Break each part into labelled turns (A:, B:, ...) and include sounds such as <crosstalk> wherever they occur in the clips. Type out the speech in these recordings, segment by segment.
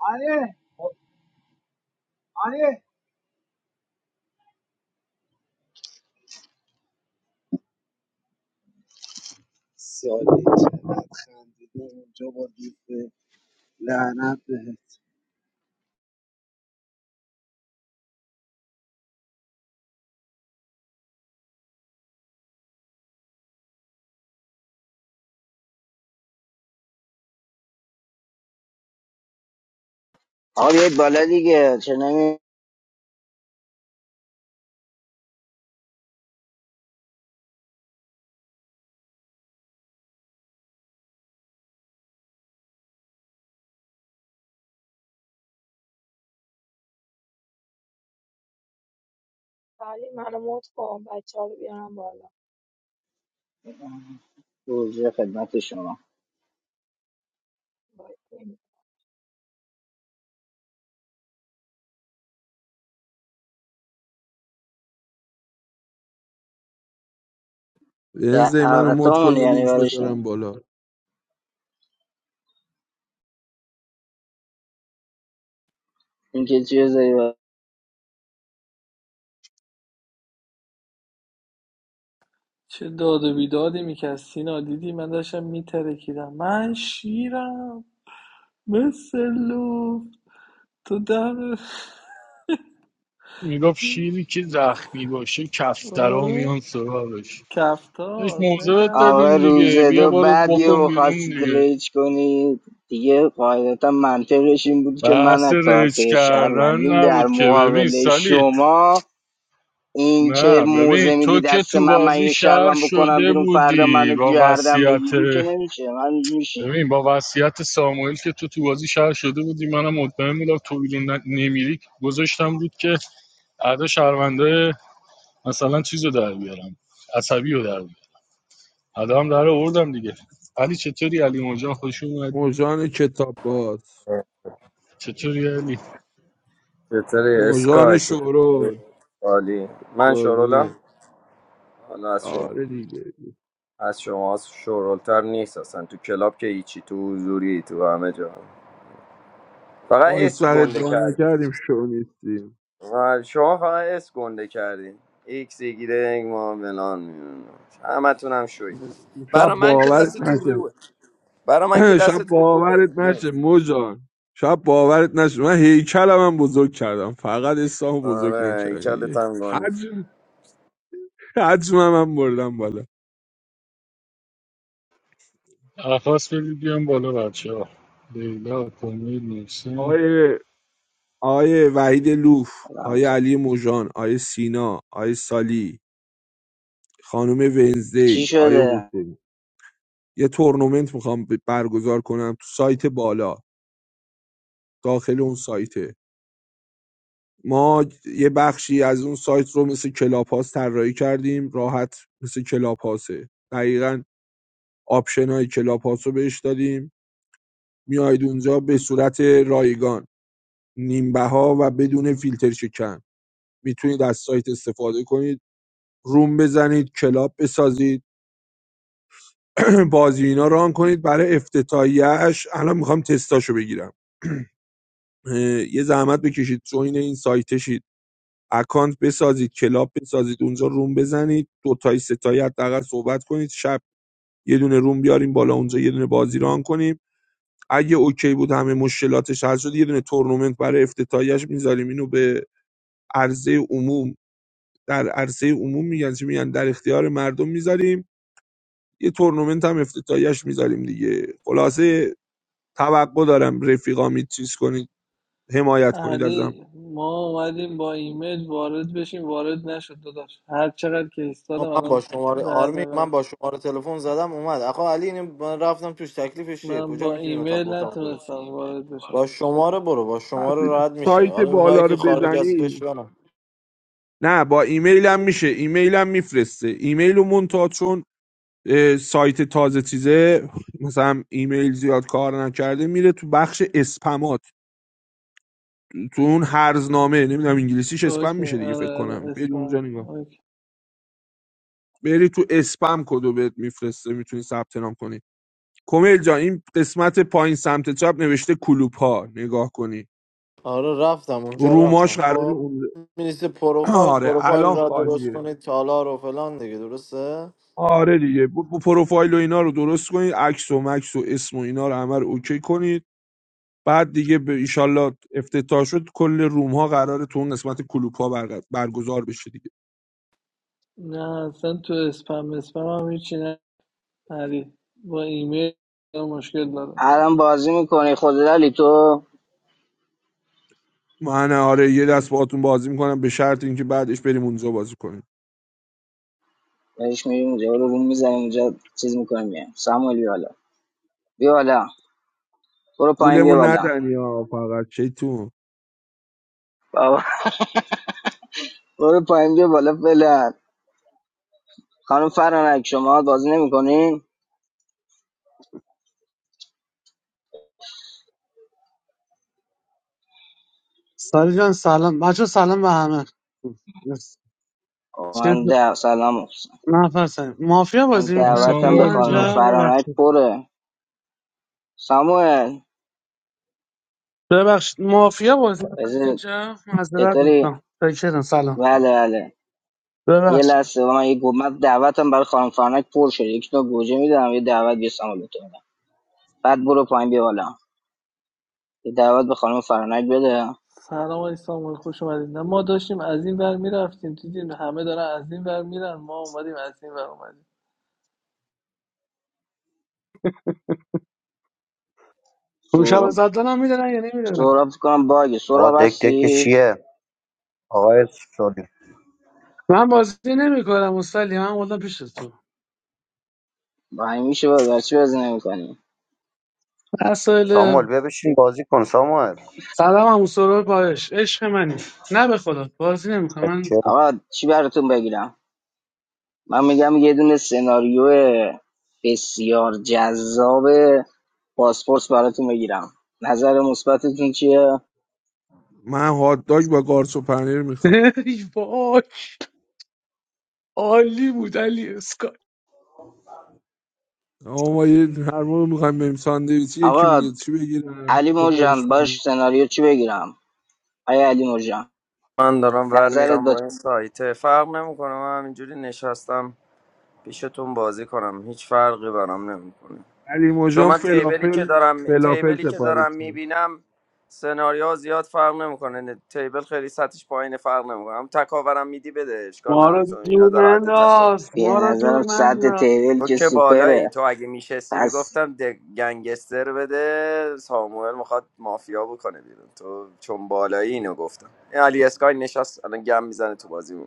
A: آره آره سالی چقدر خندیده اونجا با بیفه لعنت بهت
B: آقا بیایید بالا دیگه چه نمی
C: علی منو مت کن بچه ها رو بیارم بالا
B: گوجه خدمت شما
C: باید بریم.
D: بنزی منو مد کن
B: دعوتمون
D: یه
B: یعنی
D: لینک
B: برای شما
D: بذارم بالا
B: اینکه چیه زایی برای-
E: چه داد و بیدادی میکرد سینا دیدی من داشتم میترکیدم من شیرم مثل لوف تو دم
F: میگفت شیری که زخمی باشه کفترا
E: آره
F: میان سراغش بهش
E: کفتار نه
F: موضوعت
E: کفتار
B: آقا
F: دادیم
B: روز
F: دیگه بیا
B: دو
F: بارو
B: بعد یه
F: بکن بیرون
B: خواستید
F: دیگه
B: ریج کنید دیگه قاعدتا منطقش این بود که من
F: بحث
B: از
F: رج
B: کارت
F: کردن
B: شهروندیم در
F: نبود که ببین
B: مقابل
F: سالی
B: شما این که
F: نه ببین
B: موزه میدی
F: تو که
B: دست
F: تو
B: من من
F: بازی
B: یه
F: شهر
B: شهروند بکنم
F: شده
B: بیرون فردا
F: بودی
B: منو
F: با
B: گردم
F: وصیت
B: بگیری که نمیشه من میشه
F: ببین با وصیت ساموئل که تو تو بازی شهر شده بودی منم مطمئن بودم تو بیرون ن- نمیری گذاشتم بود که ادا شهرونده مثلا چیز رو در بیارم عصبی رو در بیارم. آدم در آوردم دیگه علی چطوری علی مجان خوش اومد
D: موجان کتاب باز
F: چطوری علی
G: چطوری
D: موجان
G: اسکای چطوری
D: شورول
G: عالی من
D: قربونه
G: شورولم حالا از شما
D: آره دیگه
G: از شما شورولتر نیست اصلا تو کلاب که هیچی تو حضوری تو همه جا فقط
D: ما هیچ
G: اس
D: وقت
G: گنده
D: ادعا
G: کردی
D: نکردیم شو نیستیم
G: و شما فقط اس گنده کردی ایکس ایگیره ما فلان می‌دونم. همه تونم شوی
D: شب
G: برا من که
D: باورت
G: دست تو
D: نشه
G: روه برا من که
D: <clears throat> شب
G: دست تو روه
D: باورت نشه
G: نمی‌دونم.
D: موجان شب باورت نشه من هیکلم هم بزرگ کردم فقط اسلام بزرگ
G: آره این کله
D: نکردم
G: تنگانه
D: حجم حجمم هم بردم بالا
F: عرفاس بدید بیام بالا بچه ها لیلا کمیل محسن
D: آقای آقای وحید لوف آقای علی موژان آقای سینا آقای سالی خانم ونزدی
B: چی
D: آیا
B: شده
D: حسین یه تورنمنت میخوام برگزار کنم تو سایت بالا داخل اون سایته ما یه بخشی از اون سایت رو مثل کلاپاس طراحی کردیم راحت مثل کلاپاسه دقیقا آپشن های کلاپاس رو بهش دادیم میاید اونجا به صورت رایگان نیمبه ها و بدون فیلتر شکن میتونید از سایت استفاده کنید روم بزنید کلاب بسازید <clears throat> بازی اینا ران کنید برای افتتاحیه‌اش الان میخوام تستاشو بگیرم <clears throat> یه زحمت بکشید جوین این سایت سایتشید اکانت بسازید کلاب بسازید اونجا روم بزنید دو تای سه تایی حداقل صحبت کنید شب یه دونه روم بیاریم بالا اونجا یه دونه بازی ران کنیم اگه اوکی بود همه مشکلاتش حل شد یه دونه تورنمنت برای افتتاحیش میذاریم اینو به عرضه عموم در عرصه عموم میگن چی میگن در اختیار مردم میذاریم یه تورنمنت هم افتتاحیش میذاریم دیگه خلاصه توقع دارم رفیقامی چیز کنید حمایت کنید ازم
E: علی ما اومدیم با ایمیل وارد بشیم وارد نشد داداش هر چقدر که ایستادم
H: آقا من با
E: الان
H: شماره
E: درد
H: آرمی
E: من
H: من با شماره تلفن زدم اومد آقا علی اینو من رفتم توش تکلیفش چیه
E: من
H: کجا
E: با
H: میتونیم اتاق
E: ایمیل
H: اتاق برو
E: نتونستم وارد بشم
H: با شماره برو با شماره
D: وقتی
H: راحت میشه
D: سایت
H: حالا اونایی
D: بالا رو
H: که خارج از
D: بزنی
H: کشورن
D: نه با ایمیلم میشه ایمیلم میفرسته ایمیل رو منتها چون اه، سایت تازه چیزه مثلا ایمیل زیاد کار نکرده میره تو بخش اسپمات تو اون هرزنامه نمیدونم انگلیسیش اسپم
E: اوکی
D: میشه دیگه فکر
E: آره آره
D: کنم بری
E: اسپم
D: اونجا نگاه
E: اوکی
D: بری تو اسپم کدو بهت میفرسته میتونی ثبت نام کنی کمیل جان این قسمت پایین سمت چپ نوشته کلوپ ها نگاه کنی
H: آره رفتم اونجا
D: روماش
H: رفتم
D: قراره
H: خب
D: اون
H: میرسه پروفایل
D: <clears throat> آره
H: پروفایل
D: الان
H: را درست
D: خالیه
H: کنید تالار و فلان دیگه درسته
D: آره دیگه ب- ب- پروفایل و اینا رو درست کنید عکس و مکس و اسم و اینا رو همه رو اوکی کنید بعد دیگه به ایشالله افتتاح شد کل روم ها قراره تو اون قسمت کلوپ ها برگ- برگزار بشه دیگه
E: نه اصلا تو اسپم اسپم هم هیچی علی با ایمیل مشکل دارم
B: الان بازی میکنی خدلالی تو
D: من آره یه دست باهاتون بازی میکنم به شرط اینکه بعدش بریم اونجا بازی کنیم
B: بهش میریم اونجا رو روم میزنیم اونجا چیز میکنیم میایم ساموئل بیا بالا بیا بالا برو پایین بیا
D: گولمون
B: بالا
D: ندنی ها فقط شیطون
B: بابا برو پایین بیا بالا فعلا خانم فرانک شما بازی نمیکنین
I: ساری جان سلام بچه سلام به همه چیز
B: من دعو سلام محسن.
I: نفسه مافیا
B: من
I: بازی
F: سلام
I: میکنید
B: دعوتم به
I: شما
F: ساموئل
B: خانم
F: جان
I: اینجا
B: فرانک
I: ببخشید
B: پره ساموئل
I: ببخشید مافیا بازی میکنید
B: بذار
I: اینجا معذرت
B: چطوری
I: میخوام فکرم سلام
B: بله بله یه
I: ببخشید
B: لحظه من یه گو- من دعوتم برای خانم فرانک پر شد یک تا گوجه میدم یه دعوت به ساموئل تو میدم. بعد برو پایین بیا بالا یه دعوت به خانم فرانک بده
E: سلام علی سامال خوش اومدید نه ما داشتیم از این ور میرفتیم دیدیم همه دارن از این ور میرن ما اومدیم از این ور اومدیم
I: اون شب زدنم میدونن یا نمیدونن
B: سهراب فکر کنم باگه
J: Oh,
B: سهراب
J: dek dek kya shi
B: هستی
J: hai? Oh yes, sorry.
I: من بازی نمیکنم استالی من بودم پیش تو
B: بایی میشه بازی چی بازی نمیکنی
I: مسائل
J: Samal, bhai bichin bazi kyon? Samal?
I: سلام هم سرور پایش عشق منی نه به خدا بازی نمیکنم من
J: Achha.
B: آقا چی براتون بگیرم من میگم یه دونه سناریو بسیار جذاب پاسپورت براتون بگیرم نظر مثبتتون چیه
D: من هات داگ با قارچ و پنیر میخوام
I: <laughs> وای عالی بود علی
D: آقا ما یه هر موقع میخوایم بریم ساندویچی یکی
B: آقا
D: میگه چی بگیرم
B: علی مرجان
D: سفارش میده
B: باش سناریو چی بگیرم آیا علی مرجان
G: من دارم ور
B: نظرت
G: میرم
B: با
G: با این سایته فرق نمیکنه من همینجوری نشستم پیشتون بازی کنم هیچ فرقی برام نمیکنه
D: علی
G: چون
D: مجان
G: من تیبلی که
D: فلافل
G: دارم
D: فلافل
G: تیبلی که
D: سفارش
G: دارم
D: میده
G: میبینم سناریو زیاد فرق نمیکنه تیبل خیلی سطحش پایین فرق نمیکنه هم تکاورم میدی بده اشکال
I: ما
G: نداره
I: رو
G: چون اینا
I: دور
G: در حد تکاور
I: ننداز
B: به
I: ما رو دور
B: نظرم ساعت
I: ننداز
B: تیبل
G: تو
B: که
G: که بالایی
B: سوپره
G: تو اگه میشستی
B: پس
G: میگفتم د- گنگستر بده ساموئل میخواد مافیا بکنه بیرون تو چون بالایی اینو گفتم این علی اسکای نشست الان گم میزنه تو بازی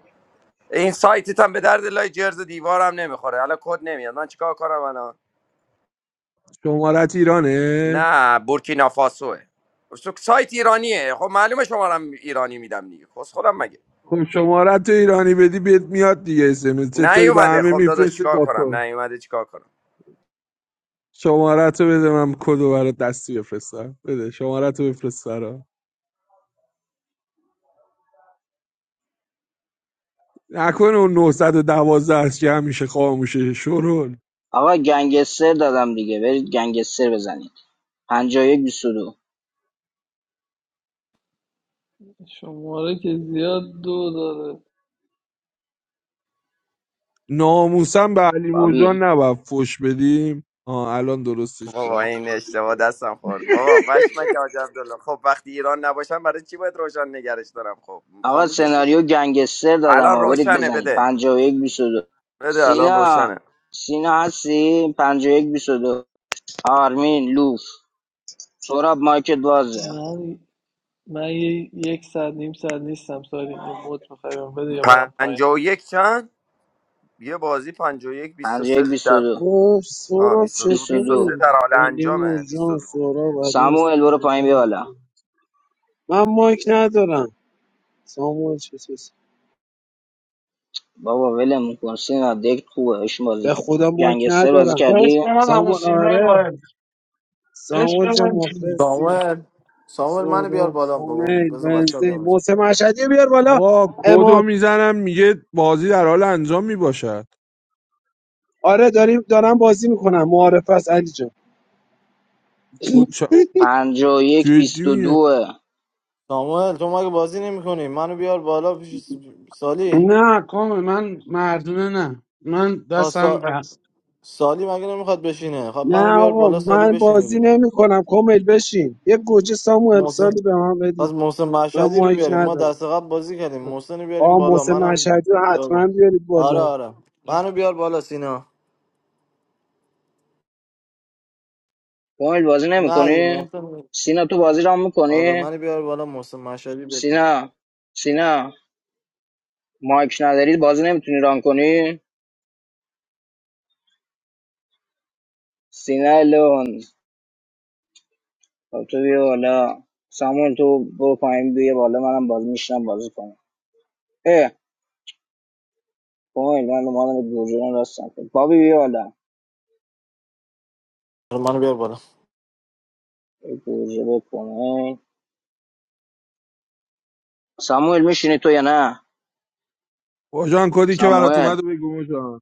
G: این سایتت هم به درد لای جرز و دیوارم نمیخوره الان کد نمیاد من چیکار کنم الان؟
D: شمارت ایرانه
G: نه بورکینافاسوه سایت ایرانیه خب معلومه شمارم ایرانی میدم دیگه خب خودم مگه
D: خب شمارت رو ایرانی بدی بهت میاد دیگه اسمس چطوری به
G: نیومده
D: همه
G: خب داداش
D: میفرسته
G: چیکار
D: با
G: کنم
D: تو
G: نیومده چیکار کنم
D: شمارت رو بده من کدو برات دستی بفرستم بده شمارت رو بفرست برام نکنه اون 912 هست که همیشه خاموشه شرول
B: آقا گنگستر دادم دیگه برید گنگستر بزنید 51 دو.
E: شماره که زیاد دو داره
D: ناموسم به علی
B: بابی
D: مجان نباید فوش بدیم آه الان درستش
G: بابا
D: کرد
G: این اشتباه دستم خورد بابا پشمک حاج عبدالله خب وقتی ایران نباشم برای چی باید روشن نگرش دارم خب
B: آقا
G: خاموشش کن
B: سناریو گنگستر دادم
G: الان
B: ها برید
G: روشنه
B: بزنید
G: بده
B: 51 22
G: بده الان
B: سینا
G: روشنه
B: سینا هستی 51 22 آرمین لوف سوراب مایکت بازه
E: من من یه- یک ساعت نیم ساعت نیستم ساری یه موت بخوایم بده یا برم پایین
G: پنجا و یک چند یه بازی پنجا و یک بیست و سه
B: 51
G: در
B: 22
A: اوه
G: آه
A: سوراب
G: بیست و دو بیست و
B: 22
G: سه
A: چطوری؟
G: در حال
A: علی
G: انجامه
A: مرجان
G: 22
A: سوراب علی
B: ساموئل برو
A: استایل
B: پایین بیا بالا
A: دمتون. من مایک ندارم ساموئل چطوری؟
B: بابا ولم کن سینا دک خوبه اش بازی
A: به
B: کن
A: خدا مایک
B: گنگستر بازی
A: ندارم
B: کردی
I: عشق من همون
A: ساموئل
I: سینه
A: آره
I: باید عشق
A: ساموئل جا
I: من چی؟
A: مخلصی
H: ساموئل ساموئل منو بیار
A: سوراب
H: بالا بابا
A: کومیل
H: بذار بچه‌ها
A: بنزی
H: بیام
A: محسن مشهدی رو بیار بالا
D: آقا کدو
A: اماد
D: میزنم میگه بازی در حال انجام میباشد
A: آره داریم دارم بازی میکنم معارف است علی جان
D: کد چا...
B: 51
D: جدی میگم
B: 22
H: ساموئل تو مگه بازی نمی‌کنی منو بیار بالا پیش س- سالی
I: نه کامه من مردونه نه من دستم
H: ها
I: به
H: سالی مگه نمیخواد بشینه خب
A: نه
H: منو بیار
A: آقا
H: بالا سالی
A: من
H: بشینه
A: بازی
H: دیگه
A: نمی کنم کامل بشین یه گوجه سامو
H: محسن
A: سالی به من
H: پس
A: بدید
H: محسن
A: من
H: مشهدی رو
A: مایک
H: بیاریم ما
A: ندارم
H: دست قبل بازی کردیم محسن رو بیاریم
A: آقا
H: بالا
A: محسن
H: منم
A: مشهدی رو حتما بیارید
H: آره
A: بالا
H: آره منو بیار بالا سینا
B: کامل بازی
H: نه دیگه
B: نمیکنی
H: محسن
B: سینا تو بازی رام
H: آره
B: میکنی
H: منو بیار بالا محسن مشهدی بکن
B: سینا سینا مایک نداری بازی نمیتونی ران کنی سینا الون خب تو بیا بالا سامون تو برو پایین بیا بالا منم باز میشنم بازی کنم اه کمیل من مال گوجه راستم بابی بیا بالا
H: آره منو بیار بالا
B: گوجه بکنه ساموئل میشینی تو یا نه
D: مجان کدی که برات
B: ساموئل
D: اومد و بگو مجان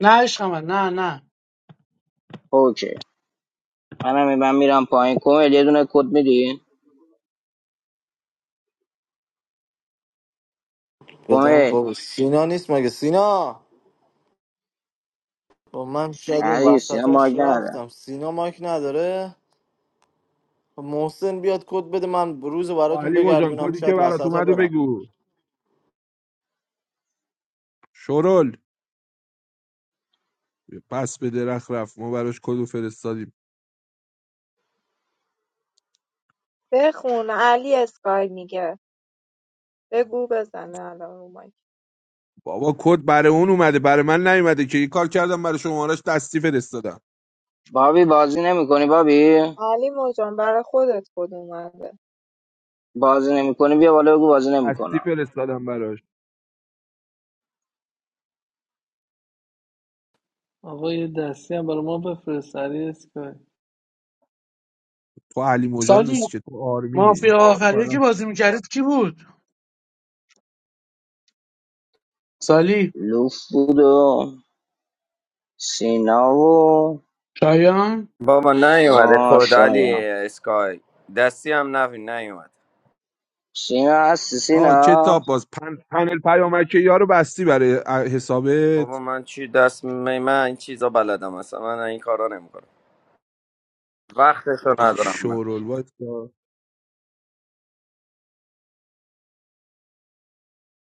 I: نه عشق من نه نه
B: اوکی منم من میرم پایین کمیل یه دونه کد میدی
H: بدم
B: کمیل
H: بابا سینا نیست مگه سینا با من شاید این
B: نه دیگه سینا مارک
H: وسطاش
B: نداره
H: رفتم سینا مایک نداره خب محسن بیاد کد بده من روز براتون
D: علی مجان
H: بگردونم
D: کدی که
H: شاید
D: برات
H: وسط ها
D: اومد و
H: برم
D: بگو شرول پس به درخت رفت ما براش کدو فرستادیم
C: بخون علی اسکای میگه بگو بزنه الان رو مایک
D: بابا کد برای اون اومده برای من نیومده که این کار کردم برای شمارش دستی فرستادم
B: بابی بازی نمیکنی بابی
C: علی مجان برای خودت کد اومده
B: بازی نمیکنی بیا بالا بگو بازی
D: دستی
B: نمیکنم
D: فرستادم براش
E: آقا یه دستی هم برای ما بفرست علی اسکای
D: تو علی مجان
I: سالی
D: نیستی که تو آرمینی
I: مافیا
D: تو
I: آخریه که
D: فقط
I: بازی میکردید کی بود سالی
B: لوف بود و سینا و
I: شایان
G: بابا نیومده خدالی
B: ما
G: اسکای دستی هم نبین نیومد
B: سینا هستی
D: آه
B: سینا
D: کتاب باز پن... پنل پیامکی یارو بستی برای ا- حسابت
G: بابا من چی دست می من این چیزا بلدم اصلا من این کارا نمیکنم وقتشو ندارم من
D: شورول وایسا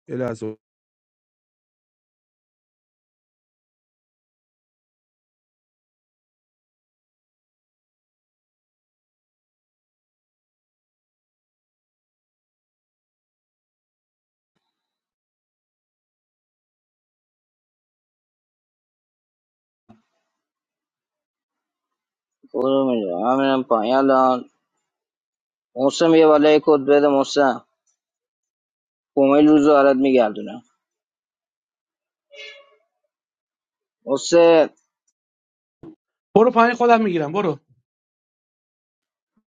D: یه لحظه
B: برو میگم همینم پایین الان محسن یه بالا یه کد بده محسن کومیل روزو برات میگردونم محسن
I: برو پایین خودم میگیرم برو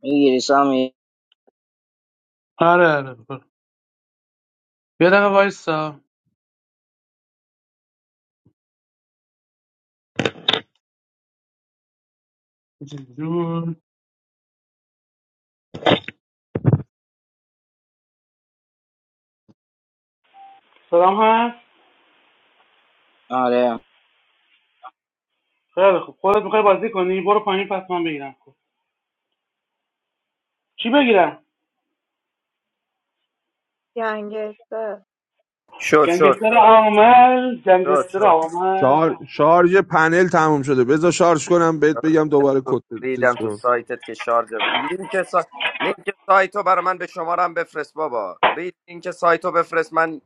B: میگیری سامی
I: آره آره برو یه دقیقه وایسا جون. سلام هست
B: آره
I: خیلی خوب خودت میخوای بازی کنی برو پایین پس من بگیرم چی بگیرم
C: گنگستر
G: شد شد
I: گنگستر
G: شد
I: آمد
G: شد
I: گنگستر
G: شد
I: آمد
D: شار... شارژ پنل تموم شده بذار شارژ کنم بهت بگم
G: ریدم
D: دوباره
G: تو,
D: کد چیز
G: ریدم تو
D: کن
G: سایتت که شارژ لینک سا... لینک سایتو برای من به شمارم بفرست بابا رید لینک سایتو بفرست من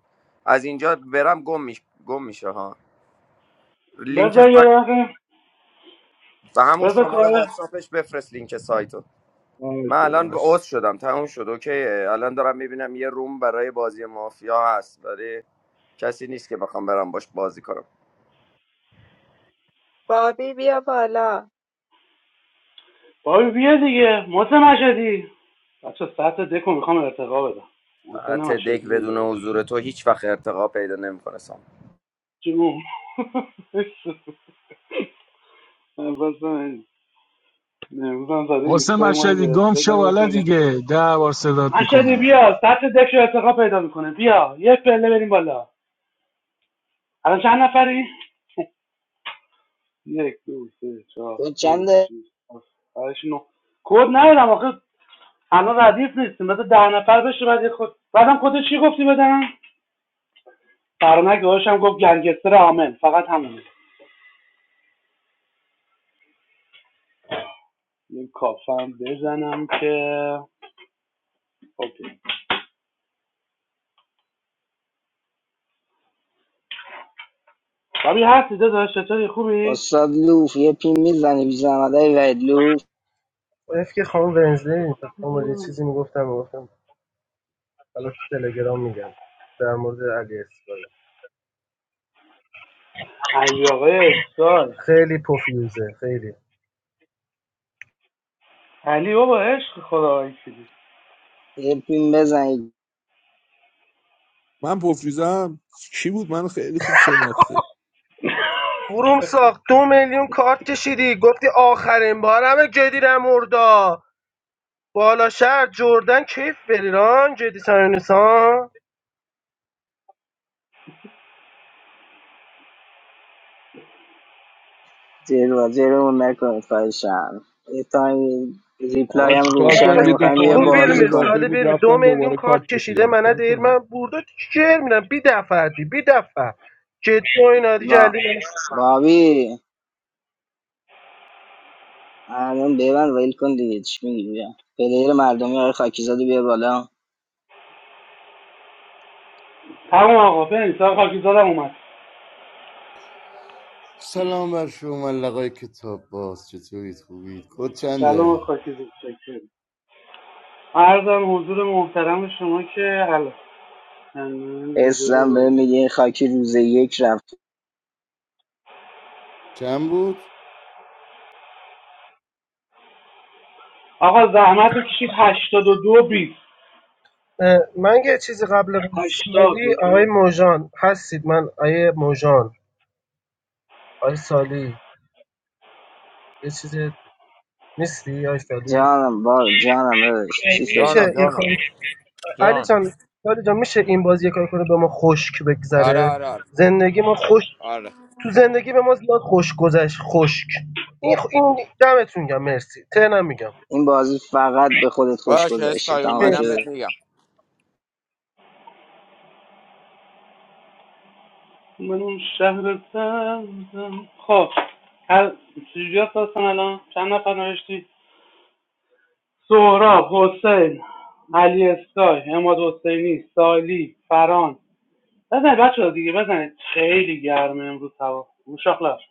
G: از اینجا برم گم میش... گم میشه ها لینک
I: بذار یه
G: سایت
I: دقیقه
G: به همون
I: بذار
G: شماره
I: کار
G: واتساپش بفرست لینک سایتو من
D: باشه
G: الان به
D: باشه
G: عضو شدم تموم شد اوکیه الان دارم میبینم یه روم برای بازی مافیا هست برای کسی نیست که بخوام برم باش بازی کنم
C: بابی بیا بالا
I: بابی بیا دیگه محسن مشهدی بچه سطح دکو میخوام ارتقا بدم محسن
G: حتی دک
I: مشهدی رو
G: بدون
I: داداش
G: حضور تو هیچ وقت ارتقا پیدا نمیکنه
I: جون بسن امروز هم <laughs> زده
F: واسه
I: ایستگاه ما رو
F: مشهدی گم
I: گرفته
F: شو
I: زنگ بزن
F: والا
I: بگم.
F: دیگه ده بار صدات
I: مشهدی
F: میکنن
I: بیا سطح دک رو ارتقا پیدا میکنه بیا یک پله بریم بالا الان چند نفری؟ یک دو سه چهار
B: کد
I: پنج
B: چنده
I: شیش هفت هشت، نه کد ندارم آخه الان ردیف نیستیم بذار ده نفر بشه بعد خود بعدم خودت چی گفتی بدم فرانک داداشم هم گفت گنگستر عامل فقط همونه یه کافم بزنم که اوکی بابی هستی داداش چطوری خوبی
B: استاد لوف یه پیم میزنی بی زحمت های وید لوف
K: اون که خانم ونزلی خانم یه چیزی میگفتم میگفتم حالا تو تلگرام میگم در مورد علی اسکای
I: علی آقای اسکای
K: خیلی پفیوزه خیلی
I: علی بابا عشق خدا وکیلی
B: یه پیم بزنی
D: من پفریزم کی بود من خیلی خوب شناخته
K: گروم ساخت دو میلیون کارت کشیدی گفتی آخرین بارم جدی مردا بالا شهر جردن کیف بریران جدی سانیسان
B: جلو جلومون نکنید خواهشم یه تایم ریپلای
D: آقا
B: هم
D: چیکار کنم
B: روشنه
D: یه دو
B: میخوایم یه
K: بو
D: تومن دیگه
B: بازی
K: بیرمیر
B: کنه
D: اضافه
K: سالی
D: بود
K: بیرمیر دو
D: رفتم
K: میلیون
D: دوباره کارت
K: کارت کشیده
D: کشیدم
K: منه
D: چیکار
K: دیر
D: کنم
K: من بردا چیر میرم بی دفعه دی بی دفعه جدی و اینا
B: با بابی الان ببند ویل کن دیگه چی میگی بیا پلیر مردمی آقای خاکیزاده بیا بالا
I: تمام آقا بریم سر خاکیزادم اومد
L: سلام بر شما لقای کتاب باز چطورید خوبید کد
I: سلام
L: چنده
I: خاکیزاد شکر عرضم حضور محترم شما که حالا من اجازه
B: اسم بهم
I: بدید
B: میگه این خاکی روز یک رفت
L: چند بود
I: آقا زحمت بکشید 82 20
K: اه، من یه چیزی قبل از سالی
I: 82
K: آقای موژان هستید من آقای موژان آقای سالی یه چیزی نیستی آقای سالی
B: جانم با جانم داداش چی شده
G: جانم
K: میشه این کاری
G: جانم
K: علی
G: جان
K: جان علی جان میشه این بازی یه کاری کنه به ما خشک
G: آره
K: بگذره
G: آره آره
K: زندگی ما خوش
G: آره
K: تو زندگی به ما زیاد خوش گذشت خشک این خ- این دمتون گم مرسی تنم میگم
B: این بازی فقط به خودت خوش
G: باش
B: گذشته
G: اسکای
B: تمام
G: اومدم
K: مرسی.
B: شده
G: بهت میگم
I: من اون شهر سبزم خب هر چجوری هستن الان چند نفر نوشتی سهراب حسین علی اسکای حماد حسینی سالی فران بزنید بچه ها دیگه بزنید خیلی گرمه امروز هوا مشاخلش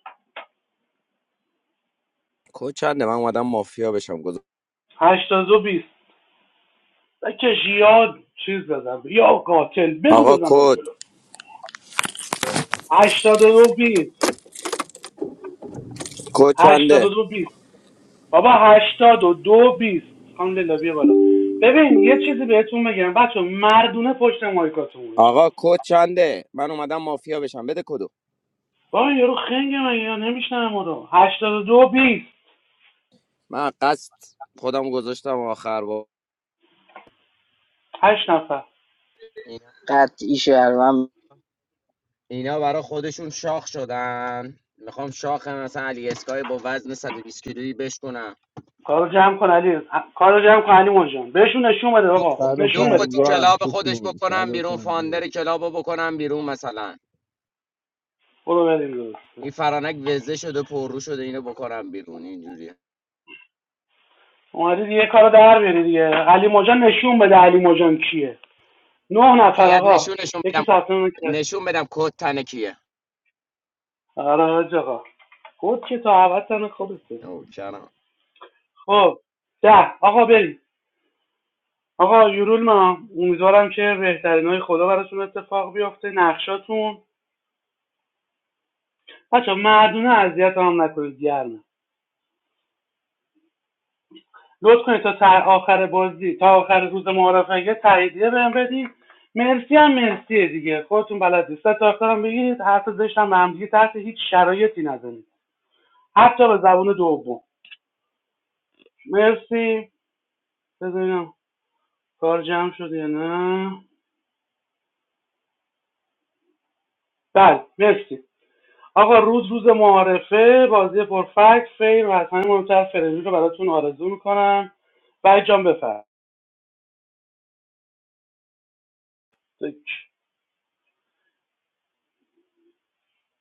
G: کد چنده من اومدم مافیا بشم گذار
I: هشتاد و بیست بکش یاد چیز بزن یا قاتل بگو
G: آقا
I: بزن بالا
G: کد
I: جلو هشتاد و دو بیست
G: کد
I: هشتاد و
G: چنده
I: دو بیست بابا هشتاد و دو بیست خانم لیلا بیا بالا ببین یه چیزی بهتون بگم بچه مردونه پشت مایکاتون باشید
G: آقا کد چنده من اومدم مافیا بشم بده کدو
I: بابا این یارو خنگه من یا نمیشنم ما رو هشتاد و دو بیست
G: من قصد خودم گذاشتم آخر با
I: هشت نفر
B: قطعی شهرم
G: اینا برای خودشون شاخ شدن میخوام شاخ مثلا علی اسکای با وزن 120 کیلویی بشکنم
I: کارو جمع کن علی کارو جمع کن علی مجان بهشون نشون بده آقا
G: لوفو
I: نشون
G: لوفو
I: بده
G: تو
I: کارو
D: 150 هم
G: کلاب خودش
D: ستون
G: بکنم بیرون
D: 150
G: فاندر کلاب رو بکنم بیرون مثلا
I: برو بریم
G: این
I: درسته
G: فرانک وزه شده پررو شده اینو بکنم بیرون اینجوری
I: اومدید یه کارو در بیاری دیگه علی مجان نشون بده علی مجان کیه نه نفر
G: باید
I: آقا
G: نشونشون
I: یکی
G: بدم
I: ثبت نام کرد
G: نشون بدم کد تن کیه
I: آره حاج آقا گفت که تو عوض تن خوبه
G: نوکرم
I: خب ده آقا بریم آقا یورولما امیدوارم که بهترینای خدا براتون اتفاق بیفته نقشاتون بچه مردونه اذیت هم نکنید گرمه لطف کنید تا تر آخر بازی تا آخر روز معارفه تاییدیه بهم بدید مرسی هم مرسیه دیگه خودتون بلد نیست تا آخرم بگید. حرف زشت هم به تحت هیچ شرایطی نزنید حتی به زبون دوم مرسی بذارینم کار جمع شد یا نه بله مرسی آقا روز روز معارفه بازی پرفکت فیم و از همه مهمتر فرمی رو براتون آرزو میکنم وحید جان بفرم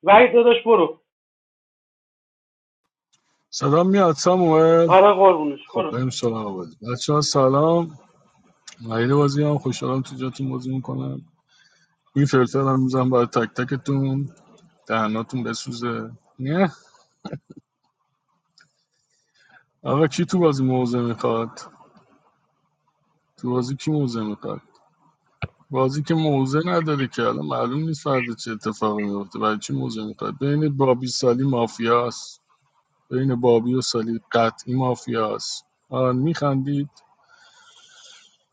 I: وحید داداش برو
F: صدا میاد ساموئل
I: آره قربونش
F: خب
I: برو
F: بریم سراغ بازی بچه ها سلام مهید بازی هم خوشحالم تو جاتون بازی میکنم این فلفل هم میزنم برای تک تکتون دهناتون بسوزه نه آقا کی تو بازی موزه میخواد تو بازی کی موزه میخواد بازی که موزه نداره که الان معلوم نیست فردا چه اتفاقی میفته برای چی موزه میخواد بین بابی سالی مافیاست بین بابی و سالی قطعی مافیاست آن میخندید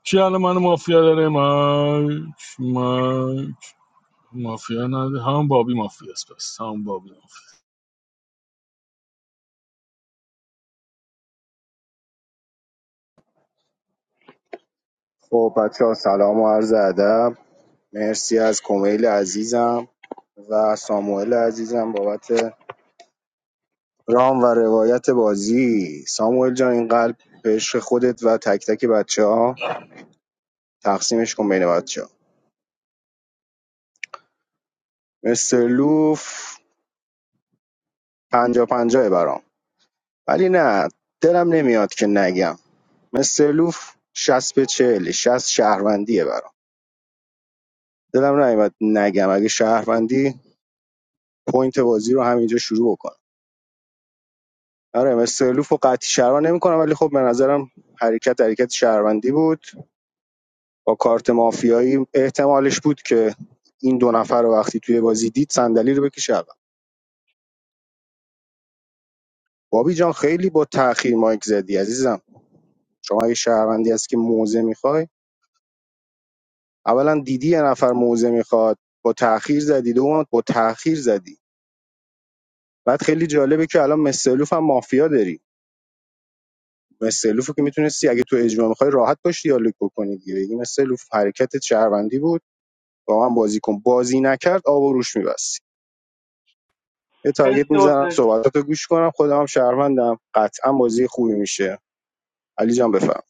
F: کی الان من مافیا داره مایک مایک مافیا نداره هم بابی مافیاست پس هم بابی مافیا.
M: خب بچه ها سلام و عرض ادب مرسی از کمیل عزیزم و ساموئل عزیزم بابت رام و روایت بازی ساموئل جان این قلب به عشق خودت و تک تک بچه ها تقسیمش کن بین بچه ها مستر لوف پنجا پنجاه برام ولی نه دلم نمیاد که نگم مستر لوف شست به چهل شست شهروندیه برام دلم نمیاد نگم اگه شهروندی پوینت بازی رو همینجا شروع بکن آره استرلوف و قطعی شهروند نمیکنم ولی خب به نظرم حرکت حرکت شهروندی بود با کارت مافیایی احتمالش بود که این دو نفر رو وقتی توی بازی دید صندلی رو بکشه عقب بابی جان خیلی با تأخیر مایک زدی عزیزم شما اگه شهروندی هست که موزه میخوای اولا دیدی یه نفر موزه میخواد با تأخیر زدی دوم با تأخیر زدی بعد خیلی جالبه که الان مستلوف هم مافیا داری مستلوف که میتونستی اگه تو اجماع میخوای راحت باش دیالوگ بکنی دیگه بگی مستلوف حرکتت شهروندی بود با من بازی کن بازی نکرد آب و روش میبستی یه تارگت
I: مرسی
M: میزنم
I: حسین
M: صحبتاتو گوش کنم خودم هم شهروندم قطعا بازی خوبی میشه علی جان بفهم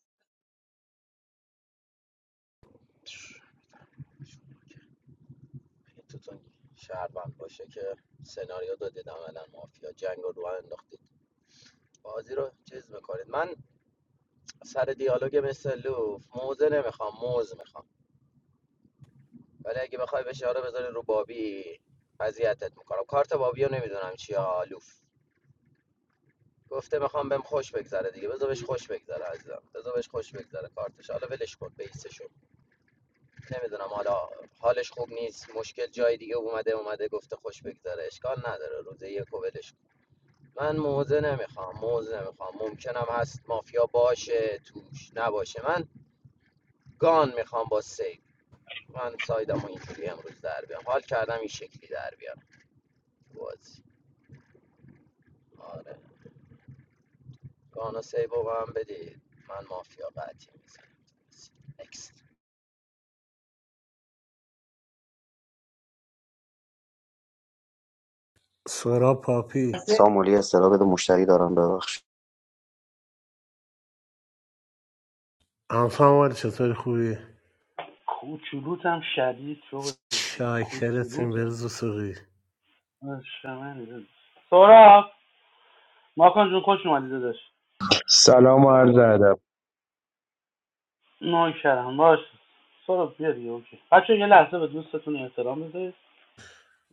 G: توتون شهروند باشه که سناریو دادید عملا مافیا جنگ رو رو انداختید بازی رو چیز میکنید من سر دیالوگ مثل لوف موزه نمیخوام موز میخوام ولی اگه بخوای بشاره بذاری رو بابی اذیتت میکنم کارت بابی رو نمیدونم چی آلوف گفته میخوام بهم خوش بگذره دیگه بذار بهش خوش بگذره عزیزم بذار بهش خوش بگذره کارتش حالا ولش کن بیسشو نمیدونم حالا حالش خوب نیست مشکل جای دیگه اومده اومده گفته خوش بگذره اشکال نداره روزه یک و ولش کن من موزه نمیخوام موزه نمیخوام ممکنم هست مافیا باشه توش نباشه من گان میخوام با سیف من سایدمو اینجوری امروز در بیام حال کردم این شکلی در بیام تو بازی آره گانا سیبو به من بدید من مافیا قطعی میزنم
N: سورا پاپی
J: Samal hi hai. Sir, ab to mushari dooran doora.
N: انفان ولی چطوری خوبی
I: کوچولوتم شدید شو
N: شاکرتیم
I: کوچولوتم
N: بروز سوقی
I: عشق منی داداش. سهراب ماکان جون خوش اومدی داداش
O: سلام و عرض ادب
I: نوکرم باش سهراب بیا دیگه اوکی بچه یه لحظه به دوستتون احترام بذارید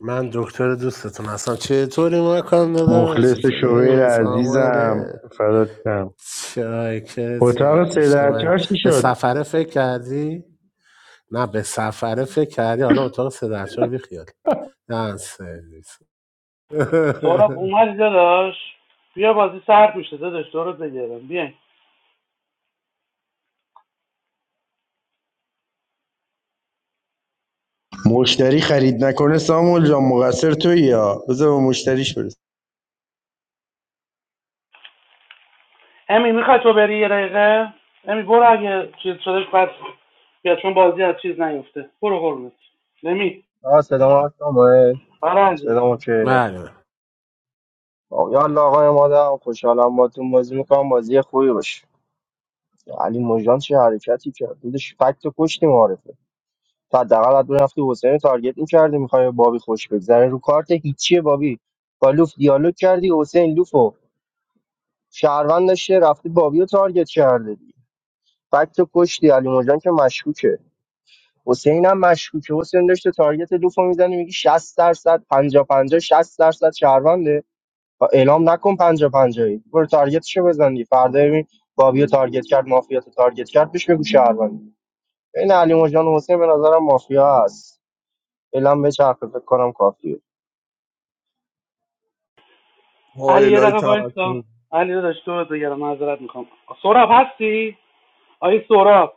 N: من دکتر دوستتون هستم چطوری مکان دادا
O: مخلص
N: چطوری
O: شوبر
N: ساموئل
O: عزیزم فدات شم
N: شاکرتیم
O: اتاق سه
N: عشق
O: در
N: منی
O: چی
N: به
O: شد
N: سفره فکر کردی؟ نه به سفره فکر کردی حالا اتاق سدرچار بیخیال نه سرویس <laughs>
I: سهراب اومدی داداش بیا بازی سرد میشه داداش دورت بگیرم بیا
O: مشتری خرید نکنه سامول جان مقصر توی یا بذار به مشتریش برسه
I: امی میخوای تو بری یه دقیقه امی برو اگه چیز شدش بعد بیا چون بازی از چیز نیفته برو قربونت نمی
P: آه سلام هست ساموئل
I: آره عزیزم
P: سلام اوکیه
N: بله
P: آه، یا الله آقای مادم خوشحالم با تون بازی میکنم بازی خوبی باشه علی مجان چه حرکتی کرد دودش فکت کشتی معارفه تا حداقل حد میرفتی حسین رو تارگت میکردی میخوای بابی خوش بگذره رو کارت هیچیه بابی با لوف دیالوگ کردی حسین لوفو شهروند داشته رفتی بابی رو تارگت کرده دی فکت کشتی علی مجان که مشکوکه حسین هم مشکوکه حسین داشته تارگت لوفو میزنه میگی 60 درصد 50 50 60 درصد شهرونده اعلام نکن پنجا پنجایی برو تارگتشو بزنی فردا ببین بابی رو تارگت کرد مافیا تو تارگت کرد بهش بگو شهروند این علی مجان و حسین به نظرم مافیا هست اعلام به چرخه فکر کنم کافیه
I: علی یه
D: هایلای
I: دقیقه وایسا
D: توکل
I: علی داداش تو دیگه معذرت میخوام سهراب هستی آی سهراب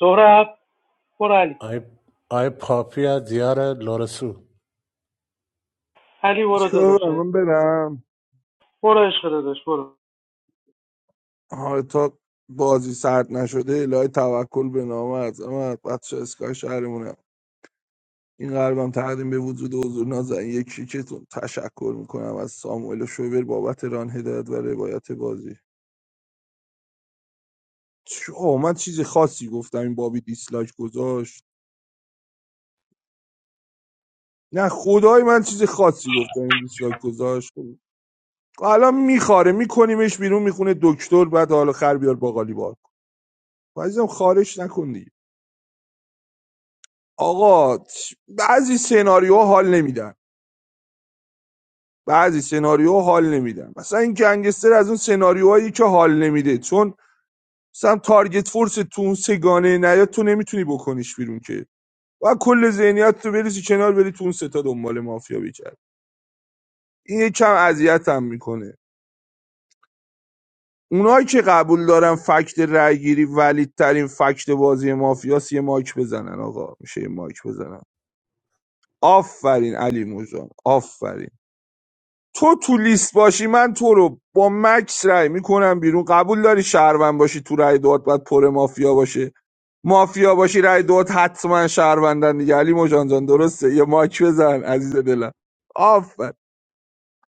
I: سهراب برو علی
N: آی, آی پاپی از دیار لورسو
I: علی برو
D: چیکار
I: داداش
D: کنم؟ من برم
I: برو عشق داداش برو
D: آه تا بازی سرد نشده الهی توکل به نام از اما بچه اسکای شهرمون این قلبم تقدیم به وجود و حضور نازنین یک کیکتون تشکر میکنم از ساموئل شوبر بابت ران هدایت و روایت بازی چه آه، من چیز خاصی گفتم این بابی دیسلایک گذاشت نه خدای من چیز خاصی گفتم این دیسلایک گذاشت الان میخاره میکنیمش بیرون میخونه دکتر بعد حالا خر بیار باقالی بار کن عزیزم خارش نکن دیگه آقا بعضی سناریوها حال نمیدن بعضی سناریوها حال نمیدن مثلا این گنگستر از اون سناریوهایی که حال نمیده چون مثلا تارگت فورس تو اون سگانه نیاد تو نمیتونی بکنیش بیرون که و کل ذهنیت تو بریزی کنار بری تو اون ستا دنبال مافیا بگرد این یکم اذیتم میکنه اونایی که قبول دارن فکت رأیگیری ولیدترین فکت بازی مافیاس یه مایک بزنن آقا میشه یه مایک بزنن آفرین علی موجان آفرین تو تو لیست باشی من تو رو با مکس رای میکنم بیرون قبول داری شهروند باشی تو رای دوات باید پر مافیا باشه مافیا باشی رای دوات حتما شهروندن دیگه علی مجان جان درسته یه ماک بزن عزیز دلم آفر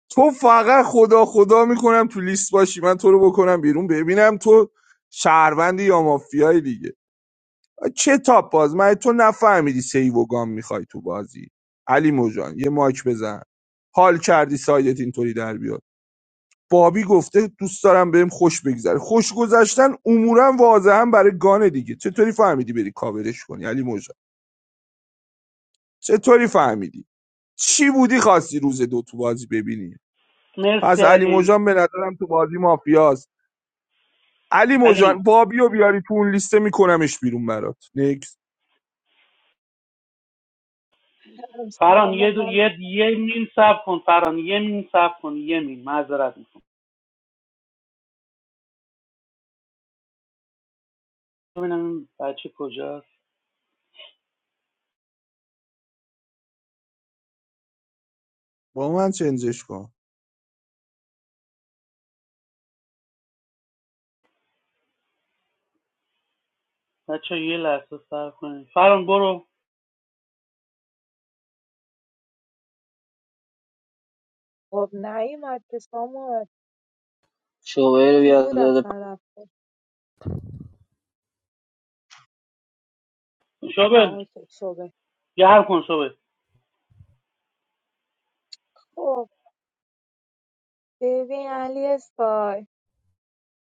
D: تو فقط خدا خدا میکنم تو لیست باشی من تو رو بکنم بیرون ببینم تو شهروندی یا مافیایی دیگه چه تاپ باز من تو نفهمیدی سیو و گام میخوای تو بازی علی مجان یه ماک بزن حال کردی سایدت اینطوری در بیاد بابی گفته دوست دارم بهم خوش بگذره خوش گذشتن امورا واضحا برای گانه دیگه چطوری فهمیدی بری کاورش کنی علی موجان. چطوری فهمیدی چی بودی خواستی روز دو تو بازی ببینی
I: مرسی
D: پس علی
I: علی
D: موجان به نظرم تو بازی مافیاست علی
I: علی میم
D: موجان بابیو بیاری تو اون لیسته میکنمش بیرون برات نکس
C: سلام
I: فران
C: سلام
I: یه دو
C: هم
I: یه یه مین صبر کن فران یه مین صبر کن یه مین معذرت میخوام ببینم این بچه کجاست
D: با من چنجش کن
I: بچه یه لحظه صبر کنید فران برو
C: خب نیومد که ساموئل
B: شعبه رو
C: کی
B: بیاد
C: بود
B: داده
C: اصلا رفته آها
I: شابل
C: اوکی شده
I: گرم کن شابل
C: خب ببین علی اسکای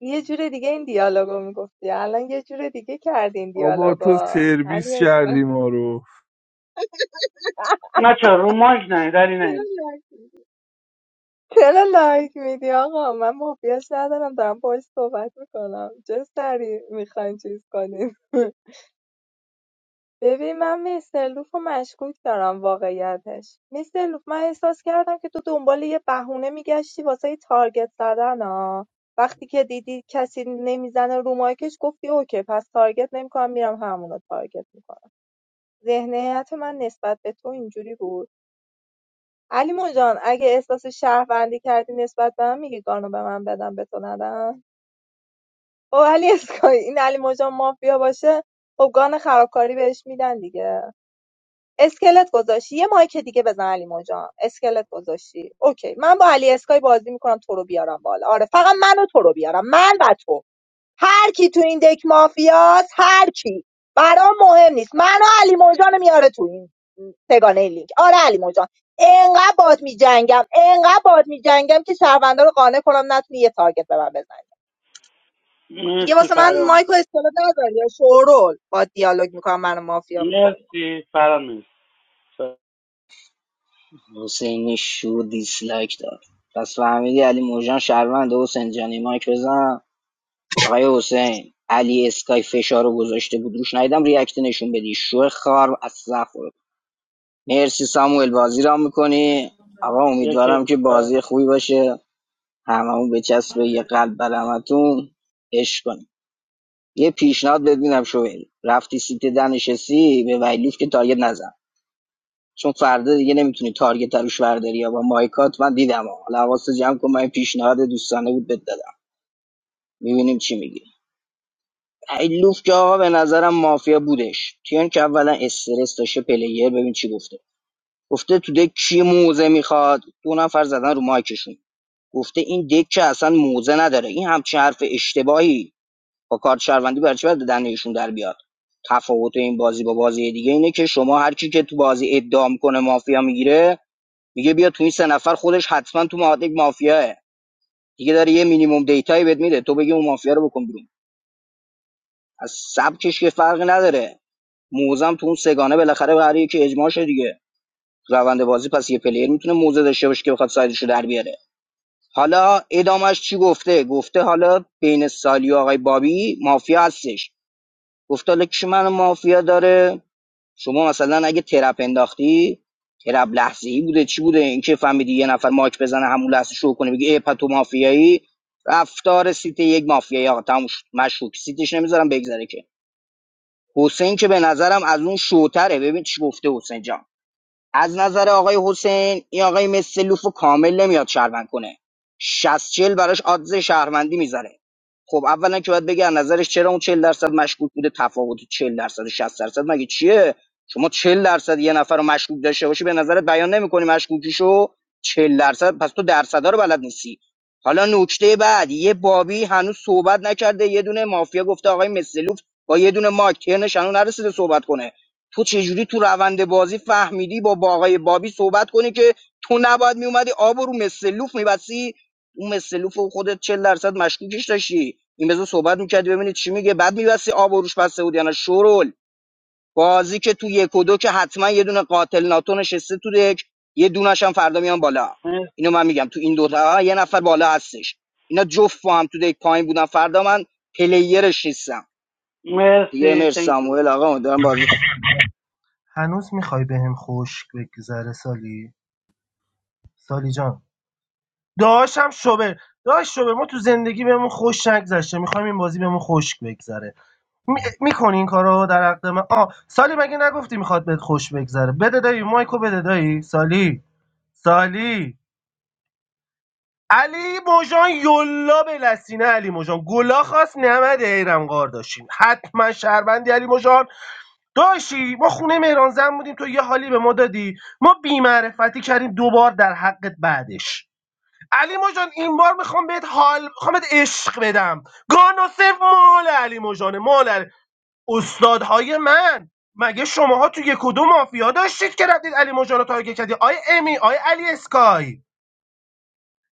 C: یه جور دیگه این دیالوگو میگفتی الان یه جور دیگه کردین
D: آبا تو
C: دیالوگا علی
D: سرویس
C: اسکای
D: کردی ما رو
I: بچه ها رو مایک نه دری نه
C: <laughs> چرا لایک میدی آقا من مافیاش ندارم دارم باش صحبت میکنم چه سریع میخواین چیز کنیم <laughs> ببین من میسلوف رو مشکوک دارم واقعیتش میسلوف من احساس کردم که تو دنبال یه بهونه میگشتی واسه یه تارگت زدن ها وقتی که دیدی کسی نمیزنه رو مایکش گفتی اوکی پس تارگت نمیکنم میرم همون رو تارگت میکنم ذهنیت من نسبت به تو اینجوری بود علی جان اگه احساس شهروندی کردی نسبت به من میگی گانو به من بدم به تو ندم خب علی اسکای <laughs> این علی جان مافیا باشه خب گان خرابکاری بهش میدن دیگه اسکلت گذاشتی یه مایک دیگه بزن علی جان اسکلت گذاشتی اوکی من با علی اسکای بازی میکنم تو رو بیارم بالا آره فقط منو تو رو بیارم من و تو هر کی تو این دک مافیاست هر کی برام مهم نیست منو علی موجان میاره تو این سگانه این لینک آره علی موجان انقدر باد میجنگم انقدر باد میجنگم که شهروندا رو قانع کنم نتونی یه تارگت به من بزنی دیگه
I: مرسی
C: واسه من
I: فرام
C: مایکو استفاده نداری یا شورول با دیالوگ میکنم منو مافیا میکنی
I: مرسی فرام مرسی
B: حسین شور دیسلایک داد پس فهمیدی علی موجان شهروند حسین جانی مایک بزن آقای حسین علی اسکای فشار رو گذاشته بود روش ندیدم ریاکت نشون بدی شو خار از زخور مرسی ساموئل بازی را میکنی آقا
I: یک
B: امیدوارم که بازی خوبی باشه هممون به به یه قلب برمتون عشق کنیم یه پیشنهاد بدینم شوهر رفتی سیت دنشسی به ویلوف که تارگت نزن چون فردا دیگه نمیتونی تارگت روش برداری یا با مایکات من دیدم ها. حالا حواست جمع کن من پیشنهاد دوستانه بود بد دادم میبینیم چی میگی ویلوف که آقا به نظرم مافیا بودش کیان که اولا استرس داشته پلیر ببین چی گفته گفته تو دک کی موزه میخواد دو نفر زدن رو مایکشون گفته این دک که اصلا موزه نداره این همچین حرف اشتباهی با کارت شهروندی برای چی باید به دنده ایشون در بیاد تفاوت این بازی با بازی دیگه اینه که شما هر کی که تو بازی ادعام کنه مافیا میگیره میگه بیا تو این سه نفر خودش حتما تو معادک مافیاه دیگه داره یه مینیمم دیتایی بهت میده تو بگی اون مافیا رو بکن بیرون از سبکش که فرقی نداره موزم تو اون سگانه بالاخره قراره یکی اجماع شه دیگه روند بازی پس یه پلیر میتونه موزه داشته باشه که بخواد سایدش رو در بیاره حالا ادامش چی گفته گفته حالا بین سالی و آقای بابی مافیا هستش گفته حالا کی من مافیا داره شما مثلا اگه ترپ انداختی ترپ لحظه‌ای بوده چی بوده اینکه فهمیدی یه نفر ماک بزنه همون لحظه شو کنه بگی ای پتو مافیایی رفتار سیت یک مافیایی آقا تموم شد مشکوک سیتش نمیذارم بگذره که حسین که به نظرم از اون شوتره ببین چی گفته حسین جان از نظر آقای حسین این آقای مسلوف رو کامل نمیاد شهروند کنه 60 چهل براش آدز شهروندی میذاره خب اولا که باید بگه از نظرش چرا اون 40 درصد مشکوک بوده تفاوت چهل درصد و 60 درصد مگه چیه شما چهل درصد یه نفر رو مشکوک داشته باشی به نظرت بیان نمیکنی مشکوکیشو چهل درصد پس تو درصدا رو بلد نیستی حالا نکته بعد یه بابی هنوز صحبت نکرده یه دونه مافیا گفته آقای مسلوف با یه دونه ماک ترنش هنوز نرسیده صحبت کنه تو چجوری تو روند بازی فهمیدی با با بابی صحبت کنی که تو نباید میومدی آب رو مسلوف میبسی اون مسلوف رو خودت 40 درصد مشکوکش داشتی این بزو صحبت میکردی ببینید چی میگه بعد میبستی آب روش بسته بود یعنی شورول بازی که تو یک و دو که حتما یه دونه قاتل ناتو نشسته تو دک یه دونش هم فردا میان بالا اینو من میگم تو این دو تا یه نفر بالا هستش اینا جفت با هم تو دک پایین بودن فردا من پلیرش نیستم یه
I: مرسی
B: مر
I: تhank you
B: ساموئل آقا دارم بازی
K: هنوز میخوای بهم خوش بگذره سالی سالی جان داشتم شوبر داشت شوبر ما تو زندگی بهمون خوش نگذشته میخوایم این بازی بهمون خوش بگذره می... میکنی این کارو در حق من آه سالی مگه نگفتی میخواد بهت خوش بگذره بده دایی مایکو بده دایی سالی سالی علی موجان یلا به لسینه علی موجان گلا خواست نمد ایرم قار داشتین حتما شهروندی علی موجان داشتی ما خونه مهران زن بودیم تو یه حالی به ما دادی ما بیمعرفتی کردیم دوبار در حقت بعدش علی مجان این بار میخوام بهت حال میخوام بهت عشق بدم گانوسف مال علی مجانه مال علی. استادهای من مگه شماها تو یک و دو مافیا داشتید که رفتید علی مجان رو تارگت کردی آی امی آی علی اسکای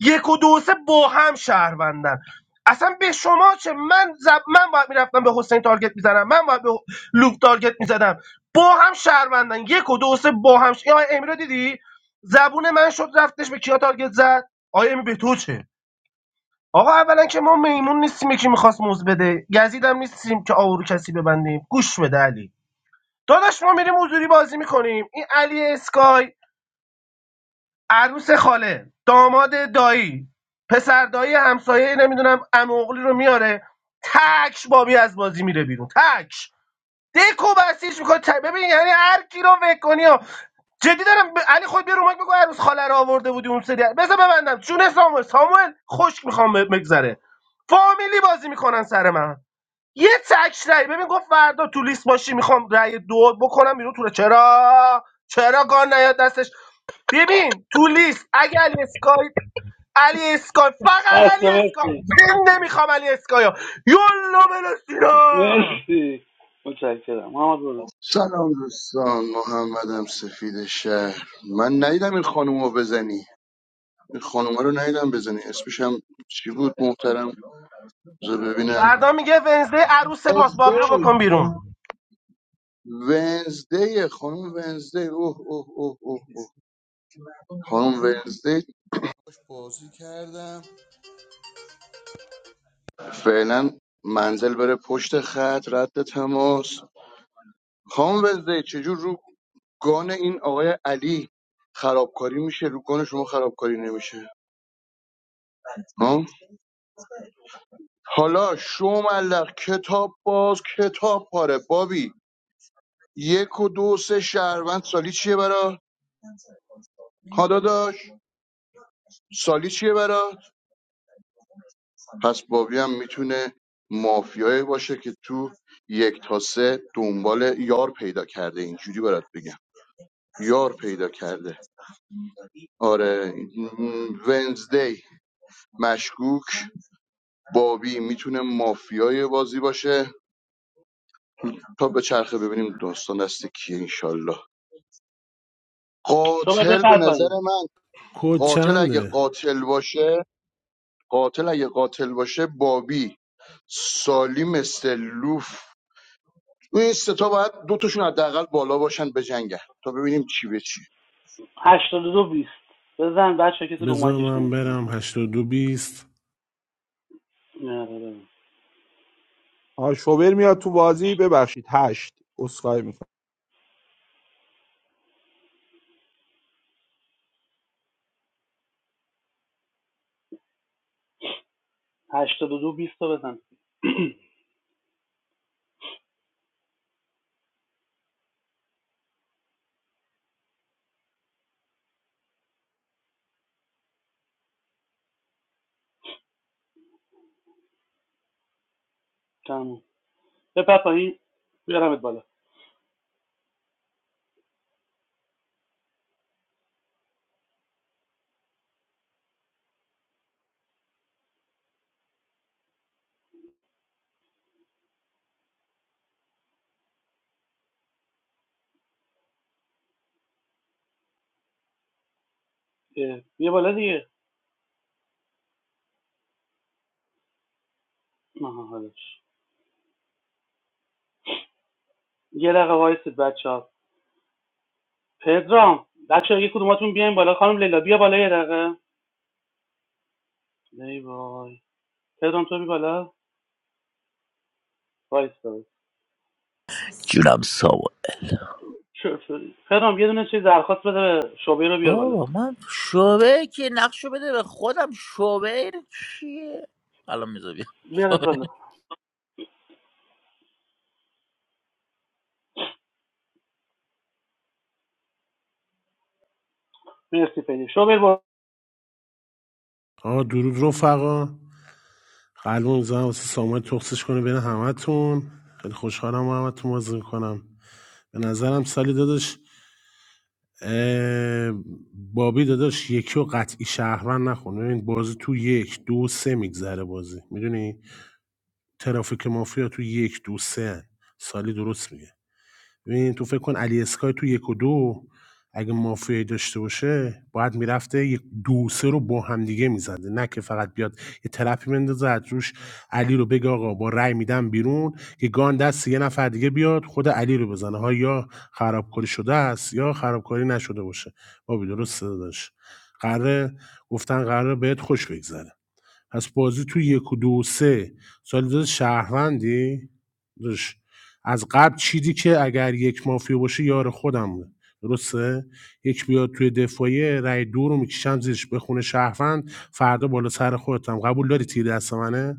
K: یک و دو و سه با هم شهروندن اصلا به شما چه من زب... من باید میرفتم به حسین تارگت میزنم من باید به لوک تارگت میزدم با هم شهروندن یک و دو و سه با هم ش... این آی امی رو دیدی زبون من شد رفتش به کیا تارگت زد آی امی به تو چه آقا اولا که ما میمون نیستیم یکی میخواست موز بده گزید نیستیم که آورو کسی ببندیم گوش بده علی داداش ما میریم حضوری بازی میکنیم این علی اسکای عروس خاله داماد دایی پسر دایی همسایه نمیدونم اموغلی رو میاره تک بابی از بازی میره بیرون تک دکو بسیج میکنه ببین یعنی هر کی رو فکر کنی و جدی دارم ب... علی خود بیا رو مایک بگو عروس خاله رو آورده بودی اون سری بذار ببندم چون ساموئل ساموئل خشک میخوام بگذره فامیلی بازی میکنن سر من یه تک رای ببین گفت فردا تو لیست باشی میخوام رای دو بکنم بیرون تو رو. چرا چرا گان نیاد دستش ببین تو لیست اگه علی اسکای علی اسکای فقط علی
I: اصلا
K: اسکای
I: مرسی
K: زنده میخوام علی اسکایو یلا بلا سینا
I: مرسی متشکرم محمد برو
L: سلام دوستان محمدم سفید شهر من ندیدم این خانومو بزنی این خانومه رو ندیدم بزنی اسمش هم چی بود محترم بذار ببینم
K: فردا میگه ونزده عروس ماست بابی رو
L: ونزدی
K: بکن بیرون
L: ونزدی خانوم ونزدی اوه اوه اوه اوه اوه خانوم ونزده باش بازی کردم فعلا منزل بره پشت خط رد تماس خانم ونزدی چجور رو گان این آقای علی خرابکاری میشه رو گان شما خرابکاری نمیشه ها؟ حالا شوملق کتاب باز کتاب پاره بابی یک و دو سه شهروند سالی چیه برا ها داداش سالی چیه برا پس بابی هم میتونه مافیایی باشه که تو یک تا سه دنبال یار پیدا کرده اینجوری برات بگم یار پیدا کرده آره م، ونزدی مشکوک بابی میتونه مافیای بازی باشه تا به چرخه ببینیم داستان دست کیه انشالله
I: شما
L: قاتل به
I: بپر
L: نظر
I: پایین
L: من
N: کد
L: قاتل اگه
N: چنده؟
L: قاتل باشه قاتل اگه قاتل باشه بابی سالیم استلوف تو این سه تا باید دوتاشون حداقل بالا باشن به جنگه تا ببینیم چی به چی
I: هشتاد و دو بیست بزن بچه کسی رو
N: بذار
I: مایکش
N: من
I: نهید
N: برم هشتاد و دو بیست
I: نه
D: آ شوبر میاد تو بازی ببخشید هشت اسخای
I: هشتاد و دو بیست رو بزن <clears throat> تمام بپر پایین بیارمت بالا اه، بیا بالا دیگه آها حالش یه دقیقه وایسید بچه ها پدرام بچه ها یه کدوماتون بیاین بالا خانم لیلا بیا بالا یه دقیقه ای وای پدرام تو بی بالا وایسا
Q: جونم سامان
I: شوفری. پدرام یه دونه چیز درخواست بده شوبر رو بیار بالا
Q: بابا من شعبه که نقشو بده به خودم شعبه اینه چیه الان میذاری
I: بیارش بالا مرسی پیدی شوبر با
N: آقا درود رفقا قلب میزنم واسه سامان تخصش کنه بین همتون خیلی خوشحالم با همتون بازی میکنم به نظرم سالی داداش بابی داداش یکی رو قطعی شهروند نخون ببین بازی تو یک دو سه میگذره بازی میدونی ترافیک مافیا تو یک دو سه هن. سالی درست میگه ببین تو فکر کن علی اسکای تو یک و دو اگه مافیایی داشته باشه باید میرفته یک دو سه رو با هم دیگه میزده نه که فقط بیاد یه ترپی بندازه از روش علی رو بگه آقا با رأی میدم بیرون که گان دست یه نفر دیگه بیاد خود علی رو بزنه ها یا خرابکاری شده است یا خرابکاری نشده باشه بابی درست داشت قراره گفتن قراره بهت خوش بگذره پس بازی تو یک و دو و سه سالیداد شهروندی داش از قبل چیدی که اگر یک مافیا باشه یار خودم بود. درسته یک بیاد توی دفاعیه رای دو رو میکشم زیرش بخونه شهروند فردا بالا سر خودتم قبول داری تیر دست منه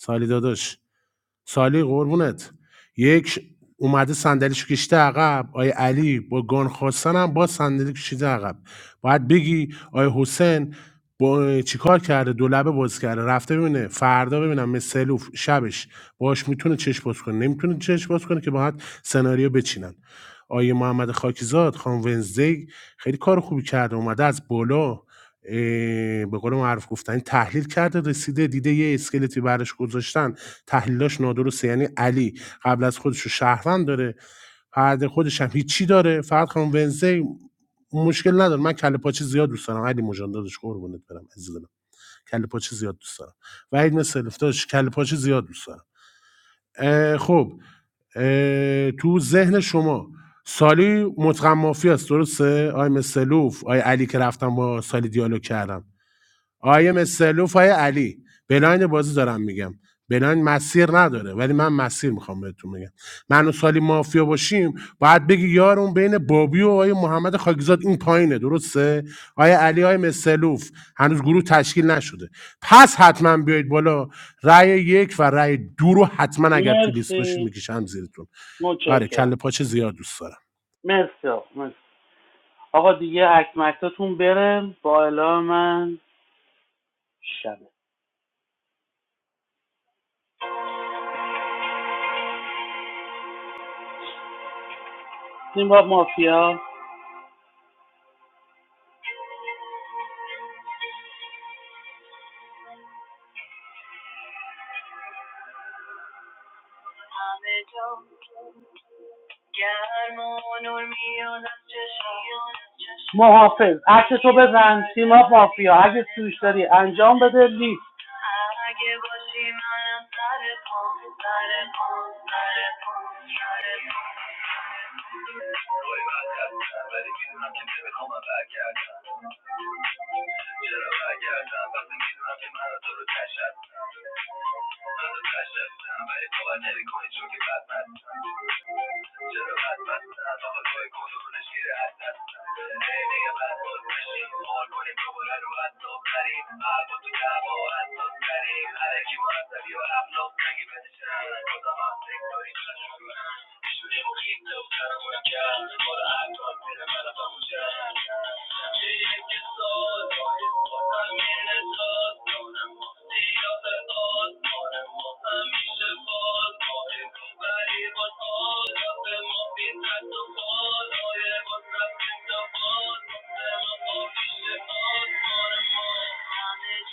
N: سالی داداش سالی قربونت یک ش- اومده صندلیش کشیده عقب آیه علی با گان خواستن هم با صندلی کشیده عقب باید بگی آیه حسین با چیکار کرده دو لبه باز کرده رفته ببینه فردا ببینم مثلوف شبش باش میتونه چشم باز کنه نمیتونه چشم باز کنه که باید سناریو بچینن آیه محمد خاکیزاد خان ونزدی خیلی کار خوبی کرده اومده از بالا اه، به قول معروف گفتن تحلیل کرده رسیده دیده یه اسکلتی برش گذاشتن تحلیلاش نادرسته یعنی علی قبل از خودش رو شهروند داره بعد خودش هم هیچی داره فقط خانم ونزی مشکل نداره من کله پاچه زیاد دوست دارم علی مجان دادش قربونت برم عزیز دلم کله پاچه زیاد دوست دارم وحید مثل داداش کله پاچه زیاد دوست دارم اه، خب اه، تو ذهن شما سالی مطقم مافی است درسته آی مسلوف آی علی که رفتم با سالی دیالوگ کردم آیه مسترلوف آقای علی بلاین بازی دارم میگم بلاین مسیر نداره ولی من مسیر میخوام بهتون میگم من و سالی مافیا باشیم باید بگی یارون بین بابی و آقای محمد خاکزاد این پایینه درسته آیه علی آیه مسترلوف هنوز گروه تشکیل نشده پس حتما بیایید بالا رأی یک و رأی دو رو حتما اگر تو لیست باشید
I: مرسی
N: میکشم زیرتون آره
I: متشکرم
N: کله پاچه زیاد دوست دارم
I: مرسی آقا مرسی. آقا دیگه اکمکتاتون بره با اعلام من شبه تیم باب مافیا همه جا گرم و نور میاد از چشم محافظ عکس تو بزن سیما مافیا اگه سوش داری انجام بده لیست اگه باشی منم سر پام سر پام سر پام سر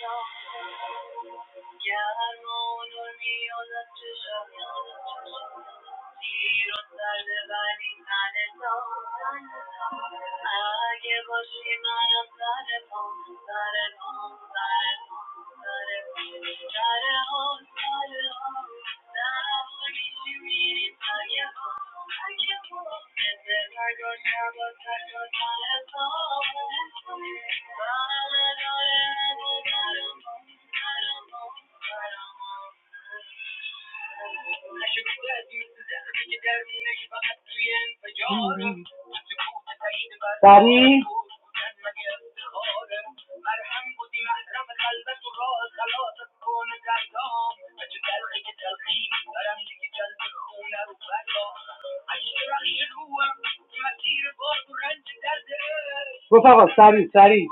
I: پام Thank you. سریع گفت آقا سریع سریع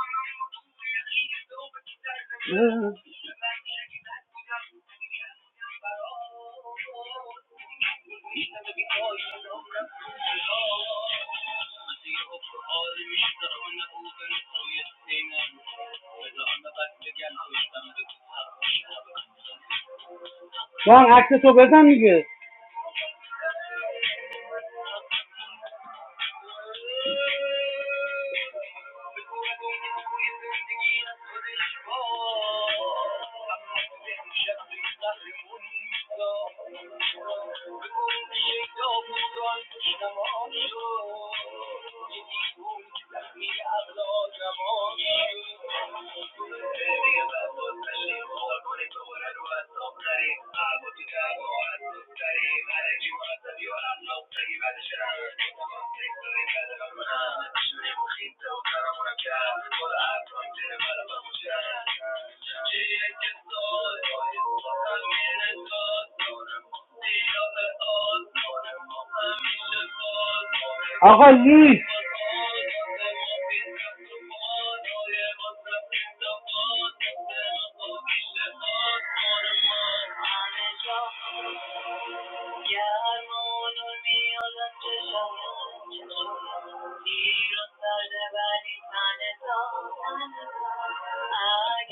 I: جان عکس تو بزن دیگه آقا لیست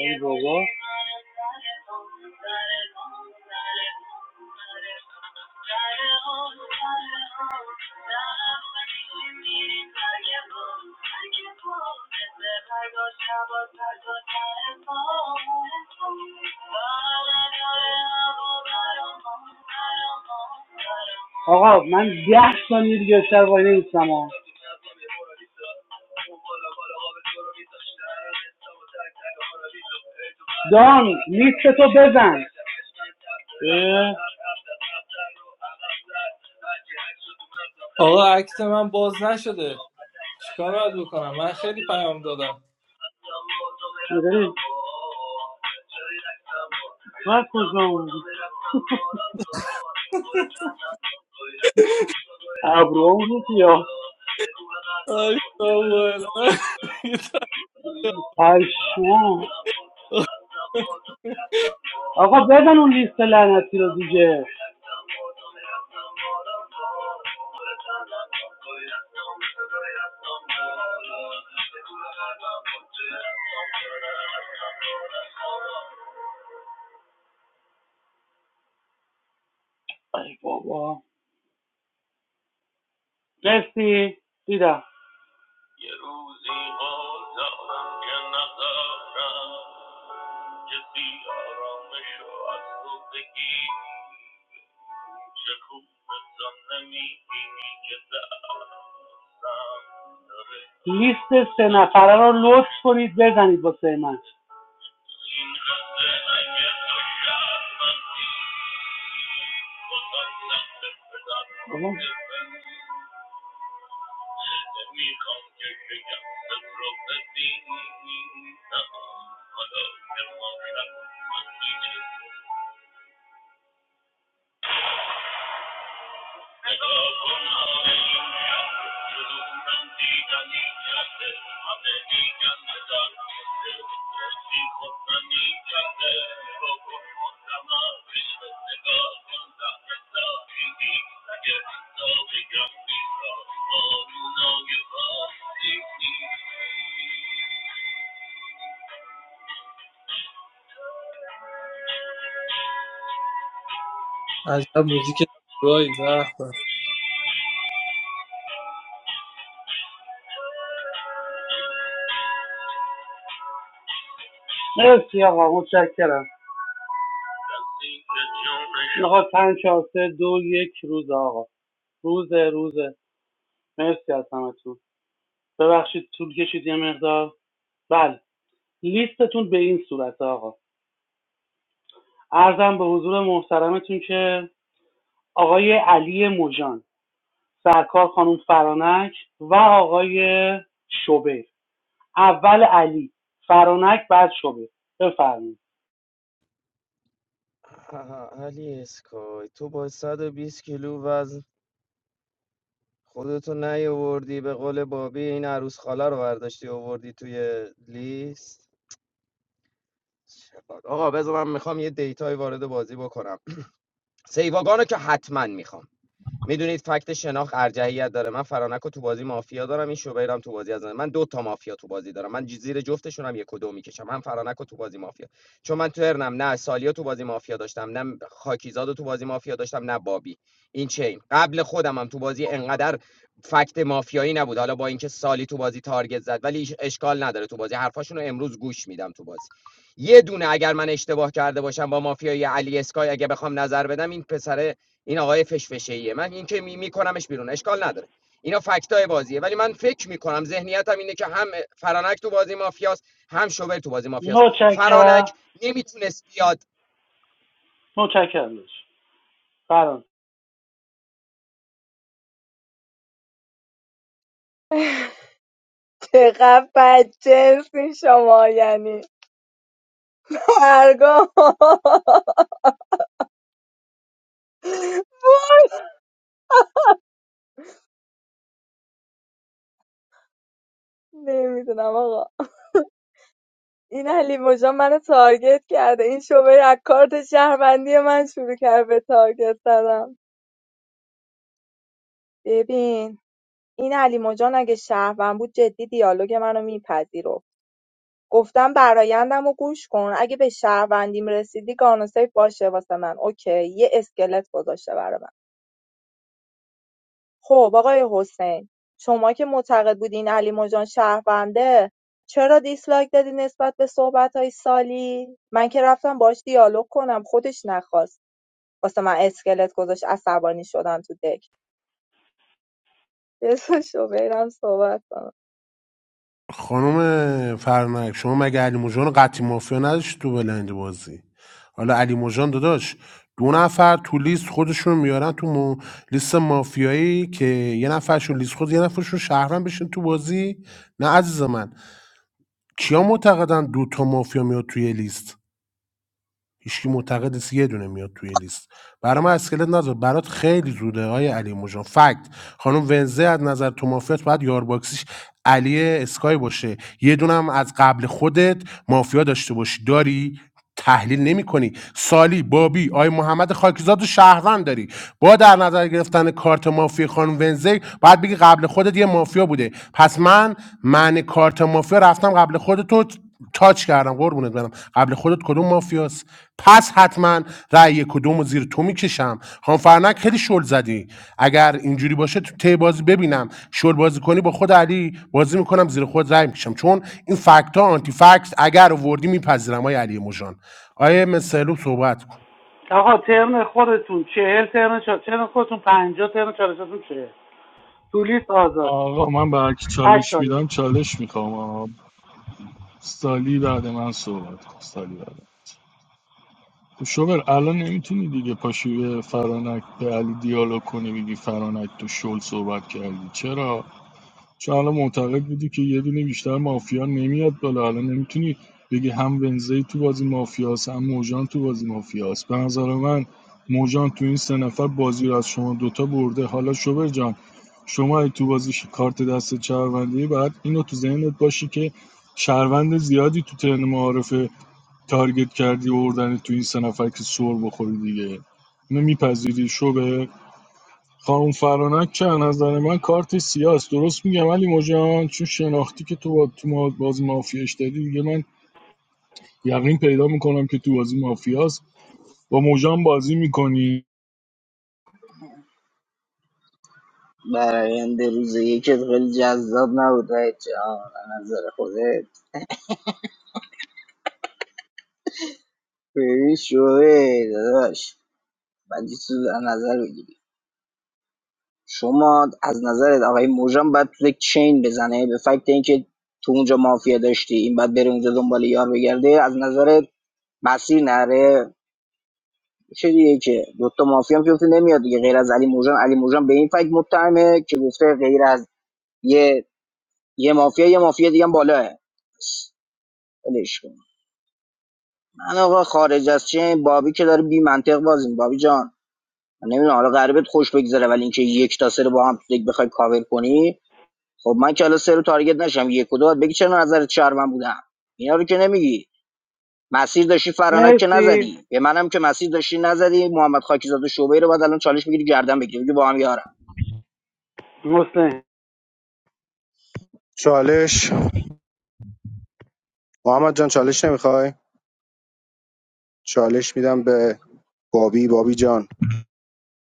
I: ای بابا بودی من سر پا، سر پا، سر پا، سر پا. سر پا سر آقا من ده ثانیه دیگه بیشتر وای نمیستم آقا دام نیست تو بزن اه،
E: آقا عکس من باز نشده چیکار باید بکنم من خیلی پیام دادم
I: نداری؟ من کجا اومدی ابرو بود یا
E: آی ساموئل
I: پشمام
E: <laughs>
I: آقا بزن اون لیست لعنتی رو دیگه ای بابا مرسی دیدم لیست سه نفره رو لطف کنید بزنید واسه من
E: عجب موزیک زیبایی به به
I: مرسی آقا متشکرم آقا پنج چهار، سه دو یک روز آقا روزه روزه. مرسی از همتون ببخشید طول کشید یه مقدار بله لیستتون به این صورت آقا ارزم به حضور محترمتون که آقای علی مجان سرکار خانم فرانک و آقای شبیر اول علی فرانک بعد شبه بفرمایید
G: آها، علی اسکای تو با 120 کیلو وزن خودتو نیاوردی به قول بابی این عروس خاله رو برداشتی آوردی توی لیست آقا بذار من میخوام یه دیتای وارد بازی بکنم سیواگانو که حتما میخوام میدونید فکت شناخت ارجحیت داره من فرانک رو تو بازی مافیا دارم این شوبرم تو بازی از من من دو تا مافیا تو بازی دارم من زیر جفتشون هم یک و دو میکشم هم فرانک رو تو بازی مافیا چون من تو ارنم نه سالیا تو بازی مافیا داشتم نه خاکیزاد رو تو بازی مافیا داشتم نه بابی این چین قبل خودم هم تو بازی انقدر فکت مافیایی نبود حالا با اینکه سالی تو بازی تارگت زد ولی هیچ اشکال نداره تو بازی حرفاشون رو امروز گوش میدم تو بازی یه دونه اگر من اشتباه کرده باشم با مافیای علی اسکای اگه بخوام نظر بدم این پسر این آقای فشفشه‌ایه من این که می میکنمش بیرون اشکال نداره اینا فکتای بازیه ولی من فکر میکنم ذهنیتم اینه که هم فرانک تو بازی مافیاست هم شوبر تو بازی مافیاست
I: متشکرم
G: فرانک نمیتونست بیاد
I: متشکرم داشت فرانک
C: <laughs> چقدر بدجنسین شما یعنی هرگاه <laughs> نمیدونم آقا این علی مژان منو تارگت کرده این شعبه از کارت شهروندی من شروع کرد به تارگت زدم ببین این علی مژان اگه شهروند بود جدی دیالوگ منو میپذیرفت گفتم برایندم و گوش کن اگه به شهروندیم رسیدی گانوسیف باشه واسه من اوکی یه اسکلت گذاشته برای من خب آقای حسین شما که معتقد بودی این علی مژان شهرونده چرا دیسلایک دادی نسبت به صحبت های سالی؟ من که رفتم باش دیالوگ کنم خودش نخواست واسه من اسکلت گذاشت عصبانی شدم تو دک بذار شوبرم صحبت کنم
N: خانم فرنک شما مگه علی موجان قطعی مافیا نداشتی تو بلند بازی حالا علی موجان داداش دو نفر تو لیست خودشون میارن تو مو- لیست مافیایی که یه نفرشون لیست خود یه نفرشون شهرن بشین تو بازی نه عزیز من کیا معتقدن دو تا مافیا میاد توی لیست هیچکی معتقد نیست یه دونه میاد توی لیست برای من اسکلت نذار برات خیلی زوده های علی موجان فکت خانم ونزه از نظر تو مافیات باید یارباکسیش علی اسکای باشه یه دونه هم از قبل خودت مافیا داشته باشی داری تحلیل نمی کنی سالی بابی آی محمد خاکیزاد و شهروند داری با در نظر گرفتن کارت مافیا خانم ونزی باید بگی قبل خودت یه مافیا بوده پس من معنی کارت مافیا رفتم قبل خودتو تاچ کردم قربونت برم قبل خودت کدوم مافیاست پس حتما رأی کدوم رو زیر تو میکشم خان فرنک خیلی شل زدی اگر اینجوری باشه تو تی بازی ببینم شل بازی کنی با خود علی بازی میکنم زیر خود رأی میکشم چون این فکت ها آنتی فکت اگر آوردی میپذیرم های علی مژان آیه مسلو صحبت کن
I: آقا ترم خودتون چهل ترم چهل ترم خودتون پنجاه ترم چالشتون چهل تو لیست آزاد
F: آقا من به هر کی
I: هر
F: چالش
I: چاله
F: میدم چالش میخوام سالی بعد من صحبت کن. سالی بعد. خب شوبر الان نمیتونی دیگه پاشی به فرانک به علی دیالوگ کنی بگی فرانک تو شل صحبت کردی چرا چون الان معتقد بودی که یه دونه بیشتر مافیا نمیاد بالا الان نمیتونی بگی هم ونزی تو بازی مافیاست هم موجان تو بازی مافیاست به نظر من موجان تو این سه نفر بازی رو از شما دوتا برده حالا شوبر جان شما اگه تو بازی ش- کارت دست شهروندی باید اینو تو ذهنت باشی که شهروند زیادی تو ترن معارفه تارگت کردی و بردن تو این سه نفر که سر بخوری دیگه اینو میپذیری شبه خانم فرانک که از نظر من کارت سیاست درست میگم علی مجان چون شناختی که تو با تو ما- بازی مافیاش دادی دیگه من یقین پیدا میکنم که تو بازی مافیاست با موجان بازی میکنی
B: برآینده روز یکت خیلی جذاب نبود رایت جان از نظر خودت خیلی شوه داداش بعدی تو در نظر بگیری شما از نظرت آقای موژان باید تو یک چین بزنه به فکت اینکه تو اونجا مافیا داشتی این باید بره اونجا دنبال یار بگرده از نظرت مسیر نره چه دیگه که دوتا مافیا هم که گفته نمیاد دیگه غیر از علی موژان علی موژان به این فکت متهمه که گفته غیر از یه یه مافیا یه مافیا دیگه هم بالاه ولش کن. من آقا خارج از چه بابی که داره بی منطق بازی بابی جان من نمیدونم حالا قربت خوش بگذره ولی اینکه یک تا سه رو با هم تو دک بخوای کاور کنی خب من که حالا سه رو تارگت نشم یک و دو باید بگی چرا نظرت شهروند بودم اینا رو که نمیگی مسیر داشتی فرانک که
I: مرسی
B: نزدی به منم که مسیر داشتی نزدی محمد خاکیزاد و شعبه رو بعد الان چالش میگیری گردن بگیری میگی با هم یارم
I: حسین
M: چالش محمد جان چالش نمیخوای چالش میدم به بابی بابی جان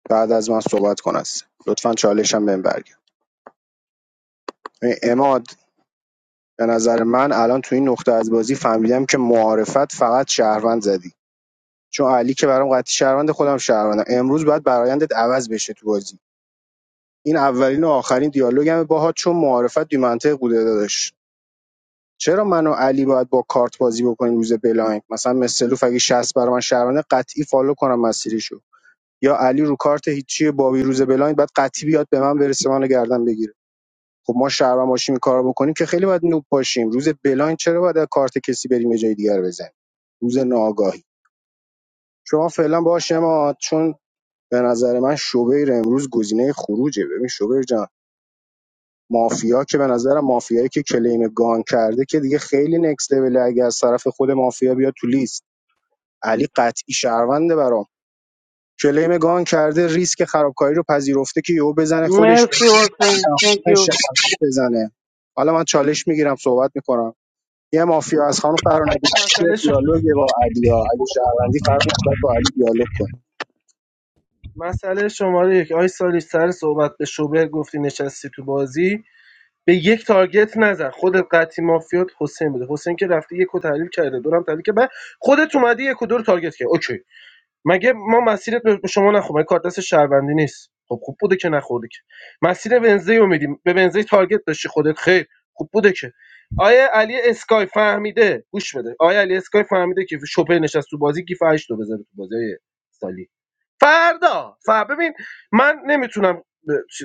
M: بعد از من صحبت کن است لطفا چالش هم بهم برگرد ببین، اماد به نظر من الان تو این نقطه از بازی فهمیدم که معارفت فقط شهروند زدی چون علی که برام قطعی شهروند خودم شهروندم امروز باید برایندت عوض بشه تو بازی این اولین و آخرین دیالوگم باهات چون معارفت بی منطق بوده داداش چرا من و علی باید با کارت بازی بکنیم روز بلاین مثلا مثلوف اگه 60 برای من شهروند قطعی فالو کنم مسیریشو یا علی رو کارت هیچی بابی روز بلاین بعد قطعی بیاد به من برسه منو گردن بگیره خب ما شهروند باشیم این کارو بکنیم که خیلی باید نوب باشیم روز بلاین چرا باید کارت کسی بریم یه جای دیگر بزنیم روز ناآگاهی شما فعلا باش اما چون به نظر من شوبر امروز گزینه خروجه ببین شوبر جان مافیا که به نظر مافیایی که کلیم گان کرده که دیگه خیلی نکس لول اگه از طرف خود مافیا بیاد تو لیست علی قطعی شهرونده برام کلیم گان کرده ریسک خرابکاری رو پذیرفته که یهو بزنه خودش
I: مرسی حسین تhank
M: بزنه
I: you
M: شهروند بزنه حالا من چالش میگیرم صحبت میکنم یه مافیا از خانم فرانبی
K: مسئله شم...
M: دیالوگ با علیا علی شهروندی فرانبی با علی دیالوگ کن
K: مسئله شماره یک آی سالی سر صحبت به شوبر گفتی نشستی تو بازی به یک تارگت نزن خودت قطعی مافیات حسین بده حسین که رفته یک و تحلیل کرده دورم تحلیل که بعد خودت اومدی یک و دو رو تارگت کرد اوکی مگه ما مسیرت به شما نخورد مگه کارت دست شهروندی نیست خب خوب بوده که نخورده که مسیر ونزی رو میدیم به ونزی تارگت داشتی خودت خیر خوب بوده که آیا علی اسکای فهمیده گوش بده آیا علی اسکای فهمیده که شوپر نشست تو بازی گیف 8 رو بذاره تو بازی آیه سالی فردا ف ببین من نمیتونم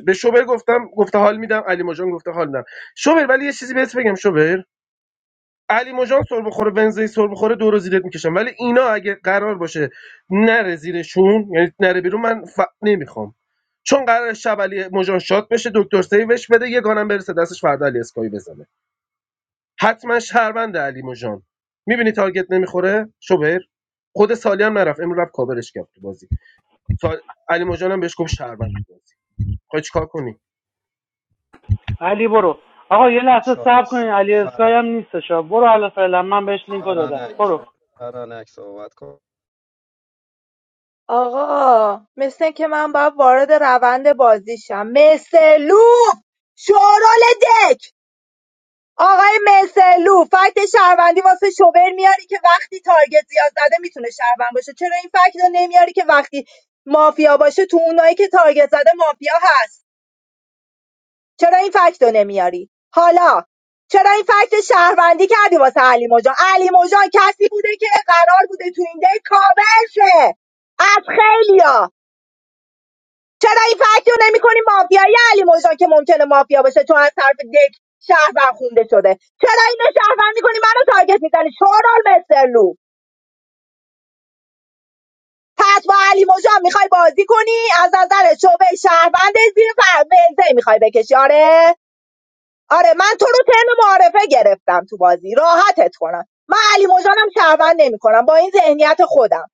K: به شوبر گفتم گفته حال میدم علی ماجان گفته حال میدم شوبر ولی یه چیزی بهت بگم شوبر علی مژان سر بخوره ونزی سر بخوره دو رو زیرت میکشم ولی اینا اگه قرار باشه نره زیرشون یعنی نره بیرون من ف... نمیخوام چون قرار شب علی مژان شات بشه دکتر سیوش بده یه گانم برسه دستش فردا علی اسکایی بزنه حتما شهروند علی مژان میبینی تارگت نمیخوره شوبر خود سالی هم نرفت امروز رفت کاورش کرد تو بازی سال... علی مژان هم بهش گفت شهروند تو بازی خواهی چیکار کنی
I: علی برو آقا یه لحظه صبر کنین علی اسکای هم نیستش آ. برو حالا فعلا من بهش لینکو دادم برو
C: آقا مثل که من باید وارد روند بازیشم مثلو شورال دک آقای مثلو فکت شهروندی واسه شوبر میاری که وقتی تارگت زیاد زده میتونه شهروند باشه چرا این فکت رو نمیاری که وقتی مافیا باشه تو اونایی که تارگت زده مافیا هست چرا این فکت رو نمیاری حالا چرا این فکت شهروندی کردی واسه علی موجان؟ علی موجان کسی بوده که قرار بوده تو این دی کاور شه از خیلیا چرا این فکت رو نمیکنی مافیای علی موجان که ممکنه مافیا باشه تو از طرف دک شهروند خونده شده چرا اینو شهروند میکنی منو تارگت میزنی شورال مسترلو پس با علی موجان میخوای بازی کنی از نظر شعبه شهروند زیر فرمزه میخوای بکشی آره آره من تو رو ترم معارفه گرفتم تو بازی راحتت کنم من علی مجانم شهروند نمی کنم با این ذهنیت خودم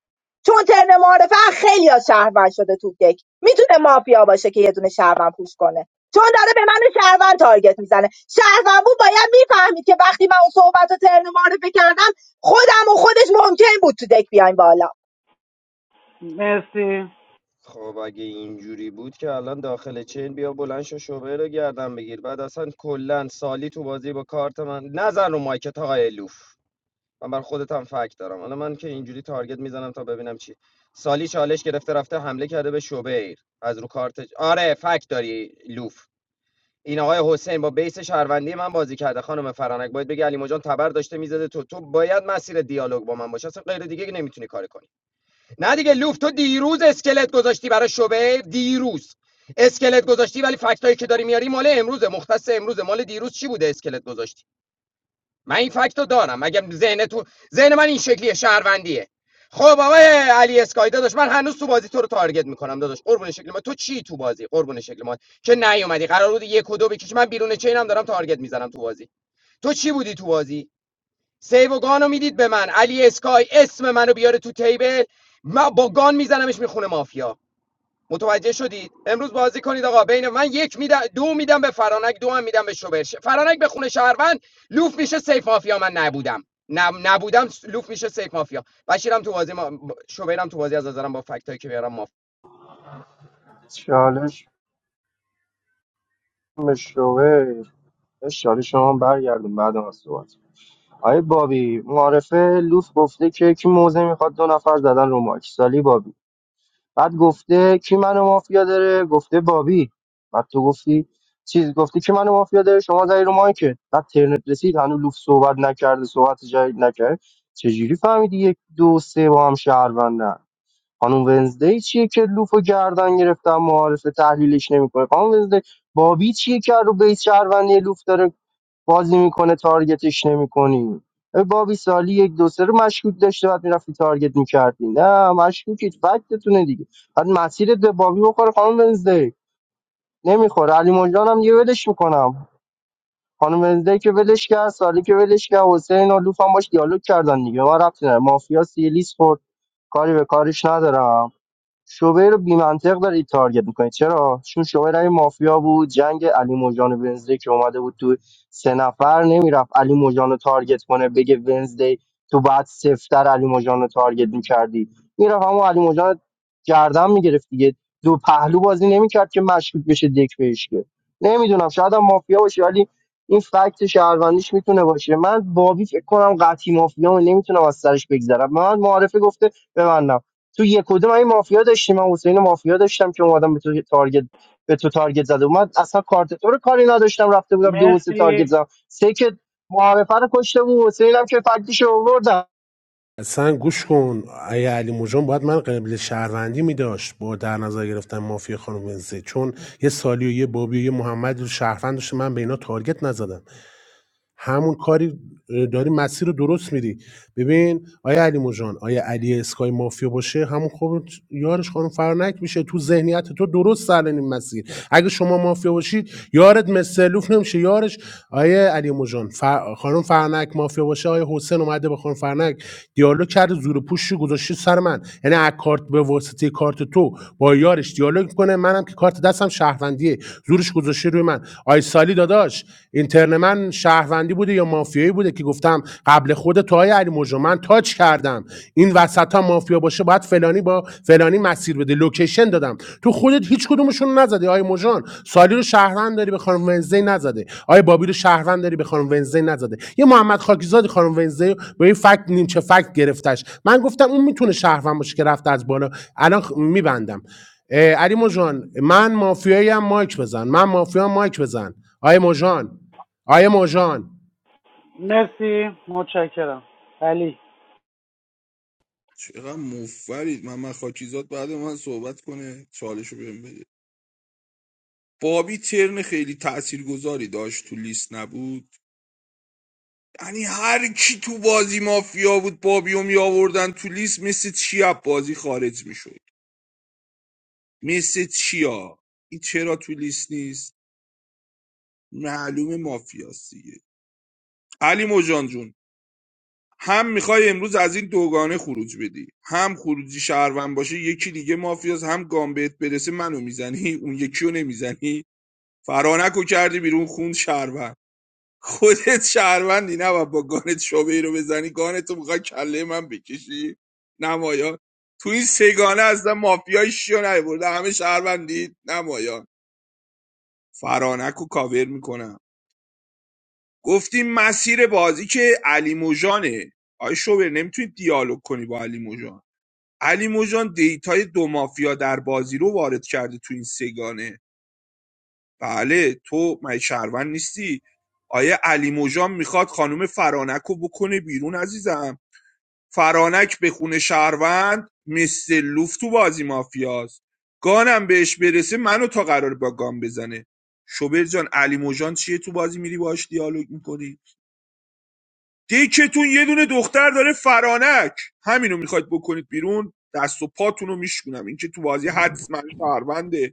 C: چون ترن معارفه خیلی از شهروند شده تو دک میتونه مافیا باشه که یه دونه شهروند پوش کنه چون داره به من شهروند تارگت میزنه شهروند بود باید میفهمید که وقتی من اون صحبت رو ترن معارفه کردم خودم و خودش ممکن بود تو دک بیایم بالا
I: مرسی
G: خب اگه اینجوری بود که الان داخل چین بیا بلند شو شوبر رو گردن بگیر بعد اصلا کلا سالی تو بازی با کارت من نزن رو مایکت آقای لوف من بر خودت هم فکت دارم حالا من که اینجوری تارگت میزنم تا ببینم چی سالی چالش گرفته رفته حمله کرده به شوبر از رو کارت آره فکت داری لوف این آقای حسین با بیس شهروندی من بازی کرده خانم فرانک باید بگی علیمو جان تبر داشته میزده تو تو باید مسیر دیالوگ با من باشه اصلا غیر دیگه که نمیتونی کار کنی نه دیگه لوف تو دیروز اسکلت گذاشتی برای شوبر دیروز اسکلت گذاشتی ولی فکتایی که داری میاری مال امروزه مختص امروزه مال دیروز چی بوده اسکلت گذاشتی من این فکت رو دارم مگه ذهن تو ذهن من این شکلیه شهروندیه خب آقای علی اسکای داداش من هنوز تو بازی تو رو تارگت میکنم داداش قربون شکل ما تو چی تو بازی قربون شکل ما که نیومدی قرار بود یک و دو بکشی من بیرون چینم دارم تارگت میزنم تو بازی تو چی بودی تو بازی سیو و گانو میدید به من علی اسکای اسم منو بیاره تو تیبل من با گان میزنمش میخونه مافیا متوجه شدید امروز بازی کنید آقا بین من یک میدم دو میدم به فرانک دو هم میدم به شوبرش فرانک به خونه شهروند لوف میشه سیف مافیا من نبودم نب... نبودم لوف میشه سیف مافیا بشیرم تو بازی ما... شوبرم تو بازی از نظرم با فکتایی که میارم مافیا
P: چالش مشروعه چالش شما برگردون بعد از صحبت آیه بابی معرفه لوف گفته که کی موزه میخواد دو نفر زدن رو ماکسالی بابی بعد گفته کی منو مافیا داره گفته بابی بعد تو گفتی چیز گفتی کی منو مافیا داره شما زدی رو مایکت بعد ترنت رسید هنوز لوف صحبت نکرده صحبت جدید نکرد چجوری فهمیدی یک دو سه با هم شهروندن خانم ونزدی چیه که لوفو گردن گرفتن معارفه تحلیلش نمیکنه خانم ونزدی بابی چیه که رو بیس شهروندی لوف داره بازی میکنه تارگتش نمیکنی بابی سالی یک دو سه رو مشکوک داشته بعد میرفتی تارگت میکردی نه مشکوکید فکتتونه دیگه بعد مسیرت به بابی بخوره خانم ونزدی نمیخوره علی مجدان هم دیگه ولش میکنم خانم ونزدی که ولش کرد سالی که ولش کرد حسین و لوف هم باش دیالوگ کردن دیگه ما رفتیم مافیا سیلیس خورد کاری به کارش ندارم شعبه رو بی‌منطق دارید تارگت میکنید چرا چون شعبه رأی مافیا بود جنگ علی موجان و ونزدی که اومده بود تو سه نفر نمیرفت علی موجان رو تارگت کنه بگه ونزدی تو بعد سفتر علی موجان رو تارگت میکردی میرفت اما علی موجان رو گردن میگرفت دیگه دو پهلو بازی نمیکرد که مشکوک بشه دک بهش که نمیدونم شاید هم مافیا باشه ولی این فکت شهروندیش میتونه باشه من بابی فکر کنم قطعی مافیا نمیتونم از سرش بگذرم به من معارفه گفته به من تو یک و دو این مافیا داشتیم من حسین مافیا داشتم که اومدم به تو تارگت به تو تارگت زده اومد اصلا کارت تو رو کاری نداشتم رفته بودم دو و سه تارگت
I: مرسی
P: زدم سه که معارفه رو کشته بود حسینم که فکتش رو آوردم
N: اصلا گوش کن آیه علی موجان باید من قبل شهروندی میداشت با در نظر گرفتن مافیا خانم ونزه چون یه سالی و یه بابی و یه محمد رو شهروند داشته من به اینا تارگت نزدم همون کاری داری مسیر رو درست میری ببین آیا علی مجان آیا علی اسکای مافیا باشه همون خوب یارش خانم فرنک میشه تو ذهنیت تو درست سرن این مسیر اگه شما مافیا باشید یارت مسلوف نمیشه یارش آیا علی مجان فر... خانم فرنک مافیا باشه آیا حسین اومده به خانم فرنک دیالوگ کرده زور پوشی گذاشته سر من یعنی از کارت به واسطه کارت تو با یارش دیالوگ کنه منم که کارت دستم شهروندیه زورش گذاشته روی من آی سالی داداش اینترن من من شهروندی بوده یا مافیایی بوده که گفتم قبل خود تو های علی مجرم من تاچ کردم این وسط ها مافیا باشه باید فلانی با فلانی مسیر بده لوکیشن دادم تو خودت هیچ کدومشون رو نزدی آی مجان سالی رو شهروند داری به خانم ونزی نزده آی بابی رو شهروند داری به خانم ونزی نزده یه محمد خاکیزاد خانم ونزی رو به این فکت نیمچه فکت گرفتش من گفتم اون میتونه شهروند باشه که رفته از بالا الان میبندم علی مجان من مافیایی هم مایک بزن من مافیا مایک بزن آی مجان آیه موژان
I: مرسی متشکرم علی
D: چقدر مفرید محمد خاکیزاد بعد من صحبت کنه چالش رو بهم بده بابی ترن خیلی تاثیرگذاری داشت تو لیست نبود یعنی هر کی تو بازی مافیا بود بابی رو میآوردن تو لیست مثل چیا بازی خارج میشد مثل چیا این چرا تو لیست نیست معلوم مافیاست دیگه علی مجان جون هم میخوای امروز از این دوگانه خروج بدی هم خروجی شهروند باشه یکی دیگه مافیاست هم گام بهت برسه منو میزنی اون یکی رو نمیزنی فرانکو کردی بیرون خوند شهروند خودت شهروندی نباید با گانت شعبه رو بزنی گانتو میخوای کله من بکشی نمایان تو این سگانه اصلا مافیای شیو نیورده همه شهروندی نمایان فرانکو کاور میکنم گفتیم مسیر بازی که علی موجانه آی شوبر نمیتونی دیالوگ کنی با علی موجان علی موجان دیتای دو مافیا در بازی رو وارد کرده تو این سگانه بله تو مگه شهروند نیستی آیه علی موجان میخواد خانم فرانک رو بکنه بیرون عزیزم فرانک به خونه شهروند مثل لوف تو بازی مافیاست گانم بهش برسه منو تا قرار با گان بزنه شوبر جان علی موجان چیه تو بازی میری باش دیالوگ میکنی دیکتون یه دونه دختر داره فرانک همینو میخواید بکنید بیرون دست و پاتون رو میشکنم این که تو بازی حتما شهرونده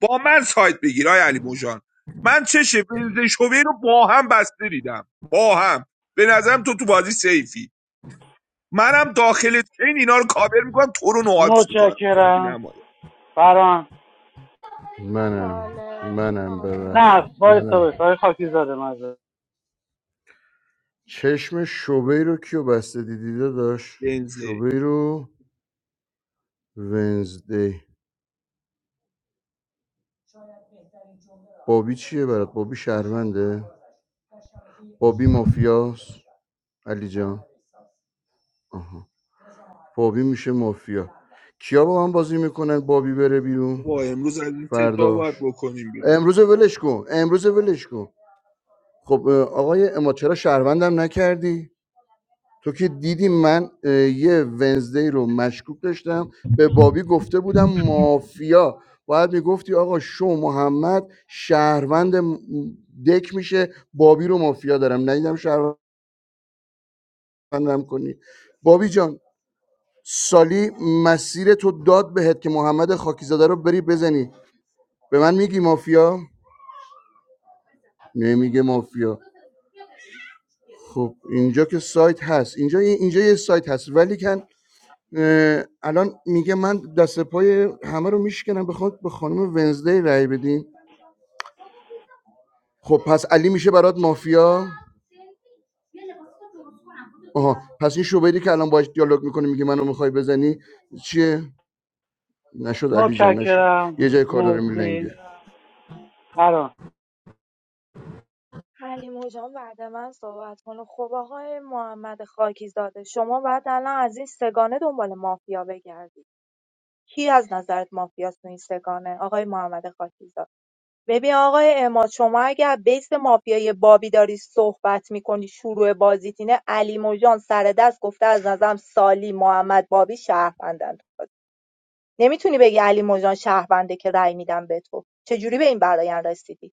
D: با من سایت بگیر آی علی موجان من چش شوی رو با هم بسته دیدم با هم به نظرم تو تو بازی سیفی منم داخل چین اینا رو کاور میکنم تو رو نوادس میکنم تو بازی
I: متشکرم
D: نمایه
I: فران
L: منم
C: چالش
L: منم ببخشید
I: نه
C: علی
I: وایسا
L: منم
I: وایسا آقای خاکی زاده مزه
L: چشم شبی رو کیو بسته دیدی داشت
D: بنزه
L: شبی رو ونزدی بابی چیه برات بابی شهرونده بابی مافیاس علی جان آها. بابی میشه مافیا کیا با من بازی میکنن بابی بره بیرون
D: با امروز از این ستا باید
L: فرداش
D: بکنیم بیرون
L: امروز ولش کن امروز ولش کن خب آقای اما چرا شهروندم نکردی تو که دیدی من یه ونزدی رو مشکوک داشتم به بابی گفته بودم مافیا باید میگفتی آقا شو محمد شهروند م- دک میشه بابی رو مافیا دارم ندیدم شهروند بندم کنی بابی جان سالی مسیر تو داد بهت که محمد خاکیزاده رو بری بزنی به من میگی مافیا نمیگه مافیا خب اینجا که سایت هست اینجا اینجا یه سایت هست ولی کن اه، الان میگه من دست پای همه رو میشکنم بخواد به خانم ونزدی رای بدین خب پس علی میشه برات مافیا آها پس این شوبری که الان باش دیالوگ میکنه میگه منو میخوای بزنی چیه نشد علی جان نشد
I: متشکرم
L: یه جای کار داره میلنگه
I: مرسی فران
C: علی مژان بعد من صحبت کنه خب آقای محمد خاکیزاده شما باید الان از این سگانه دنبال مافیا بگردی کی از نظرت مافیاست تو این سگانه آقای محمد خاکیزاده ببین آقای اماد شما اگر بیس مافیای بابی داری صحبت میکنی شروع بازیت اینه علی مژان سر دست گفته از نظرم سالی محمد بابی شهروندن تو بازی. نمیتونی بگی علی مژان شهرونده که رأی میدم به تو چجوری به این برایان رسیدی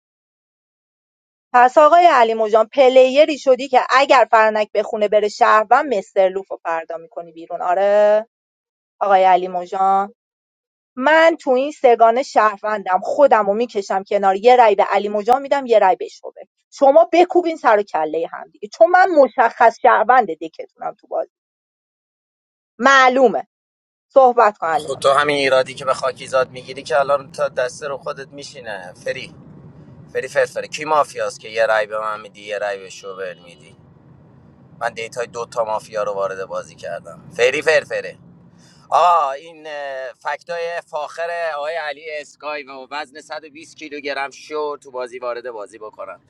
C: پس آقای علیمژان پلیری شدی که اگر فرانک به خونه بره شهروند مستر لوفو فردا میکنی بیرون آره آقای علیمژان من تو این سگانه شهروندم خودمو رو میکشم کنار یه رای به علیمژان میدم یه رای به شعبه شما بکوبین سر و کله هم دیگه چون من مشخص شهروند دکتونم تو بازی معلومه صحبت کن
G: خب تو
C: علیمژان
G: همین ایرادی که به خاکیزاد میگیری که الان تا دسته رو خودت میشینه فری فری فرفری کی مافیاست که یه رای به من میدی یه رای به شوبر میدی من دیتای دو تا مافیا رو وارد بازی کردم فری فرفره آقا این اه، فکتای فاخر آقای علی اسکای و وزن 120 کیلوگرم شو تو بازی وارد بازی بکنم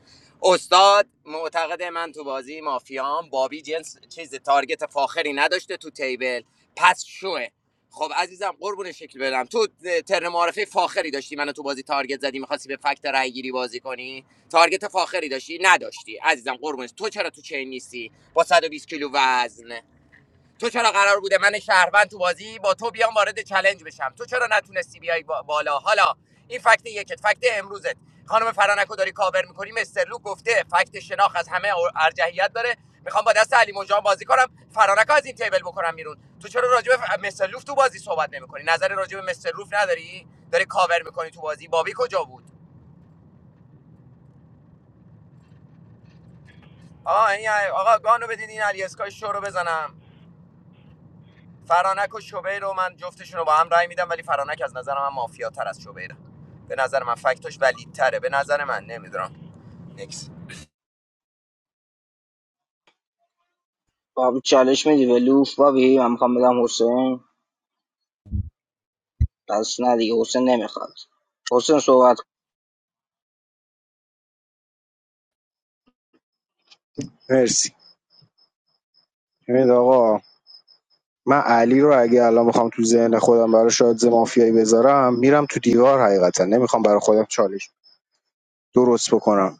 G: استاد معتقد من تو بازی مافیام بابی جنس چیز تارگت فاخری نداشته تو تیبل پس شوه خب عزیزم قربون شکل برم تو ترن معرفه فاخری داشتی منو تو بازی تارگت زدی میخواستی به فکت رای گیری بازی کنی تارگت فاخری داشتی نداشتی عزیزم قربونش تو چرا تو چین نیستی با 120 کیلو وزن تو چرا قرار بوده من شهروند تو بازی با تو بیام وارد چلنج بشم تو چرا نتونستی بیای با- بالا حالا این فکت یکت فکت امروزت خانم فرانکو داری کاور میکنی مسترلو گفته فکت شناخ از همه ار- ارجحیت داره میخوام با دست علی مجان بازی کنم فرانکو از این تیبل بکنم بیرون تو چرا راجب به ف- مسترلوف تو بازی صحبت نمیکنی نظر راجب به مسترلوف نداری داری کاور میکنی تو بازی بابی کجا بود آه این آقا گانو بدین این علی اسکای شو رو بزنم فرانک و شبیر رو من جفتشون رو با هم رأی میدم ولی فرانک از نظر من مافیا تر از شبیره به نظر من فکتش ولید به نظر من نمیدونم نکس
B: بابی چالش میدی به لوف بابی من میخوام بدم حسین پس نه دیگه حسین نمیخواد حسین صحبت
M: مرسی ببینید آقا من علی رو اگه الان بخوام تو ذهن خودم برای شاد مافیایی بذارم میرم تو دیوار حقیقتا نمیخوام برای خودم چالش درست بکنم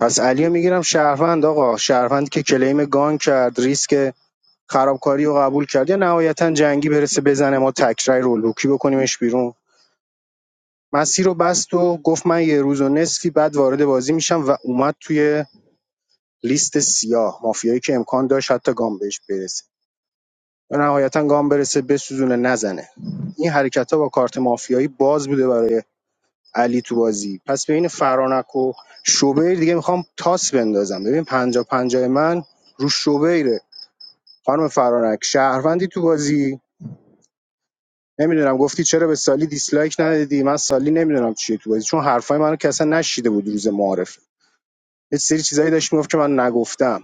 M: پس علی رو میگیرم شهروند آقا شهروند که کلیم گان کرد ریسک خرابکاری رو قبول کرد یا نهایتا جنگی برسه بزنه ما تکرای رو لوکی بکنیمش بیرون مسیر رو بست و گفت من یه روز و نصفی بعد وارد بازی میشم و اومد توی لیست سیاه مافیایی که امکان داشت حتی گام بهش برسه و نهایتا گام برسه بسوزونه نزنه این حرکت ها با کارت مافیایی باز بوده برای علی تو بازی پس بین فرانک و شوبیر دیگه میخوام تاس بندازم ببین پنجا پنجای من رو شوبیره خانم فرانک شهروندی تو بازی نمیدونم گفتی چرا به سالی دیسلایک ندادی من سالی نمیدونم چیه تو بازی چون حرفای منو که اصلا نشیده بود روز معارف یه سری چیزایی داشت میگفت که من نگفتم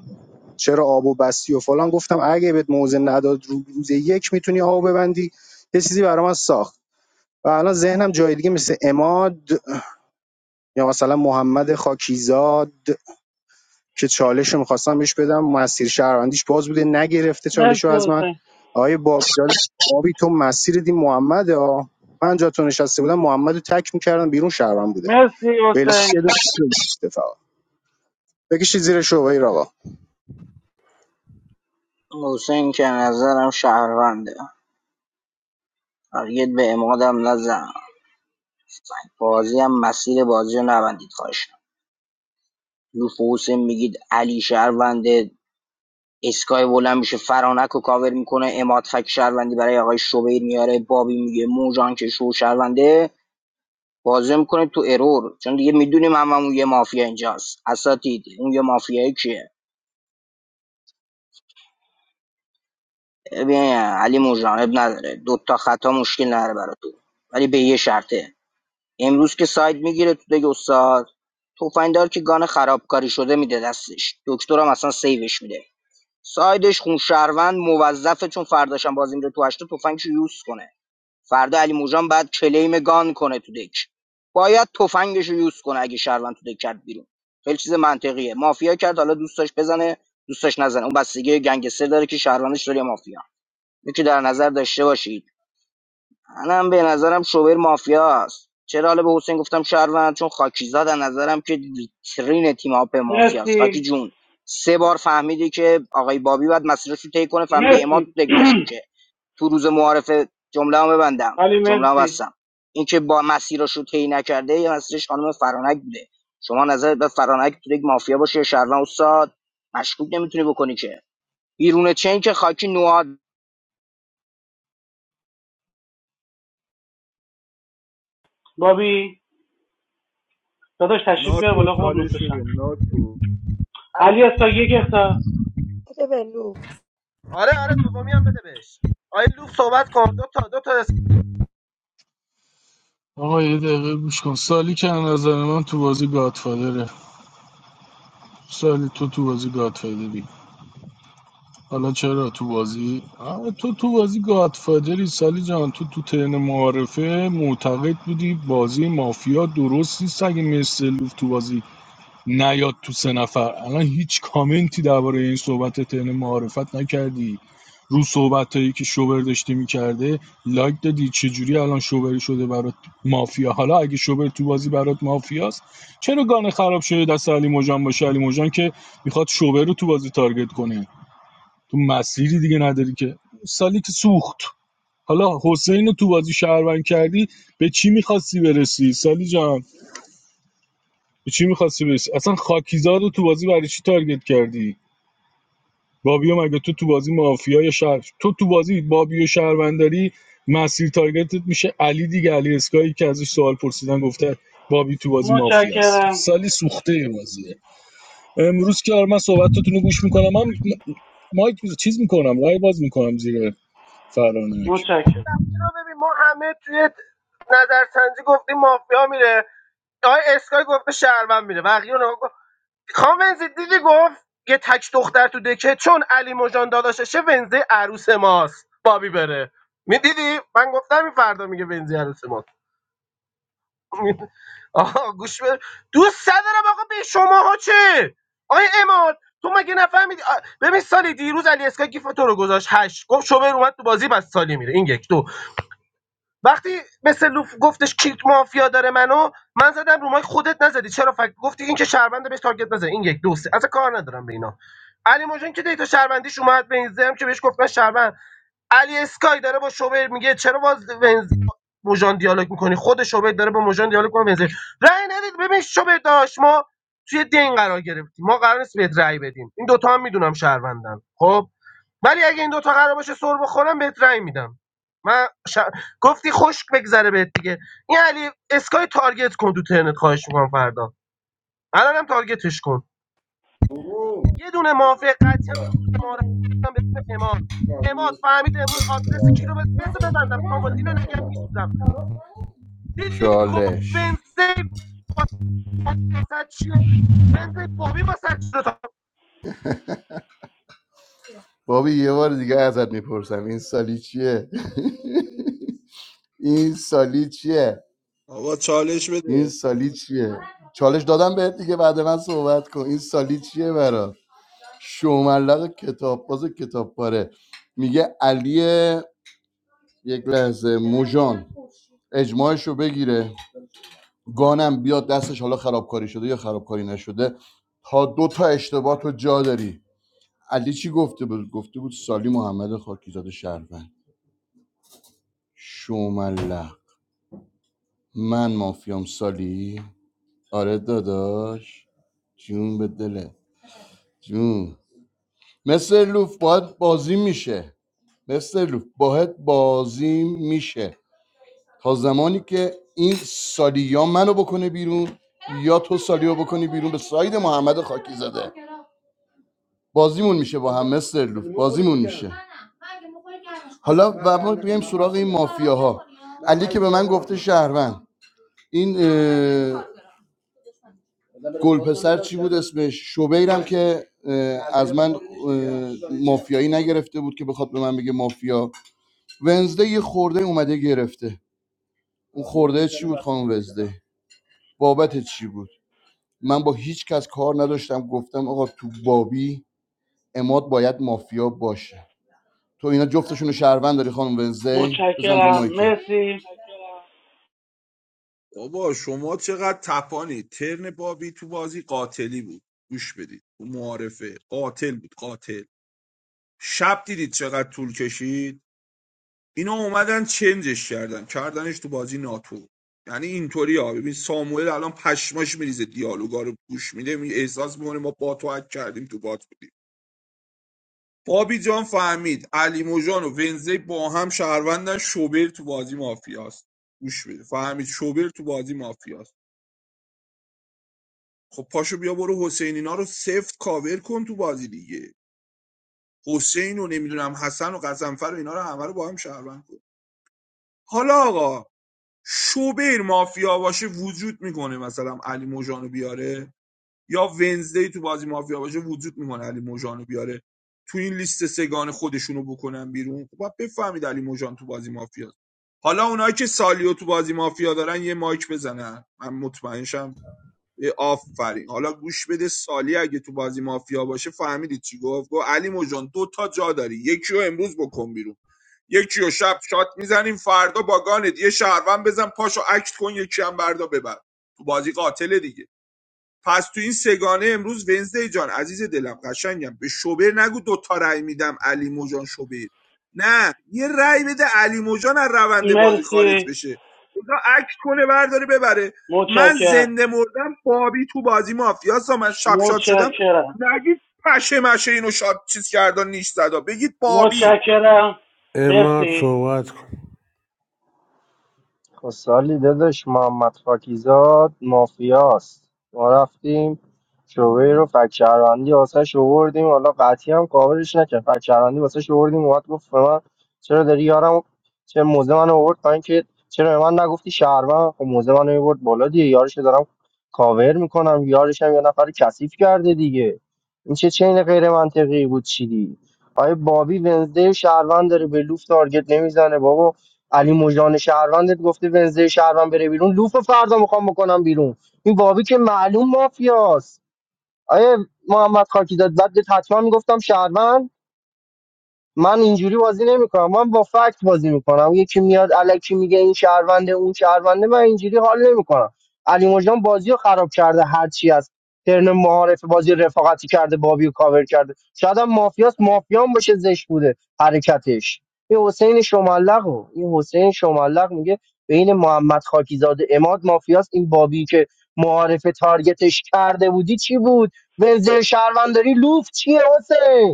M: چرا آب و بستی و فلان گفتم اگه بهت موزه نداد رو- روز یک میتونی آب ببندی یه چیزی برای من ساخت و الان ذهنم جای دیگه مثل اماد یا مثلا محمد خاکیزاد که چالش رو میخواستم بهش بدم مسیر شهروندیش باز بوده نگرفته چالش رو
I: مرسی
M: از من
I: حسین
M: آقای باب جان، بابی تو مسیر دی محمد ها من جا تو نشسته بودم محمد رو تک میکردم بیرون شهروند بودم
I: مرسی
M: بله یه
I: حسین
M: دونه گرفته فقط بکشید زیر شعبه آقا
B: حسین که نظرم شهرونده تارگت به امادم نزن بازی هم مسیر بازی رو نبندید خواهشم لوف و حسین میگید علی شهرونده اسکای بلند میشه فرانک رو کاور میکنه اماد فک شهروندی برای آقای شوبیر میاره بابی میگه موجان که شو شهرونده بازی میکنه تو ارور چون دیگه میدونیم هم, اون یه مافیا اینجاست اساتید اون یه مافیایی کیه ببین علی موجان اب نداره دوتا خطا مشکل نداره برای تو ولی به یه شرطه امروز که ساید میگیره تو دیگه استاد تفنگدار که گان خرابکاری شده میده دستش دکترم اصلا سیوش میده سایدش خون شهروند موظفه چون فرداشم بازی میره تو هشتا تفنگشو یوز کنه فردا علی موجان بعد کلیم گان کنه تو دک باید تفنگشو یوز کنه اگه شهروند تو دک کرد بیرون خیلی چیز منطقیه مافیا کرد حالا دوستاش بزنه دوستاش نزنه اون بستگی گنگستر داره که شهروندش داره یا مافیا اینو در نظر داشته باشید منم به نظرم شوبر مافیاست چرا حالا به حسین گفتم شهروند چون خاکی زاد از نظرم که ویترین تیم اپ مافیاست خاکی
I: مرسی
B: جون سه بار فهمیدی که آقای بابی باید مسیرش رو طی کنه فهمیدی اماد
I: مرسی
B: تو یک مشکوکه تو روز معارفه جمله ببندم
I: <clears throat> علی
B: جمله
I: مرسی
B: بستم اینکه با مسیرش رو طی نکرده یا مسیرش خانم فرانک بوده شما نظرت به فرانک تو یک مافیا باشه یا شهروند استاد مشکوک نمیتونی بکنی که بیرون چین که خاکی نواد
I: بابی داداش تشریف بیار بالا
D: ناتو
I: خوب
D: چالش
I: نوشتشم
D: بده ناتو
K: ال...
I: علی استا یک اختار
C: بده به لوف
K: آره آره دومی هم بده بهش آیه لوف صحبت کن دو تا دو تا
F: آقا یه دقیقه گوش کن سالی که از نظر من تو بازی گادفادره سالی تو تو بازی گادفادری حالا چرا تو بازی آه، تو تو بازی گادفادری سالی جان تو تو ترن معارفه معتقد بودی بازی مافیا درست نیست اگه مثل تو بازی نیاد تو سه نفر الان هیچ کامنتی درباره این صحبت ترن معارفت نکردی رو صحبت که شوبر داشته میکرده لایک دادی چجوری الان شوبر شده برات مافیا حالا اگه شوبر تو بازی برات مافیاست چرا گانه خراب شده دست علی مجان باشه علی مجان که میخواد شوبر رو تو بازی تارگت کنه تو مسیری دیگه نداری که سالی که سوخت حالا حسین رو تو بازی شهروند کردی به چی میخواستی برسی سالی جان به چی میخواستی برسی اصلا خاکیزاد رو تو بازی برای چی تارگت کردی بابیو مگه تو تو بازی مافیا یا شهر تو تو بازی بابیو شهرونداری مسیر تارگتت میشه علی دیگه علی اسکایی که ازش سوال پرسیدن گفته بابی تو بازی مافیاست
I: متشکرم
F: سالی سوخته بازیه امروز که آره من صحبتتون رو گوش میکنم من مایک چیز میکنم رای باز میکنم زیر فرانک
I: متشکرم
K: اینا ببین ما همه توی نظرسنجی گفتیم مافیا میره آقای اسکای گفته شهروند میره بقیه اونها گفت خانم ونزی دیدی گفت یه تک دختر تو دکه چون علی مژان داداششه ونزی عروس ماست بابی بره میدیدی؟ من گفتم این فردا میگه ونزی عروس ماست <laughs> آها گوش بده دوست ندارم آقا به شماها چه آقای اماد تو مگه نفهمیدی آ، ببین سالی دیروز علی اسکای گیف تو رو گذاشت هشت گفت شوبر اومد تو بازی بس سالی میره این یک دو وقتی مثل لوف گفتش کیک مافیا داره منو من زدم رومای خودت نزدی چرا فکر گفتی این که شهربنده بهش تارگت نزد این یک دو سه اصلا کار ندارم به اینا علی موجان که دیتا شهروندیش اومد به این زم که بهش گفتن شهروند علی اسکای داره با شوبر میگه چرا باز ونز موژان دیالوگ میکنی خود شوبر داره با موژان دیالوگ کنه ونز رأی ندید ببین شوبر داشت ما توی دین قرار گرفتیم ما قرار نیست بهت رأی بدیم این دوتا هم میدونم شهروندن خب ولی اگه این دوتا قرار باشه سر بخورم بهت رأی میدم من ش... گفتی خشک بگذره بهت دیگه این علی اسکای تارگت کن تو ترنت خواهش میکنم فردا الانم تارگتش کن یه دونه مافیا قطعی هم تو روز معارف به اسم اماد اماد فهمید امروز آدرس کی رو بز- بذار ببندم سامال اینو نگم میسوزم دیدی گفت
L: چالش
K: ونزی واسه چیه ونزی بابی واسه چی رو تا
L: بابی یه بار دیگه ازت میپرسم این سالی چیه <laughs> این سالی چیه
D: آقا چالش
L: این
D: بده
L: سالی چیه چالش دادم بهت دیگه بعد من صحبت کن این سالی چیه برات شوملق کتاب باز کتاب پاره میگه علی یک لحظه موژان اجماعش رو بگیره گانم بیاد دستش حالا خرابکاری شده یا خرابکاری نشده تا دو تا اشتباه تو جا داری علی چی گفته بود گفته بود سالی محمد خاکیزاده شهروند شومله من مافیام سالی آره داداش جون به دلت جون مثل لوف باید بازی میشه مثل لوف باید بازی میشه تا زمانی که این سالی یا منو بکنه بیرون یا تو سالی رو بکنی بیرون به ساید محمد خاکیزاده. بازیمون میشه با هم مستر لوف بازیمون میشه حالا و ما بیایم سراغ این مافیاها علی که به من گفته شهروند این اه، گلپسر چی بود اسمش شوبیرم که از من مافیایی نگرفته بود که بخواد به من بگه مافیا ونزده یه خورده اومده گرفته اون خورده چی بود خانم ونزده بابت چی بود من با هیچ کس کار نداشتم گفتم آقا تو بابی اماد باید مافیا باشه تو اینا جفتشون رو شهروند داری خانم ونزی بزن رو
I: متشکرم
L: مایکت
I: مرسی
D: بابا شما چقدر تپانی ترن بابی تو بازی قاتلی بود گوش بدید تو معارفه قاتل بود قاتل شب دیدید چقدر طول کشید اینا اومدن چنجش کردن کردنش تو بازی ناتو یعنی اینطوری ها ببین ساموئل الان پشماش میریزه دیالوگا رو گوش میده می احساس میکنه ما با تو حک کردیم تو بات بودیم بابی جان فهمید علی موجان و ونزی با هم شهروندن شوبر تو بازی مافیاست گوش بده فهمید شوبر تو بازی مافیاست خب پاشو بیا برو حسین اینا رو سفت کاور کن تو بازی دیگه حسین و نمیدونم حسن و قزنفر و اینا رو همه رو با هم شهروند کن حالا آقا شوبر مافیا باشه وجود میکنه مثلا علی موجانو بیاره یا ونزدی تو بازی مافیا باشه وجود میکنه علی موجانو بیاره تو این لیست سگان خودشونو بکنن بیرون خب باید بفهمید علی موجان تو بازی مافیا حالا اونایی که سالیو تو بازی مافیا دارن یه مایک بزنن من مطمئنشم اه، آفرین حالا گوش بده سالی اگه تو بازی مافیا باشه فهمیدی چی گفت گفت علی موجان دو تا جا داری یکی رو امروز بکن بیرون یکی رو شب شات میزنیم فردا با گانت یه شهروند بزن پاشو اکت کن یکی هم بردا ببر تو بازی قاتله دیگه پس تو این سگانه امروز ونزدی جان عزیز دلم قشنگم به شوبر نگو دوتا رأی میدم علی موجان شوبر نه یه رأی بده علی موجان از روند بازی خارج
I: مرسی
D: بشه اونا عکس کنه برداره ببره من
I: متشکرم
D: زنده مردم بابی تو بازی مافیاسا من شب شاد شدم
I: متشکرم
D: نگید پشه مشه اینو شات چیز کردن نیش زدا بگید بابی
I: متشکرم
N: اماد
I: مرسی
N: صحبت کن
P: خب سالی داداش محمد خاکیزاد مافیاست ما رفتیم شعبه رو فک شهروندی واسه شوردیم حالا قطعی هم کاورش نکرد فک شهروندی واسه شوردیم اومد گفت به من چرا داری یارم چه موزه من آورد پایین که چرا به من نگفتی شهروند خب موزه من آورد بالا دیگه یارش رو دارم کاور میکنم یارش هم یه نفر رو کثیف کرده دیگه این چه چین غیر منطقی بود چیدی آیا بابی ونزده شهروند داره به لوف تارگت نمیزنه بابا علی مژان شهروندت گفته ونزه شهروند بره بیرون لوف فردا میخوام بکنم بیرون این واوی که معلوم مافیاست آیه محمد خاکی داد بعد بهت حتما میگفتم شهروند من اینجوری بازی نمیکنم من با فکت بازی میکنم یکی میاد الکی میگه این شهرونده اون شهرونده من اینجوری حال نمیکنم علی مجدان بازی رو خراب کرده هر چی از ترن معارف بازی رفاقتی کرده بابی رو کاور کرده شاید هم مافیاس مافیان باشه زشت بوده حرکتش این حسین شمالق رو این حسین شمالق میگه بین محمد خاکیزاده اماد مافیاس این بابی که معارف تارگتش کرده بودی چی بود ونزل شهرونداری لوف چیه حسین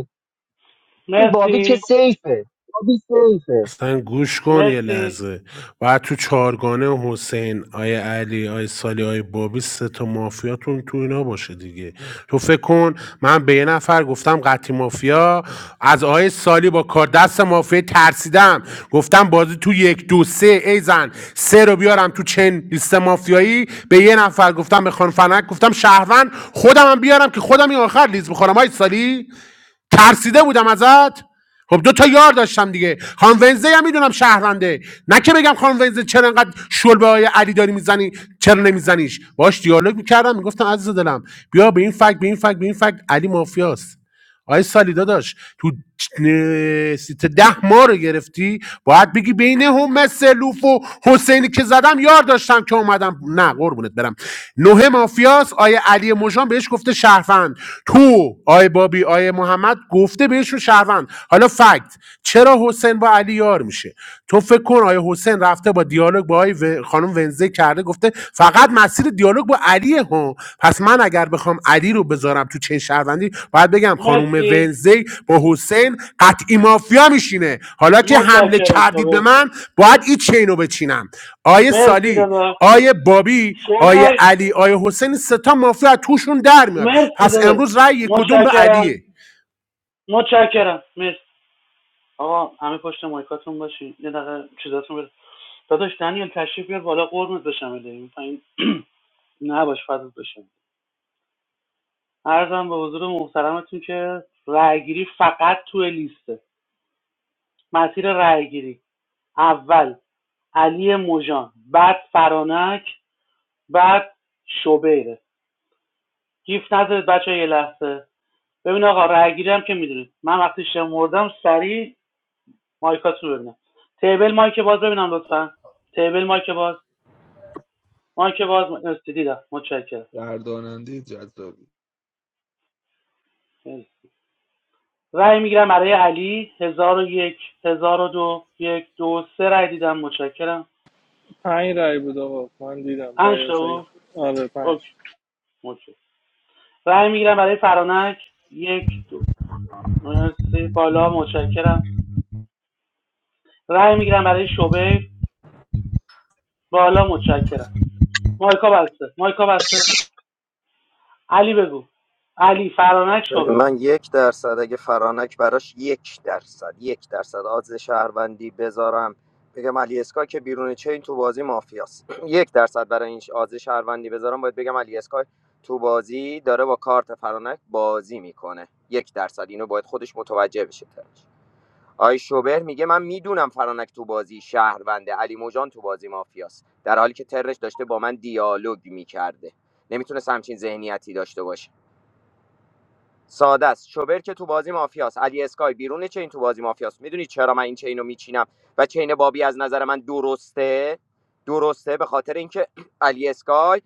P: این بابی که
I: مرسی
P: سیفه بابی سیفه
N: اصلا گوش کن یه
I: مرسی
N: لحظه بعد تو چارگانه حسین آیه علی آیه سالی آیه بابی سه تا مافیاتون تو اینا باشه دیگه تو فکر کن من به یه نفر گفتم قطعی مافیا از آیه سالی با کار دست مافیا ترسیدم گفتم بازی تو یک دو سه ای زن سه رو بیارم تو چند لیست مافیایی به یه نفر گفتم به خانم فنک گفتم شهروند خودم هم بیارم که خودم این آخر لیز بخورم آیه سالی ترسیده بودم ازت خب دو تا یار داشتم دیگه خانم ونزه هم میدونم شهرنده نه که بگم خانم ونزه چرا انقدر شل به علی داری میزنی چرا نمیزنیش باش دیالوگ میکردم میگفتم عزیز دلم بیا به این فک به این فک به این فک علی مافیاست آقای سالی داداش تو نه، سیت ده ما رو گرفتی باید بگی بین هم سلوف و حسینی که زدم یار داشتم که اومدم نه قربونت برم نوه مافیاس آیه علی مژان بهش گفته شهروند تو آیه بابی آیه محمد گفته بهشون شهروند حالا فکت چرا حسین با علی یار میشه تو فکر کن آیه حسین رفته با دیالوگ با آیه و- خانم ونزی ذکر کرده گفته فقط مسیر دیالوگ با علیه ها پس من اگر بخوام علی رو بذارم تو چین شهروندی باید بگم خانوم
I: مرسی
N: ونزی با حسین قطعی مافیا میشینه حالا که حمله
I: متشکرم
N: کردید به
I: صبح
N: من باید این چین رو بچینم آیه
I: مرسی
N: سالی
I: دادا
N: آیه بابی آیه
I: صبح
N: علی آیه حسین سه تا مافیا توشون در میاد
I: مرسی
N: پس
I: دادا
N: امروز رأی کدوم به
I: متشکرم
N: علیه
I: متشکرم مرسی آقا همه پشت مایکاتون باشین یه دقیقه چیزاتون بده داداش دنیل تشریف بیار بالا قرمت بشم بدهیم پایین <clears throat> نباش فضل بشم عرضم به حضور محترمتون که رأیگیری فقط تو لیسته مسیر رأیگیری اول علی موجان بعد فرانک بعد شبیره گیف نذارید بچه‌ها یه لحظه ببین آقا رأیگیری هم که میدونید من وقتی شمردم سریع مایکاتون رو ببینم تیبل مایک باز ببینم لطفا تیبل مایک باز مایک باز مرسی دیدم متشکرم
D: گرداننده جذابی
I: رای میگیرم برای علی هزار و یک هزار و دو یک دو سه رأی دیدم متشکرم
E: پنج رای بود آقا من دیدم
I: پنج
E: رای
I: تا
E: شاید
I: بود
E: آره پنج
I: اوکی متشکرم رأی میگیرم برای فرانک یک دو مرسی بالا متشکرم رأی میگیرم برای شوبر بالا متشکرم مایکا بسته مایکا بسته علی بگو علی فرانک شبه
G: من یک درصد اگه فرانک براش یک درصد یک درصد آدز شهروندی بذارم بگم علی اسکا که بیرون چین تو بازی مافیاست <clears throat> یک درصد برای این آدز شهروندی بذارم باید بگم علی اسکا تو بازی داره با کارت فرانک بازی میکنه یک درصد اینو باید خودش متوجه بشه آی شوبر میگه من میدونم فرانک تو بازی شهرونده علی موجان تو بازی مافیاست در حالی که ترش داشته با من دیالوگ میکرده نمیتونست همچین ذهنیتی داشته باشه ساده است شوبر که تو بازی مافیاست علی اسکای بیرون چین تو بازی مافیاست میدونی چرا من این چین رو میچینم و چین بابی از نظر من درسته درسته به خاطر اینکه <clears throat> علی اسکای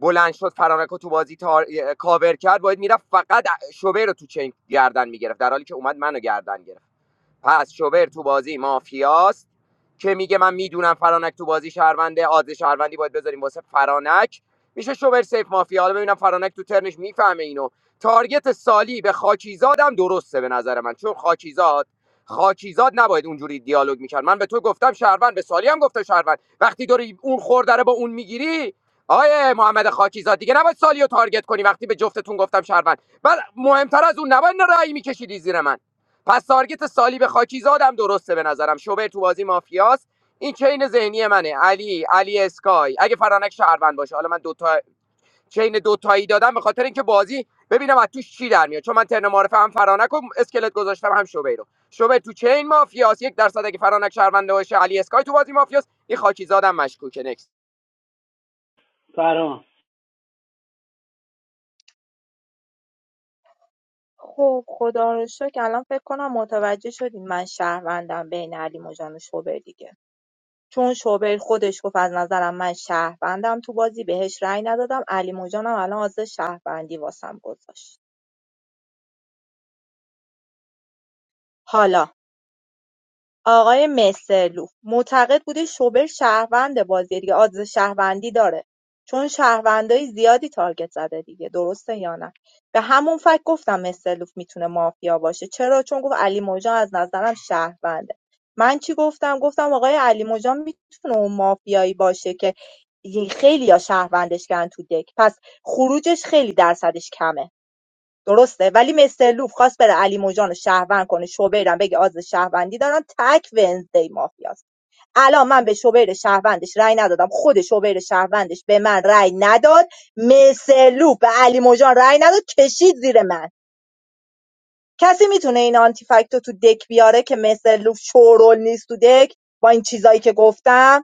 G: بلند شد فرانک رو تو بازی تار... کاور کرد باید میرفت فقط شوبر رو تو چین گردن میگرفت در حالی که اومد منو گردن گرفت پس شوبر تو بازی مافیاست که میگه من میدونم فرانک تو بازی شهرونده عادل شهروندی باید بذاریم واسه فرانک میشه شوبر سیف مافیا حالا ببینم فرانک تو ترنش میفهمه اینو تارگت سالی به خاکیزادم درسته به نظر من چون خاکیزاد خاکیزاد نباید اونجوری دیالوگ میکرد من به تو گفتم شهروند به سالی هم گفتم شهروند وقتی داری اون خورده رو با اون میگیری آیه محمد خاکیزاد دیگه نباید سالی رو تارگت کنی وقتی به جفتتون گفتم شهروند بعد مهمتر از اون نباید رأی میکشیدی زیر من پس تارگت سالی خاکیزادم درسته به نظرم شوبر تو بازی مافیاست این چین ذهنی منه علی علی اسکای اگه فرانک شهروند باشه حالا من دو تا چین دو تایی دادم به خاطر اینکه بازی ببینم از توش چی در میاد چون من ترن معرفه هم فرانک و اسکلت گذاشتم هم شوبر رو شوبر تو چین مافیاست یک درصد اگه فرانک شهروند باشه علی اسکای تو بازی مافیاست این خاکیزادم مشکوکه نکس
I: فران
C: خب خدا رو شکر الان فکر کنم متوجه شدین من شهروندم بین علیمژان و شعبه دیگه چون شوبر خودش گفت از نظرم من شهروندم تو بازی بهش رأی ندادم علی موجانم الان از شهروندی واسم گذاشت حالا آقای مسترلوف معتقد بوده شوبر شهرونده بازیه دیگه آدرس شهروندی داره چون شهروندای زیادی تارگت زده دیگه درسته یا نه به همون فکر گفتم مسترلوف میتونه مافیا باشه چرا چون گفت علی موجان از نظرم شهرونده من چی گفتم گفتم آقای علی موجان میتونه اون مافیایی باشه که خیلی یا شهروندش کردن تو دک پس خروجش خیلی درصدش کمه درسته ولی مستر لوف خواست بره علی موجان رو شهروند کنه شوبیرم بگه آز شهروندی دارن تک ونزدی مافیاست الان من به شوبیر شهروندش رأی ندادم خود شوبیر شهروندش به من رأی نداد مستر لوف به علی موجان رأی نداد کشید زیر من کسی میتونه این آنتی فکتو تو دک بیاره که مستر لوف شورول نیست تو دک با این چیزایی که گفتم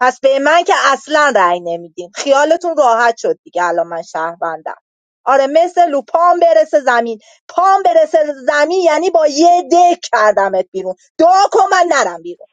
C: پس به من که اصلا رأی نمیدین خیالتون راحت شد دیگه الان من شهروندم آره مثل لو پام برسه زمین پام برسه زمین یعنی با یه دک کردمت بیرون دعا کن من نرم بیرون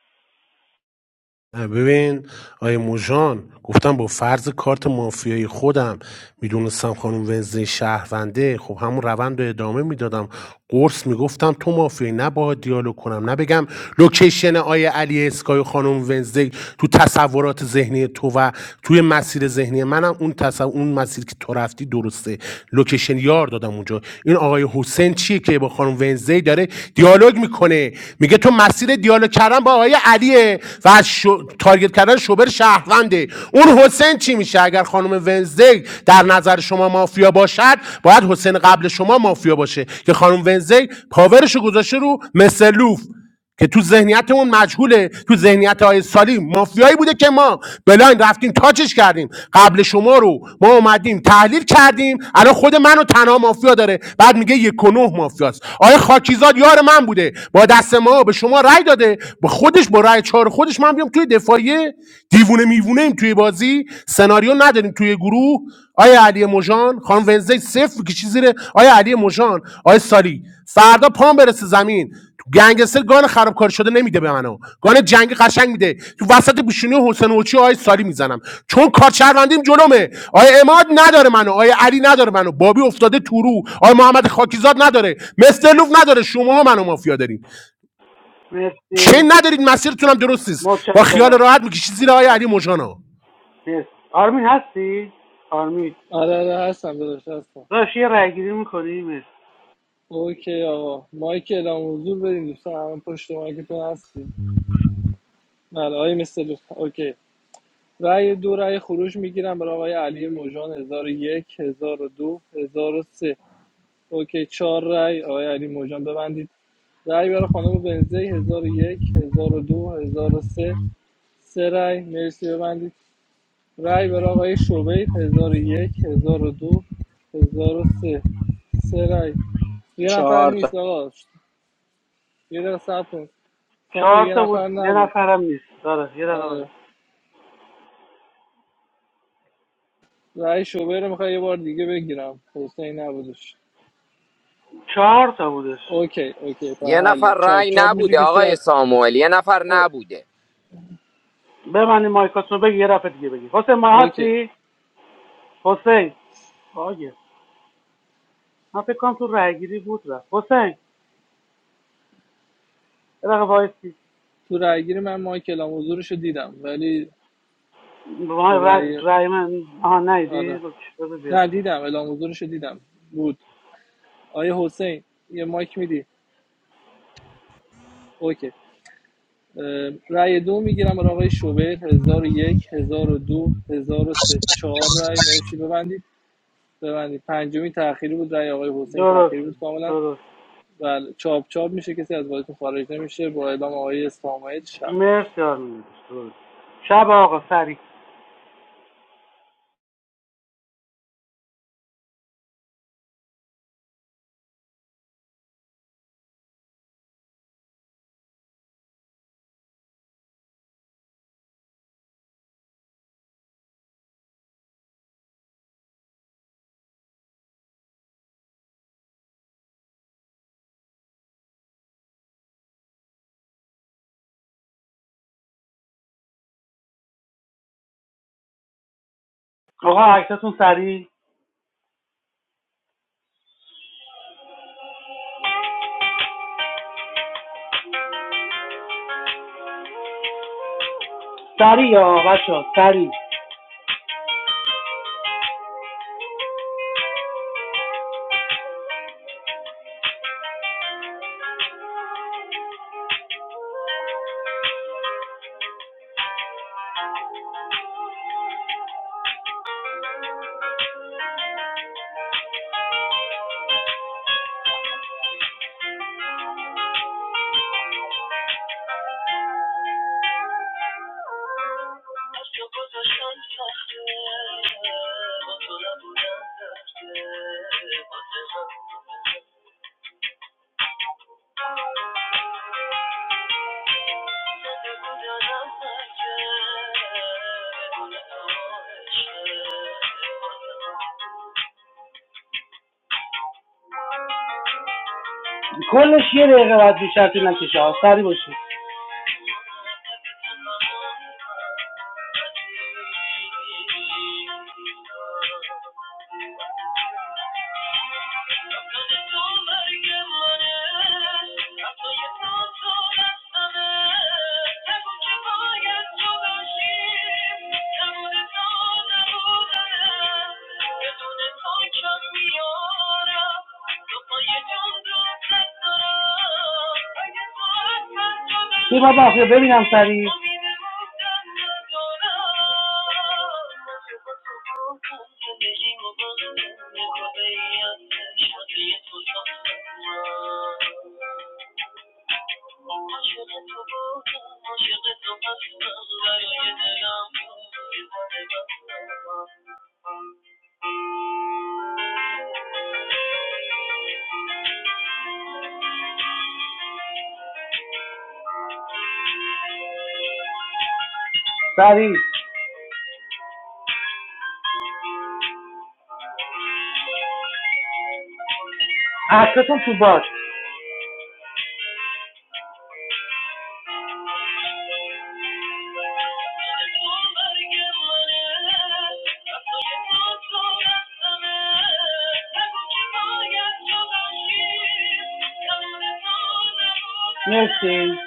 N: ببین آیه موژان گفتم با فرض کارت مافیایی خودم میدونستم خانم ونزدی شهرونده خب همون روند رو ادامه میدادم قرص میگفتم تو مافیایی نه با دیالوگ کنم نه بگم لوکیشن آیه علی اسکای و خانم ونزدی تو تصورات ذهنی تو و توی مسیر ذهنی منم اون تصور اون مسیر که تو رفتی درسته لوکیشن یار دادم اونجا این آقای حسین چیه که با خانم ونزدی داره دیالوگ میکنه میگه تو مسیر دیالوگ کردن با آقای علیه و از شو... تارگت کردن شوبر شهرونده اون حسین چی میشه اگر خانم ونزدی در نظر شما مافیا باشد باید حسین قبل شما مافیا باشه که خانم ونزدی پاورشو گذاشته رو مسلوف که تو ذهنیتمون مجهوله تو ذهنیت های سالی مافیایی بوده که ما بلاین رفتیم تاچش کردیم قبل شما رو ما اومدیم تحلیل کردیم الان خود منو تنها مافیا داره بعد میگه یک و نه مافیاست آیا خاکیزاد یار من بوده با دست ما به شما رای رأی داده با خودش با رأی چهار خودش من بیام توی دفاعیه دیوونه میوونه ایم توی بازی سناریو نداریم توی گروه آیا علی مژان خانم ونزی صفر کشی زیر آیا علی مژان آیا سالی فردا پام برسه زمین گنگستر گان خرابکار شده نمیده به منو گان جنگی قشنگ میده تو وسط پیشونی حسین اوچی آی سالی میزنم چون کارچروندیم جلومه آی اماد نداره منو آی علی نداره منو بابی افتاده تو رو آی محمد خاکیزاد نداره مستر لوف نداره شما منو مافیا دارین
I: مرسی
N: چه ندارید مسیرتون هم درست نیست با خیال
I: متشکرم
N: راحت میکشید زیر آقای علی مژانا
I: مرسی آرمین هستی آرمین
E: آره آره هستم داداش هستم
I: داشت یه رای گیری میکنی مرسی
E: اوکی آقا مایک اعلام حضور بدین دوستان همه پشت مایکتون هستیم بله آقای مستر لطفا اوکی رای دو رای خروج میگیرم برای آقای علی موجان 1001 1002 1003 اوکی چهار رای آقای علی موجان ببندید رای برای خانم بنزه 1001 1002 1003 سه سه رای مرسی ببندید رای بر آقای شعبه 1001 1002 1003 سه سه رای یه نفر نیست آقا یه دقیقه صبر کن سامو
I: چهار
E: یه
I: تا بود
E: نفر
I: یه
E: نبود
I: نفرم نیست داره یه دقیقه باید.
E: آره رای شعبه رو میخوای یه بار دیگه بگیرم حسین نبودش
I: چهار تا بودش
E: اوکی اوکی پر
G: یه
E: حل
G: نفر
E: چاپ
G: رای
E: چاپ میشه
G: نبوده
E: کسی
G: آقای
E: از
G: ساموئل یه نفر
E: او...
G: نبوده
I: ببندی مایکاتونو بگی یه دفعه دیگه بگی حسین ما
E: اوکی
I: هستی حسین آگه من فکر کنم تو رای گیری بود رفت حسین یه دقیقه وایسی
E: تو رای گیری من مایکل حضورش رو دیدم ولی
I: ما
E: تو
I: رای,
E: رای
I: رای من آها نیدی
E: آره نه دیدم اعلام حضورش رو دیدم بود آیه حسین یه مایک میدی اوکی رأی دو میگیرم برای آقای شوبر 1001 1002 1003 4 رأی مرسی ببندید ببندید پنجمی تأخیری بود رأی آقای حسین
I: درست
E: تأخیری بود کاملا
I: درست
E: و چاپ چاپ میشه کسی از بازیتون خارج نمیشه با اعلام آقای ساموئل شب میشه
I: مرسی آرمین درست. شب آقا سری آقا عکستون سری سری یا بچه ها سری کلش یه دقیقه باید بیشتر طول نکشه آقا. سری باشید بی بابا بیا ببینم سریع سریع عکستون تو باد مرسی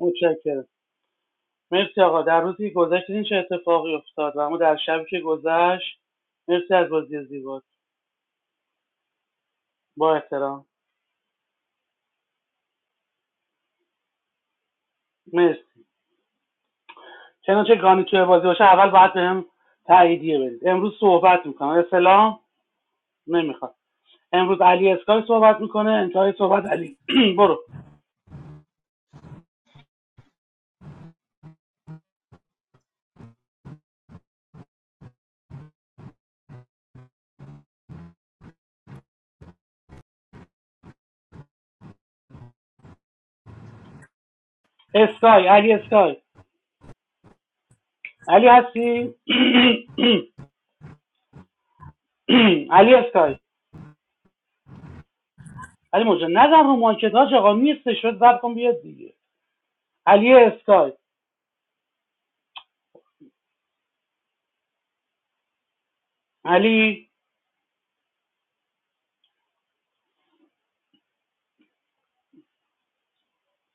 I: متشکرم مرسی آقا در روزی که گذشت دیدین چه اتفاقی افتاد و اما در شبی که گذشت مرسی از بازی زیبا با احترام مرسی چنانچه گانی توی بازی باشه اول باید بهم تاییدیه بدید امروز صحبت میکنم اسلام نمیخواد امروز علی اسکای صحبت میکنه انتهای صحبت علی <clears throat> برو اسکای علی اسکای علی هستی <clears throat> علی اسکای علی موجه نظر رو مایکت ها آقا نیستش شد زب کن بیاد دیگه علی اسکای علی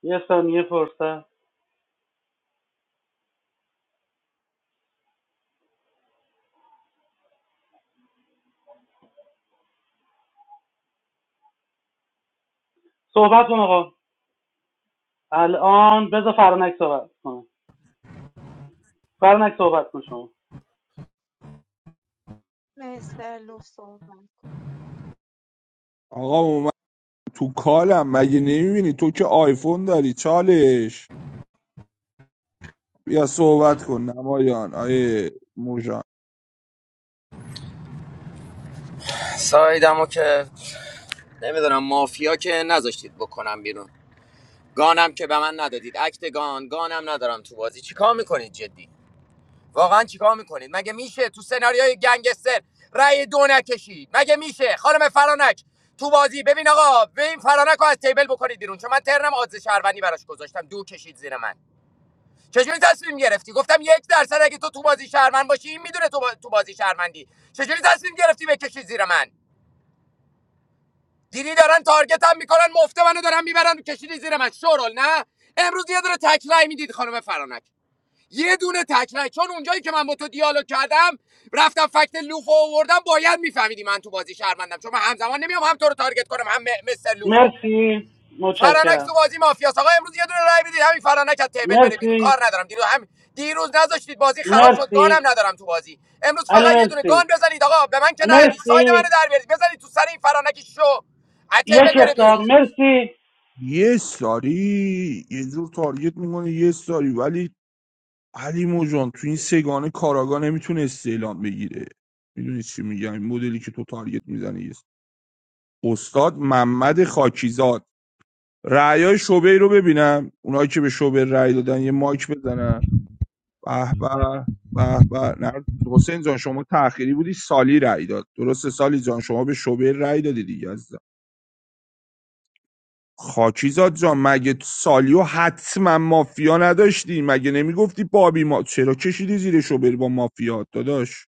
I: یه ثانیه فرصت صحبت کن آقا الان بذار فرانک صحبت کنه فرانک صحبت کن شما
C: مستر لوف صحبت
D: آقا اومد تو کالم مگه نمیبینی تو که آیفون داری چالش بیا صحبت کن نمایان آیه موجان
G: سایدمو که نمیدونم مافیا که نذاشتید بکنم بیرون گانم که به من ندادید اکت گان گانم ندارم تو بازی چیکار میکنید جدی واقعا چیکار میکنید مگه میشه تو سناریوی گنگستر رأی دو نکشید مگه میشه خانم فرانک تو بازی ببین آقا ببین فرانک رو از تیبل بکنید بیرون چون من ترنم آدز شهروندی براش گذاشتم دو کشید زیر من چجوری تصمیم گرفتی گفتم یک درصد اگه تو تو بازی شهروند باشی این میدونه تو, با... تو بازی شهروندی چجوری تصمیم گرفتی بکشی زیر من دیدی دارن تارگتم میکنن مفته منو دارن میبرن و کشیدی زیر من شورال نه امروز یه دونه تکرای میدید خانم فرانک یه دونه تکرای چون اونجایی که من با تو دیالوگ کردم رفتم فکت لوفو آوردم باید میفهمیدی من تو بازی شرمندم چون من همزمان نمیام هم تو رو تارگت کنم هم م- مستر لوفو
I: مرسی
G: فرانک
I: متشکرم
G: تو بازی مافیاس آقا امروز یه دونه رای بدید همین فرانک از تیبل بره بیرون
I: مرسی
G: کار ندارم دیروز هم دیروز نذاشتید بازی خراب شد گانم
I: مرسی
G: ندارم تو بازی امروز
I: علی
G: فقط یه دونه
I: مرسی
G: گان بزنید آقا به من که ندید ساید منو
I: مرسی
G: در بیارید بزنید تو سر این فرانک شو از
I: یک
G: تیبل بره
I: اختار
G: بیرون
I: مرسی
D: یه ساری یه جور تارگت میکنه یه ساری ولی علی موجان تو این سگانه کاراگاه نمیتونه استعلام بگیره میدونی چی میگم این مدلی که تو تارگت میزنی یه ساری. استاد محمد خاکیزاد رعیای شعبه رو ببینم اونایی که به شعبه رأی دادن یه مایک بزنن به به به به نه حسین جان شما تأخیری بودی سالی رأی داد درسته سالی جان شما به شعبه رأی دادی دیگه عزیزم. خاکیزاد جان مگه سالیو حتما مافیا نداشتی مگه نمیگفتی بابی ما چرا کشیدی زیرشو بری با مافیا داداش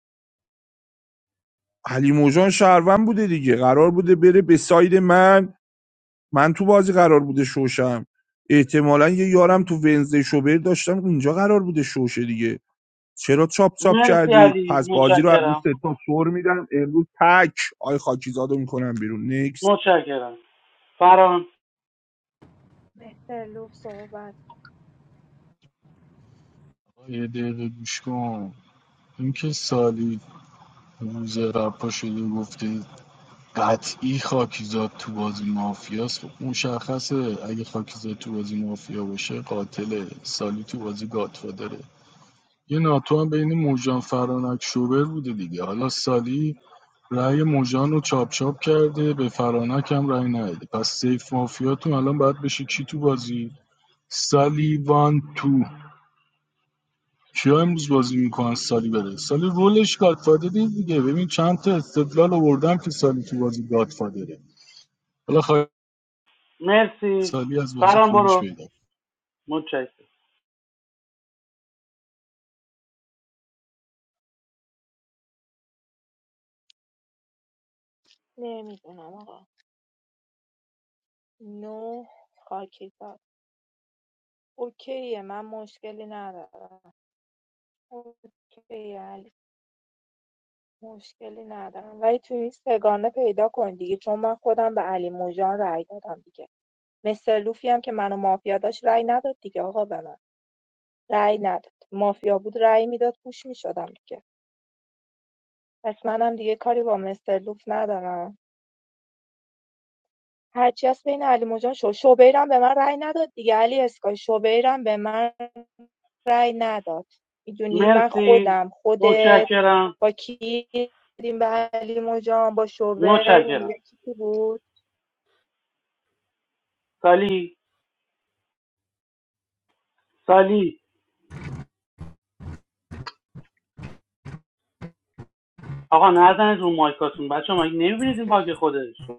D: علی موجان شهروند بوده دیگه قرار بوده بره به ساید من من تو بازی قرار بوده شوشم احتمالا یه یارم تو ونزده شوبر داشتم اونجا قرار بوده شوشه دیگه چرا چاپ چاپ
I: مرسی
D: کردید
I: علی
D: پس بازی رو از این
I: متشکرم
D: ستا سر میدم امروز تک آی خاکیزاد رو میکنم بیرون نکست
I: متشکرم فران
C: مستر لوف صحبت
F: یه دقیقه گوش کن اینکه سالی روز رپا شده گفته قطعی خاکیزاد تو بازی مافیاست خب مشخصه اگه خاکیزاد تو بازی مافیا باشه قاتله سالی تو بازی گادفادره یه ناتو هم بین موجان فرانک شوبر بوده دیگه حالا سالی رأی موجان رو چاپ چاپ کرده به فرانک هم رأی نداده پس سیف مافیاتون الان باید بشه کی تو بازی سالیوان تو کیا امروز بازی میکنن سالی بره سالی رولش گادفادر دیگه ببین چند تا استدلال آوردم که سالی تو بازی گادفادره حالا خواهد
I: مرسی
F: سالی از بازی
I: فران
F: خروج
I: برو
F: پیدا
I: متشکرم
C: نمیدونم آقا نو خاکی داد اوکیه من مشکلی ندارم اوکیه علی مشکلی ندارم ولی توی این سگانه پیدا کن دیگه چون من خودم به علی موجان رأی دادم دیگه مستر لوفی هم که منو مافیا داشت رأی نداد دیگه آقا به من رأی نداد مافیا بود رأی میداد پوش میشدم دیگه پس منم دیگه کاری با مستر لوف ندارم هرچی هست بین علی موجان شو شوبیرم به من رأی نداد دیگه علی اسکای شوبیرم به من رأی نداد میدونی من
I: مرسی
C: خودم خودت
I: متشکرم
C: با کی دیدیم به علی موجان با شوبر
I: متشکرم
C: یکی کی بود
I: سالی سالی آقا نزنید رو مایکاتون بچه ها مگه نمیبینید این باگ خودش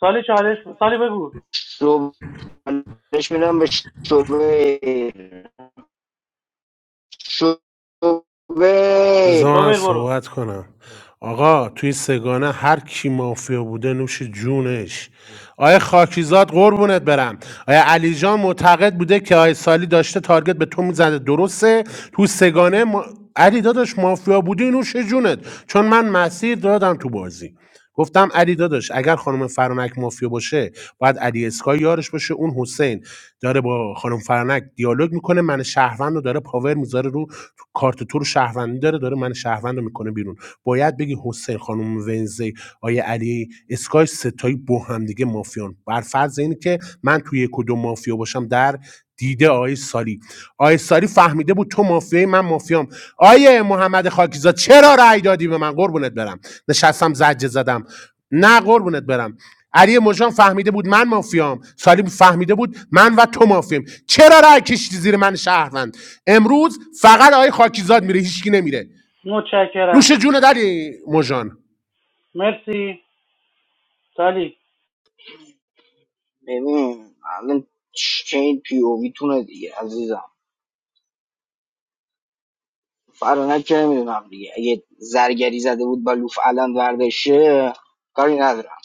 I: سالی چالش سالی بگو
B: صبح نش میرم به شوبر شوبر
N: بذار من
I: شوبر برو
N: صحبت کنم آقا توی سگانه هر کی مافیا بوده نوش جونش آیا خاکیزاد قربونت برم آیا علی جان معتقد بوده که آیا سالی داشته تارگت به تو میزده درسته تو سگانه ما... علی داداش مافیا بودی نوش جونت چون من مسیر دادم تو بازی گفتم علی داداش اگر خانم فرانک مافیا باشه باید علی اسکای یارش باشه اون حسین داره با خانم فرانک دیالوگ میکنه من شهروند رو داره پاور میذاره رو تو کارت تو رو شهروندی داره داره من شهروند رو میکنه بیرون باید بگی حسین خانم ونزی آیه علی اسکای ستایی با هم دیگه مافیان بر فرض اینه که من توی یک و دو مافیا باشم در دیده آقای سالی آقای سالی فهمیده بود تو مافیایی من مافیام آیه محمد خاکیزاد چرا رأی دادی به من قربونت برم نشستم زجه زدم نه قربونت برم علی مژان فهمیده بود من مافیام سالی فهمیده بود من و تو مافیم. چرا رأی کشیدی زیر من شهروند امروز فقط آقای خاکیزاد میره هیچکی نمیره
I: متشکرم
N: نوش جون دلی مژان
I: مرسی سالی
B: ببین الان چین پی او وی تونه دیگه عزیزم فرانک که نمیدونم دیگه اگه زرگری زده بود با لوف الان وردشه کاری ندارم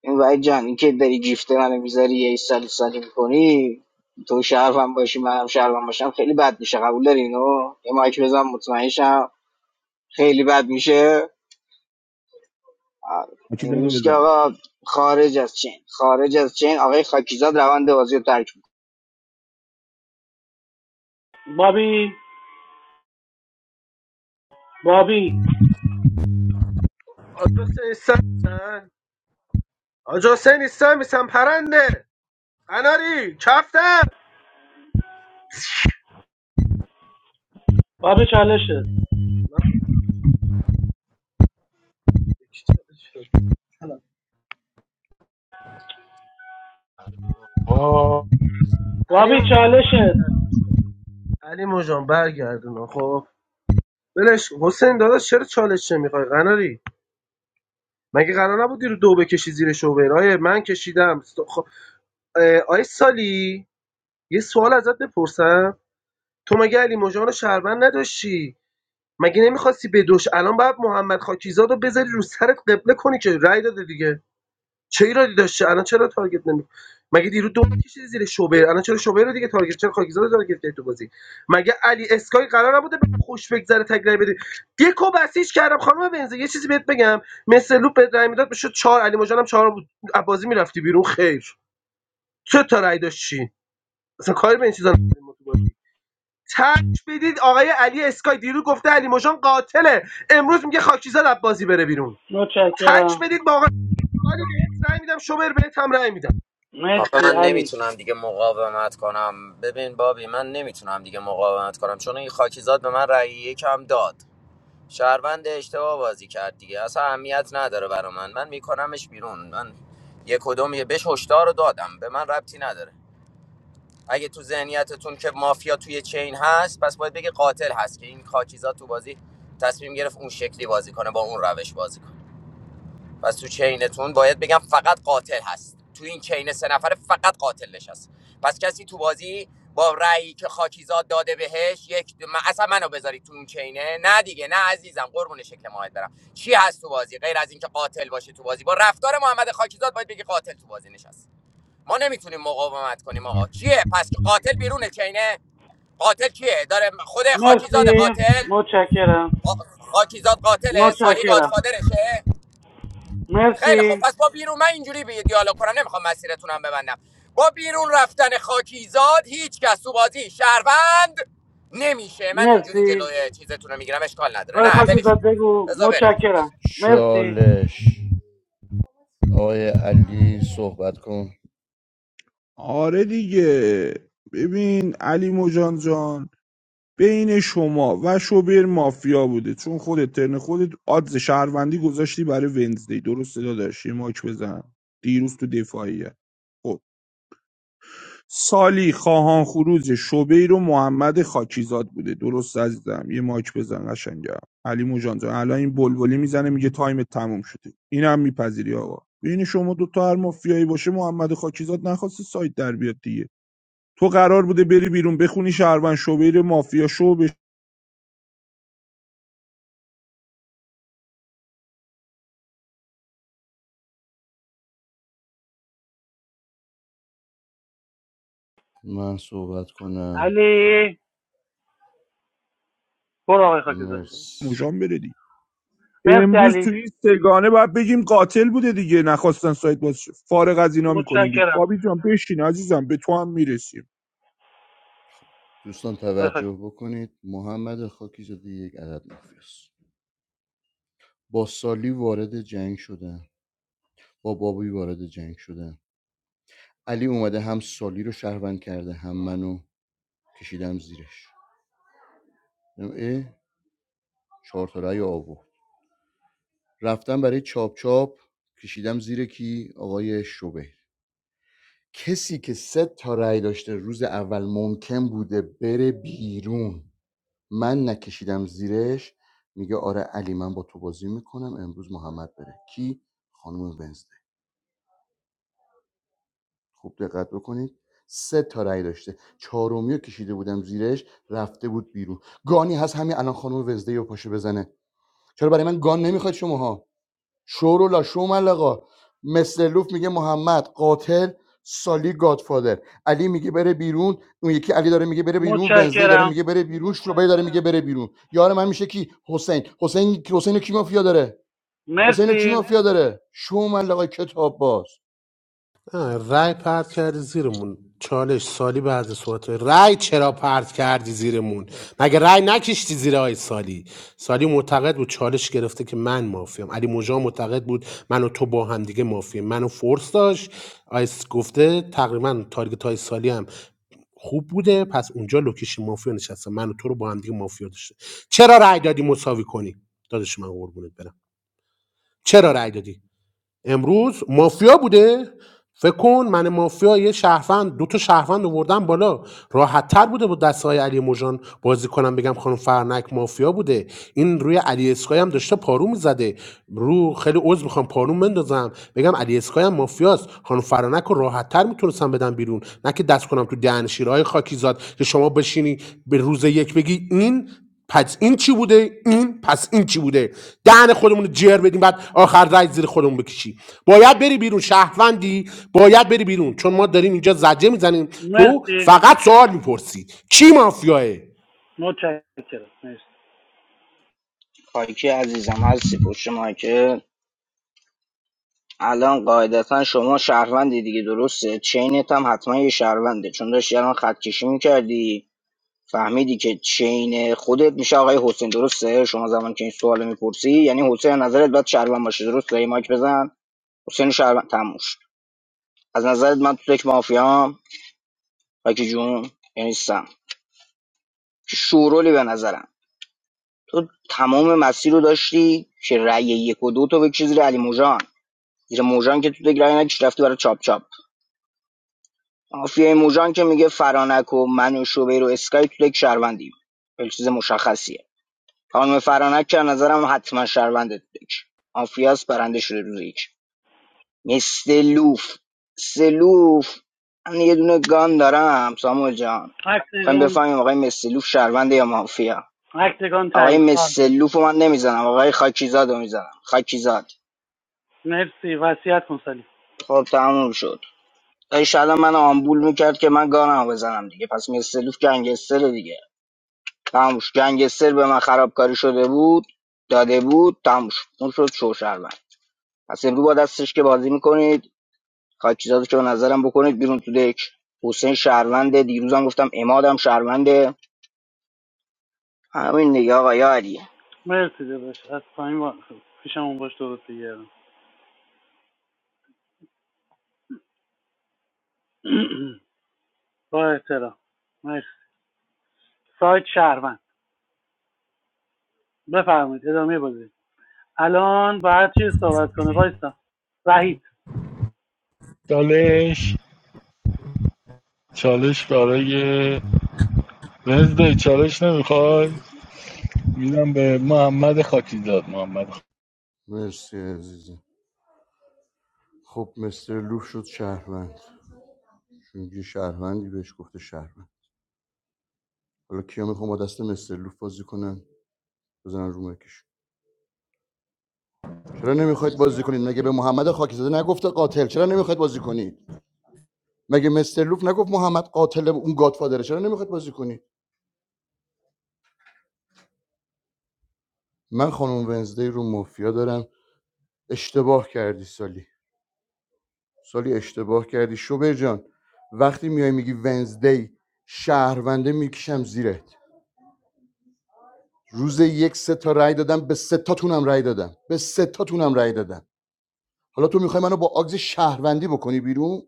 B: این وای جان این که داری گیفته منو میذاری یه سالی سالی میکنی تو شهرم باشی منم شهرم باشم خیلی بد میشه قبول داری اینو یه مایک بزن مطمئنشم خیلی بد میشه آره.
D: خاکیزاد رو
B: امروز که
D: بزن
B: آقا خارج از چین خارج از چین آقای خاکیزاد روند بازی رو ترک میکنه
I: بابی بابی
K: آجا سنیستم آجا میسم پرنده قناری کفتم
I: بابی چالشت
F: کنه.
K: علی
I: بابی
K: م-
I: چالشت
K: علی مجان برگردون خب بلش حسین داداش چرا چالش نمیخوای قناری مگه قرار نبود رو دو بکشی زیر شوبر آیه من کشیدم س- خب، آیه سالی یه سوال ازت بپرسم تو مگه علی مژان رو شهروند نداشتی مگه نمیخواستی بدوش الان باید محمد خاکیزاد رو بذاری رو سرت قبله کنی که رأی داده دیگه چه ایرادی داشته الان چرا تارگت نمی مگه دیروز دو کشیدی زیر شوبر الان چرا شوبر رو دیگه تارگت چرا خاکیزاد رو تارگت کردی تو بازی مگه علی اسکای قرار نبوده به خوش بگذره تگرای بده دیکو بسیج کردم خانم بنزه یه چیزی بهت بگم مثل لوپ به رای میداد بشه چهار علی مجانم چهار بود از بازی میرفتی بیرون خیر چه تا رای داشتی اصلا کاری به این چیزا نداریم ما تو بازی تک بدید آقای علی اسکای دیروز گفته علی مجان قاتله امروز میگه خاکیزاد از بازی بره بیرون تک
I: متشکرم
K: بدید با آقای علی بهت رای میدم شوبر بهت هم رای میدم
G: آخه
I: مرسی
G: من
I: علی
G: نمیتونم دیگه مقاومت کنم ببین بابی من نمیتونم دیگه مقاومت کنم چون این خاکیزاد به من رأی یکم داد شهروند اشتباه بازی کرد دیگه اصلا اهمیت نداره برا من من میکنمش بیرون من یک کدوم یه بهش هشدار رو دادم به من ربطی نداره اگه تو ذهنیتتون که مافیا توی چین هست پس باید بگه قاتل هست که این کاکیزا تو بازی تصمیم گرفت اون شکلی بازی کنه با اون روش بازی کنه پس تو چینتون باید بگم فقط قاتل هست تو این چین سه نفره فقط قاتل نشست پس کسی تو بازی با رأیی که خاکیزاد داده بهش یک دو... من اصلا منو بذارید تو اون چینه نه دیگه نه عزیزم قربون شکل ماهت برم چی هست تو بازی غیر از اینکه قاتل باشه تو بازی با رفتار محمد خاکیزاد باید بگی قاتل تو بازی نشست ما نمیتونیم مقاومت کنیم آقا چیه پس قاتل بیرونه چینه قاتل کیه داره خود خاکیزاد
I: مرسی
G: قاتل
I: متشکرم
G: خاکیزاد قاتله سالی
I: متشکرم
G: گادفادرشه خیلی خب
I: مرسی
G: پس با بیرون من اینجوری به دیالوگ کنم نمیخوام مسیرتونم ببندم با بیرون رفتن خاکیزاد هیچ کس تو بازی شهروند نمیشه من اینجوری
I: مرسی
G: جلوی چیزتون رو میگیرم اشکال نداره
I: آقای
G: نه ولش
I: خاکیزاد
G: کن.
I: بگو
G: بذار بره
I: متشکرم مرسی
L: چالش آقای علی صحبت کن
D: آره دیگه ببین علی مجان جان بین شما و شوبر مافیا بوده چون خودت ترن خودت آدز شهروندی گذاشتی برای ونزدی درسته داداش یه ماچ بزن دیروز تو دفاعیه خب سالی خواهان خروج شوبیر و محمد خاکیزاد بوده درست عزیزم یه ماچ بزن قشنگم علی مجان جان الان این بلبلی میزنه میگه تایم تموم شده اینم میپذیری آقا بین شما دو تا هر مافیایی باشه محمد خاکیزاد نخواسته سایت در بیاد دیگه تو قرار بوده بری بیرون بخونی شهروند شوبر مافیا شو به
L: من صحبت کنم
I: علی برو آقای خاکیزاد
L: مرسی
D: مژان بره دیگه
I: مرسی
D: امروز تو
I: علی
D: این سگانه باید بگیم قاتل بوده دیگه نخواستن سایت باز شه. فارغ از اینا میکنیم بیرون
I: متشکرم
D: بابی جان بشین عزیزم به تو هم میرسیم
L: دوستان
I: آقای خاکی-
L: توجه بکنید محمد خاکی زده یک عدد مافیاست با سالی وارد جنگ شدن با بابی وارد جنگ شدن علی اومده هم سالی رو شهروند کرده هم منو کشیدم زیرش اه چهار تا رأی آورد رفتم برای چاپ چاپ کشیدم زیر کی آقای شبیر کسی که سه تا رأی داشته روز اول ممکن بوده بره بیرون من نکشیدم زیرش میگه آره علی من با تو بازی میکنم امروز محمد بره کی خانم ونزده خوب دقت بکنید سه تا رأی داشته چهارمی رو کشیده بودم زیرش رفته بود بیرون گانی هست همین الان خانم ونزده رو پاشه بزنه چرا برای من گان نمیخواید شماها شورولا شومل آقا مستر میگه محمد قاتل سالی گادفادر علی میگه بره بیرون اون یکی علی داره میگه بره بیرون ونزدی داره
I: متشکرم
L: میگه بره بیرون شوبای داره میگه بره بیرون یار من میشه کی حسین حسین حسین کی مافیا داره حسین کی
I: مرسی
L: مافیا داره شومل آقا کتاب باز
N: آه، رای پرت کردی زیرمون چالش سالی بعد صحبت های رای چرا پرت کردی زیرمون مگه رای نکشتی زیر آی سالی سالی معتقد بود چالش گرفته که من مافیام علی مجا معتقد بود من و تو با هم دیگه مافیم منو فورس داشت آیس گفته تقریبا تارگت های سالی هم خوب بوده پس اونجا لوکیشن مافیا نشسته من و تو رو با هم دیگه مافیا داشته چرا رای دادی مساوی کنی دادش من قربونت برم چرا رای دادی امروز مافیا بوده فکر کن من مافیا یه شهروند دو تا شهروند آوردم بالا راحت تر بوده با دست علی مژان بازی کنم بگم خانم فرنک مافیا بوده این روی علی اسکای هم داشته پارو میزده رو خیلی عذر میخوام پارو بندازم بگم علی اسکای هم مافیاست خانم فرنک رو راحت تر میتونستم بدم بیرون نه که دست کنم تو دهن شیرهای خاکی زاد که شما بشینی به روز یک بگی این پس این چی بوده این پس این چی بوده دهن خودمون رو جر بدیم بعد آخر رای زیر خودمون بکشی باید بری بیرون شهروندی باید بری بیرون چون ما داریم اینجا زجه میزنیم تو
I: مرسی
N: فقط سوال میپرسی کی مافیاه
I: متشکرم مرسی
B: خاکی عزیزم هستی پشت ما که الان قاعدتا شما شهروندی دیگه درسته چینت هم حتما یه شهرونده چون داشتی الان خط کشی میکردی فهمیدی که چین خودت میشه آقای حسین درسته شما زمان که این سوال میپرسی یعنی حسین از نظرت باید شهروند باشه درسته یه مایک بزن حسین شهروند تموش از نظرت من تو یک مافیام خاکی جون یعنی سم شورولی به نظرم تو تمام مسیر رو داشتی که رأی یک و دو تو بکشی زیر علی موجان زیر موجان که تو دک رأی نکش رفتی برای چاپ چاپ مافیای موجان که میگه فرانک و من و شوبیر و اسکای تو دک شهروندیم خیلی چیز مشخصیه خانم فرانک که نظرم حتما شهرونده تو دک مافیاس برنده شده روز یک مثل سلوف من یه دونه گان دارم سامو جان خواهیم
I: اکتگان
B: بفهمیم آقای مسلوف لوف شهرونده یا مافیا
I: اکتگان
B: آقای
I: تایید تارگت
B: مسلوف رو من نمیزنم آقای خاکیزاد رو میزنم خاکیزاد
I: مرسی وصیت کن سلیم.
B: خب تموم شد داشت الان من آمبول میکرد که من گانم رو بزنم دیگه پس مسلوف گنگستر دیگه تموم شد گنگستر به من خرابکاری شده بود داده بود تموم شد اون شد شوشربن پس امروز با دستش که بازی میکنید خاکیزاد رو که به نظرم بکنید بیرون تو دک حسین شهرونده دیروزم گفتم امادم شهرونده همین دیگه آقا یاری
I: مرسی داداش از پایین با... پیشمون باش درست بگردم <clears throat> با احترام مرسی سایت شهروند بفرمایید ادامه بازی الان باید چی صحبت کنه وایسا وحید
F: چالش چالش برای وزدای چالش نمیخوای میدم به محمد خاکیزاد محمد خ...
L: مرسی عزیزم خب مستر لوف شد شهروند میگه شهروندی بهش گفته شهروند حالا کیا میخوام با دست مستر لوف بازی کنن بزنن رو مایکشون. چرا نمیخواید بازی کنید مگه به محمد خاکزاده نگفته قاتل چرا نمیخواید بازی کنید مگه مستر لوف نگفت محمد قاتل اون گادفادره چرا نمیخواید بازی کنید من خانم ونزدی رو مافیا دارم اشتباه کردی سالی سالی اشتباه کردی شوبر جان وقتی میای میگی ونزدی شهرونده میکشم زیرت روز یک سه تا رای دادم به سه تاتونم رای دادم به سه تاتونم رای دادم حالا تو میخوای منو با آگز شهروندی بکنی بیرون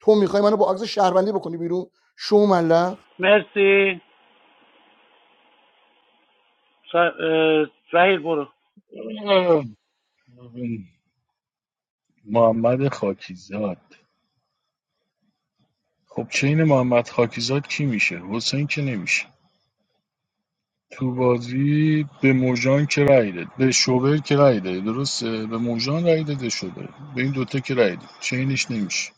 L: تو میخوای منو با آگز شهروندی بکنی بیرون شو ملق
I: مرسی س... اه، وحید برو
F: محمد خاکیزاد خب چین محمد خاکیزاد کی میشه حسین که نمیشه تو بازی به موژان که رأی داد به شوبر که رأی داد درسته به موژان رأی داده شوبر به این دوتا که رأی داد چینش نمیشه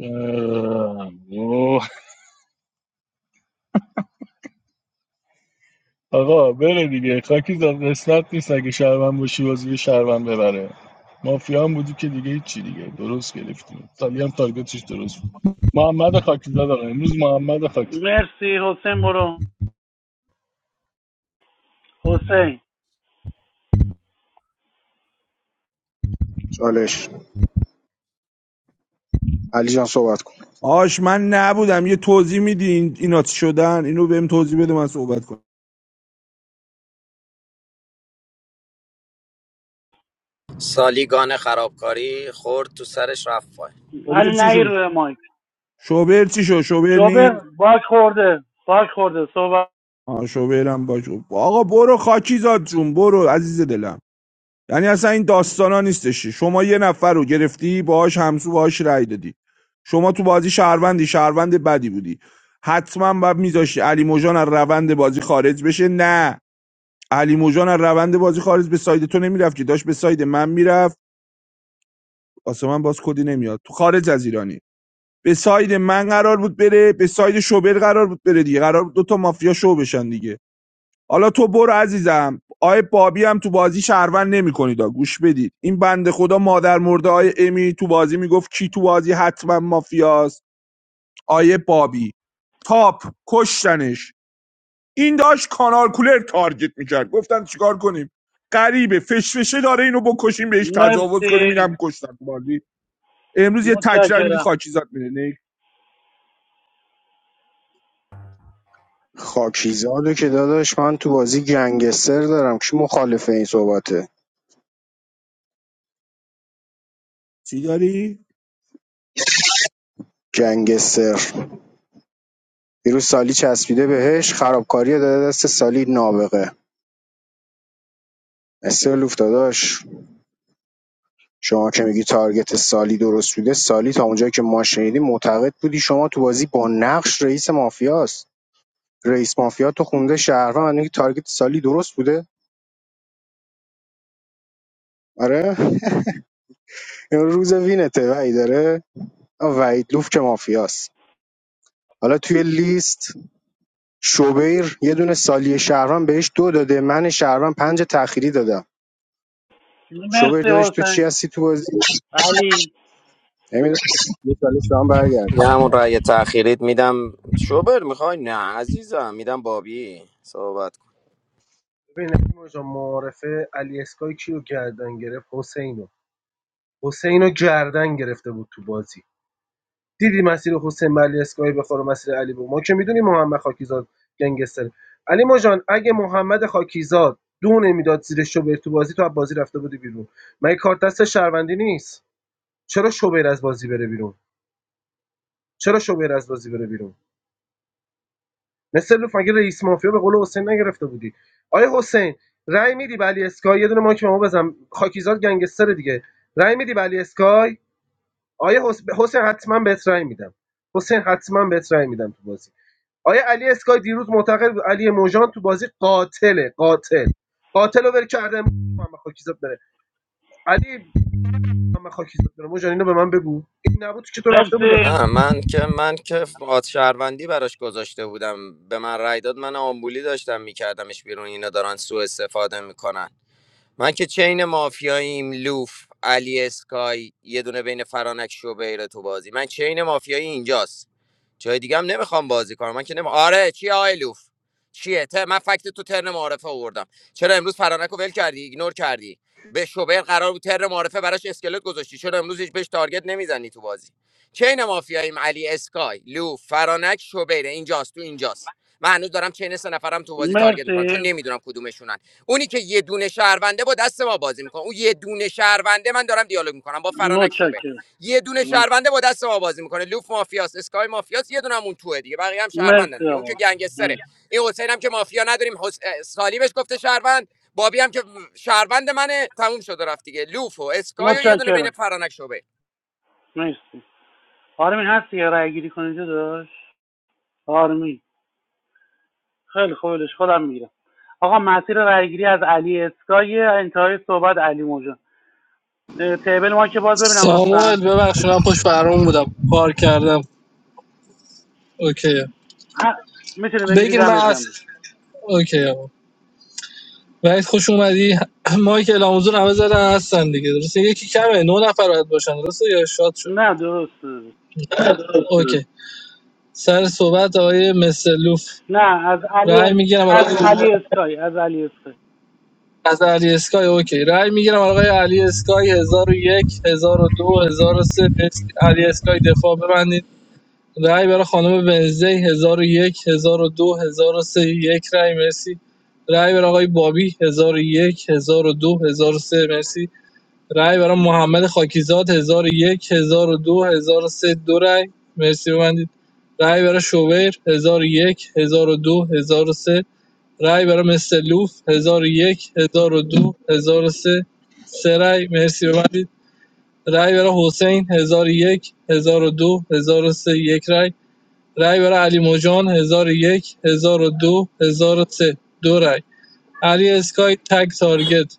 F: اه، اوه. آقا بره دیگه خاکی زاد قسمت نیست اگه شهروند باشی بازی به شهروند ببره مافیا هم بودی که دیگه چی دیگه درست گرفتیم سالی هم تارگتش درست بود محمد خاکی زاد آقا امروز محمد خاکی
I: مرسی حسین برو حسین
M: چالش علی جان صحبت کن
D: آش من نبودم یه توضیح میدی این اینا چی شدن اینو بهم توضیح بده من صحبت کنم
G: سالی گان خرابکاری خورد تو سرش رفت پایین.
D: شوبر
I: علی
D: چی
I: نهی
D: شد
I: روی مایک
D: شوبر چی شد شوبر نی؟
I: شوبر باک خورده باک خورده صحبت
D: آه شوبرم باش آقا برو خاکی زاد جون برو عزیز دلم یعنی اصلا این داستانا نیستش شما یه نفر رو گرفتی باهاش همسو باهاش رأی دادی شما تو بازی شهروندی شهروند بدی بودی حتما باید میذاشتی علی موجان از روند بازی خارج بشه نه علی موجان از روند بازی خارج به ساید تو نمیرفت که داشت به ساید من میرفت واسه من باز کدی نمیاد تو خارج از ایرانی به ساید من قرار بود بره به ساید شوبر قرار بود بره دیگه قرار بود دو تا مافیا شو بشن دیگه حالا تو برو عزیزم آیه بابی هم تو بازی شهروند نمیکنید گوش بدید این بنده خدا مادر مرده آیه امی تو بازی میگفت کی تو بازی حتما مافیاست آیه بابی تاپ کشتنش این داشت کانال کولر تارگت میکرد گفتن چیکار کنیم غریبه فشفشه داره اینو بکشیم بهش تجاوز کنیم
I: مرسی
D: اینم کشتن تو بازی امروز یه تکرار میدید
I: متشکرم
D: خاکیزاد میره نه
M: خاکیزادو که داداش من تو بازی گنگستر دارم کی مخالف این صحبته
D: چی داری
M: گنگستر دیروز سالی چسبیده بهش خرابکاری داده دست سالی نابغه استرلوف داداش شما که میگی تارگت سالی درست بوده سالی تا اونجایی که ما شنیدیم معتقد بودی شما تو بازی با نقش رئیس مافیاست رئیس مافیا تو خونده شهروند میگی تارگت سالی درست بوده آره <laughs> امروز وینته وعید داره وعید لوف که مافیاست حالا توی لیست شوبیر یه دونه سالی شهروند بهش دو داده من شهروند پنج تأخیری دادم شوبیر
I: مرسی
M: دادش تو چی
I: حسین
M: هستی تو بازی
I: علی
M: نمیدونم یه سالی سلام برگرد
G: یه همون رأی تأخیریت میدم شوبر میخوای نه عزیزم میدم بابی صحبت کن
K: ببین نیما جان معارفه علی اسکای کیو گردن گرفت حسینو حسینو گردن گرفته بود تو بازی دیدی مسیر حسین به علی اسکای بخوره مسیر علی بود ما که میدونیم محمد خاکیزاد گنگستر علی ما جان اگه محمد خاکیزاد دو نمیداد زیر شوبر تو بازی تو از بازی رفته بودی بیرون مگه کارت دست شهروندی نیست چرا شوبر از بازی بره بیرون چرا شوبر از بازی بره بیرون مثل لوف مگه رئیس مافیا به قول حسین نگرفته بودی آیا حسین رأی میدی به علی اسکای یه دونه ماک به ما بزن خاکیزاد گنگستر دیگه رأی میدی به علی اسکای آیا حس... حسین حتما بهت رأی میدم حسین حتما بهت رأی میدم تو بازی آیا علی اسکای دیروز معتقد بود علی موجان تو بازی قاتله قاتل قاتل رو ول کرده محمد خاکیزاد بره علی محمد خاکیزاد بره موجان اینو به من بگو این نبود که تو رفته بودی
I: مرسی
G: نه من که من که آت شهروندی براش گذاشته بودم به من رأی داد من آمبولی داشتم میکردمش بیرون اینا دارن سوء استفاده میکنن من که چین مافیاییم لوف علی اسکای یه دونه بین فرانک و تو بازی من چین مافیایی اینجاست جای دیگه هم نمیخوام بازی کنم من که نمی... آره چی آی لوف چیه ته من فکت تو ترن معارفه آوردم چرا امروز فرانک رو ول کردی ایگنور کردی به شوبر قرار بود ترن معارفه براش اسکلت گذاشتی چرا امروز هیچ بهش تارگت نمیزنی تو بازی چین مافیاییم علی اسکای لوف فرانک شوبر اینجاست تو اینجاست من هنوز دارم چین سه نفرم تو بازی تارگت میکنم چون
I: مرسی
G: نمیدونم کدومشونن اونی که یه دونه شهرونده با دست ما بازی میکنه اون یه دونه شهرونده من دارم دیالوگ میکنم با فرانک شعبه
I: متشکرم
G: یه دونه
I: مرسی
G: شهرونده با دست ما بازی میکنه لوف مافیاس اسکای مافیاس یه دونه هم اون توه دیگه بقیه هم شهروندن
I: مرسی
G: دیگه اون که
I: آقا
G: گنگستر
I: مرسی. متشکرم مرسی آرمین هستی یه رای گیری کنید داشت آرمین خیلی خوبش خودم میگیرم آقا مسیر رای گیری از علی اسکای انتهای صحبت علی موجان اه، تیبل ما که باز ببینم لطفا
E: ساموئل ببخشید من پشت فرمون بودم کار کردم اوکی
I: میتونی بگیری
E: بگیر من
I: دمت گرم
E: از. اوکی آقا وحید خوش اومدی <clears throat> مایک که حضور همه زدن هستن دیگه درسته یکی کمه نه نفر باید باشن درسته یا شاد شد
I: نه درست
E: اوکی سر صحبت آقای مسلوف
I: نه از علی
E: رأی میگیرم برای
I: از
E: آقای
I: علی اسکای از علی اسکای
E: از علی اسکای اوکی رأی میگیرم برای آقای علی اسکای 1001 1002 1003 مرسی. علی اسکای دفاع ببندید رأی برای خانم بنزی 1001 1002 1003 یک رأی مرسی رأی برای آقای بابی 1001 1002 1003 مرسی رای برای محمد خاکیزاد 1001 1002 1003 دو هزار و سه، دو رای مرسی ببندید رای برای شوبر 1001 1002 1003 رای برای مستلوف 1001 1002 1003 سه سه رای مرسی ببندید رای برای حسین 1001 1002 1003 یک رای رای برای علی موجان 1001 1002 1003 دو هزار و سه، دو رای علی اسکای تگ تارگت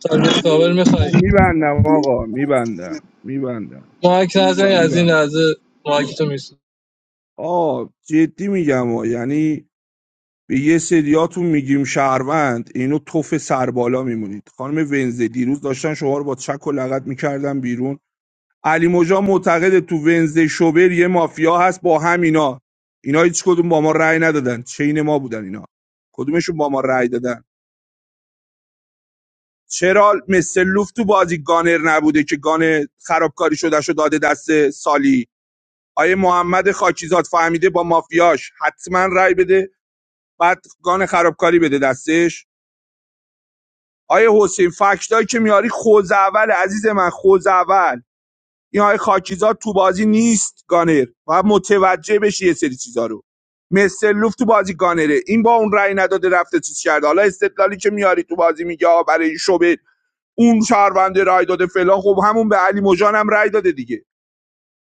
E: تارگت کاور میخوای
D: میبندم آقا میبندم میبندم
E: مایک نزنی از این
D: میبندم
E: لحظه مایک تو میسن
D: آه جدی میگم آه. یعنی به یه سریاتون میگیم شهروند اینو توف سربالا میمونید خانم ونزه دیروز داشتن شما رو با چک و لغت میکردن بیرون علی مجا معتقد تو ونزه شوبر یه مافیا هست با همینا اینا اینا هیچ کدوم با ما رأی ندادن چین ما بودن اینا کدومشون با ما رأی دادن چرا مثل لوف تو بازی گانر نبوده که گان خرابکاری شده شو داده دست سالی آیه محمد خاکیزاد فهمیده با مافیاش حتما رأی بده بعد گان خرابکاری بده دستش آیه حسین فکتایی که میاری خوزعول عزیز من خوزعول این آیه خاکیزاد تو بازی نیست گانر باید متوجه بشی یه سری چیزا رو مثل لوف تو بازی گانره این با اون رأی نداده رفته چیز کرده حالا استدلالی که میاری تو بازی میگه برای این شبه اون شهرونده رأی داده فلان خب همون به علی مژان هم رأی داده دیگه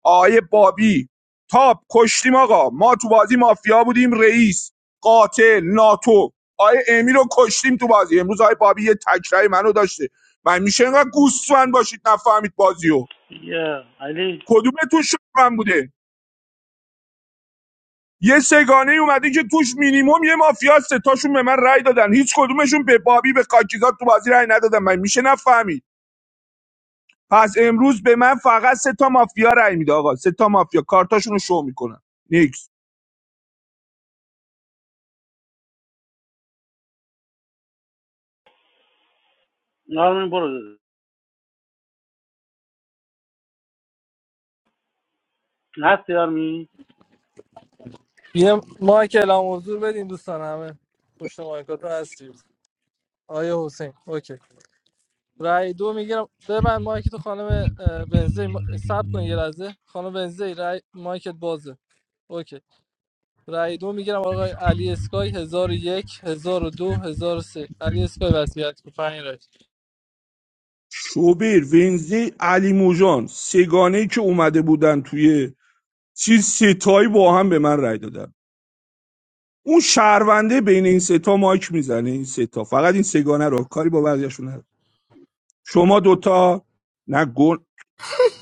D: آقای بابی تاب کشتیم آقا ما تو بازی مافیا بودیم رئیس قاتل ناتو آقای امی رو کشتیم تو بازی امروز آقای بابی یه تکرای منو داشته من میشه اینقدر گوسفند باشید نفهمید بازیو
I: یا علی
D: کدومتون من بوده یه سگانه ای اومده که توش مینیمم یه مافیا است. ستاشون به من رأی دادن هیچ کدومشون به بابی به کاکیزاد تو بازی رأی ندادن من میشه نفهمید پس امروز به من فقط سه تا مافیا رأی میده آقا سه تا مافیا کارتاشون رو شو میکنن نیکس.
I: آرمین برو داده. هستی آرمین
E: یه مایک اعلام حضور بدین دوستان همه پشت مایکاتون هستیم آیه حسین اوکی رای دو میگیرم ببند مایک تو خانم اه، بنزه ما- صبر کن یه لحظه خانم بنزه رای مایکت بازه اوکی رای دو میگیرم آقای علی اسکای 1001 1002 1003 علی اسکای وصیت کن پنج رای
D: شوبر، ونزدی، علی موجان، سگانه‌ای که اومده بودن توی چیز ستایی با هم به من رای دادن اون شهرونده بین این ستا مایک میزنه این ستا فقط این سگانه رو کاری با بقیه‌شون نداره شما دوتا نه گل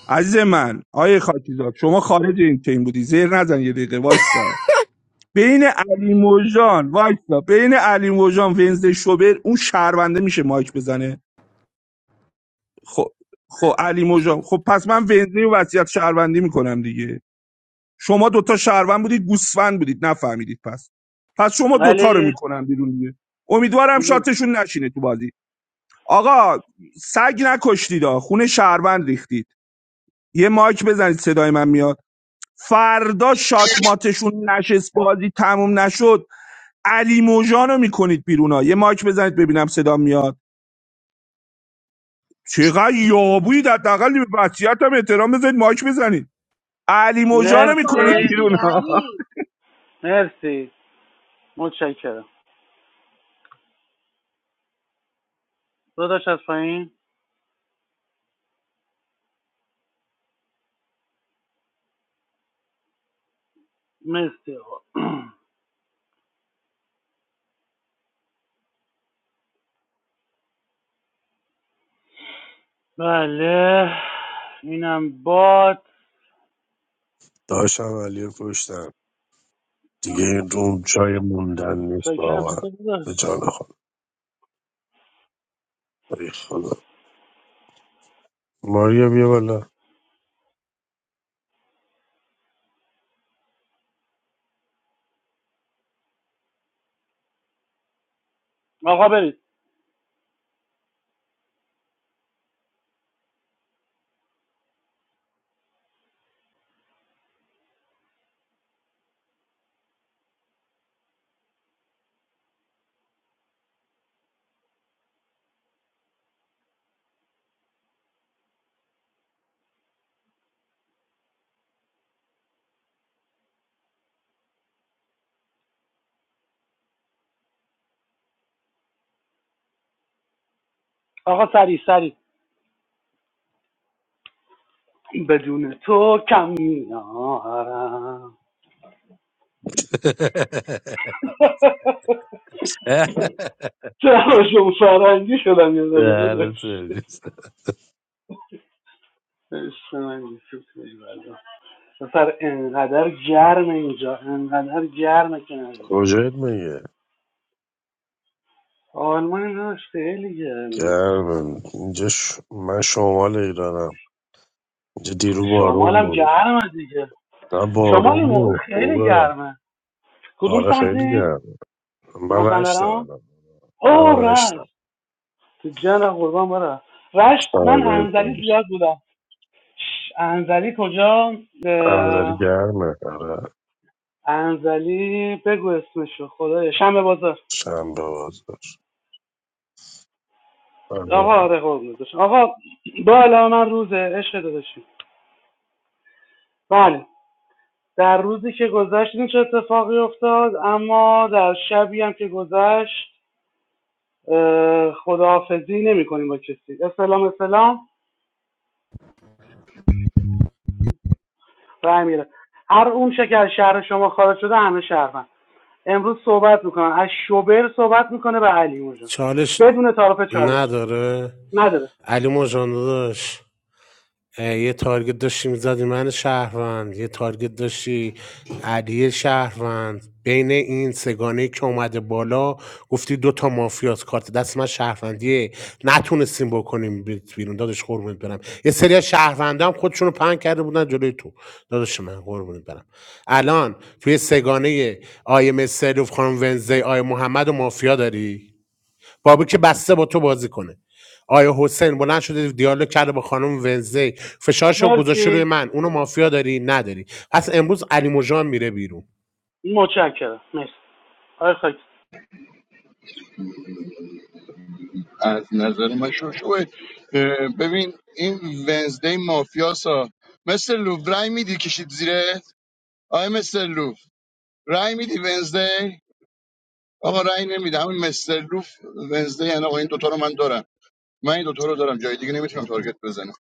D: عزیز من آیه خاکیزاد شما خارج این تیم بودی زیر نزن یه دقیقه وایستا بین علی موجان وایستا بین علی موجان ونزده شوبر اون شهرونده میشه مایک بزنه خب خب علی مجا خب پس من ونزی و وصیت شهروندی میکنم دیگه شما دوتا شهروند بودید گوسفند بودید نفهمیدید پس پس شما دوتا رو
I: علی
D: میکنم بیرون دیگه امیدوارم شاتشون نشینه تو بازی آقا سگ نکشتید آ. خونه شهروند ریختید یه مایک بزنید صدای من میاد فردا شات ماتشون نشست بازی تموم نشد علی موجان رو میکنید بیرون ها یه مایک بزنید ببینم صدا میاد چقدر یابویید حداقل به وصیتم احترام بذارید مایک بزنید علی
C: بابا
D: موجانو میکنید
I: مرسی
C: باگی
D: بیرون ها
C: علی
I: مرسی متشکرم داداش از پایین مرسی آقا <clears throat> بله اینم باد
R: داشتم علی رو کشتم دیگه این روم جای موندن نیست
I: متشکرم
R: واقعا
I: چطور
R: به
I: داداش
R: جان خود ای خدا ماریا بیا بالا
I: آقا برید آقا سری سری بدون تو کم میارم چرا شما فرنگی <laughs> شدم یه دقیقه
R: دهن
I: داداش
R: سرویس
I: عشق من یوسف خیلی بلا. پسر انقدر گرم اینجا انقدر گرمه که نگو
R: کجایت میگه
I: آلمان داشت خیلی گرمه
R: گرم اینجا ش... من شمال ایرانم اینجا دیرو بارون
I: شمالم
R: بود
I: گرمه دیگه
R: نه
I: شما این
R: بارون
I: موقع
R: بود
I: خیلی
R: خوبه
I: گرمه کدوم
R: آره خیلی
I: سمتی؟
R: گرم من رشتم
I: مازندران؟
R: الان نه من
I: اوه
R: رشتم
I: رشت تو جن قربان برا. رشت من انزلی زیاد بودم انزلی کجا؟
R: انظری گرمه آره
I: انزلی بگو اسمشو خدایا شنبه بازار
R: شنبه باز آره.
I: آقا آره قربونت بشم. آقا با علاوه من روز عشق داداشی بله در روزی که گذشت چه اتفاقی افتاد اما در شبی هم که گذشت اه، خداحافظی نمی کنیم با کسی اسلام اسلام رای میره هر اون چه که از شهر شما خارج شده همه شهروند امروز صحبت میکنن از شوبر صحبت میکنه به علی اونجا
N: چالش
I: بدون تعارف چالش
N: نداره
I: نداره
N: علی مجان داداش اه، یه تارگت داشتی میزدی من شهروند یه تارگت داشتی علی شهروند بین این سگانه که اومده بالا گفتی دوتا مافیاس کارت دست من شهروندیه نتونستیم بکنیم بیت بیرون دادش قربونت برم یه سری از شهروندا هم خودشونو پنگ کرده بودن جلوی تو دادش من قربونت برم الان توی سگانه آیه مستر و خانم ونزی آیه محمد و مافیا داری بابی که بسته با تو بازی کنه آیا حسین بلند شده دیالوگ کرده با خانم ونزی فشارش رو گذاشته روی
I: مرسی
N: من اونو مافیا داری نداری پس امروز علی مژان میره بیرون
I: متشکرم مرسی آقای خاکی
L: از نظر من شوشوه ببین این ونزدی مافیاسا مثل لوف رای میدی کشید زیره آیا مثل لوف رای میدی ونزدی آقا رای نمیده همین مثل لوف ونزدی یعنی آقا این دوتا رو من دارم من این دوتا رو دارم جای دیگه نمیتونم تارگت بزنم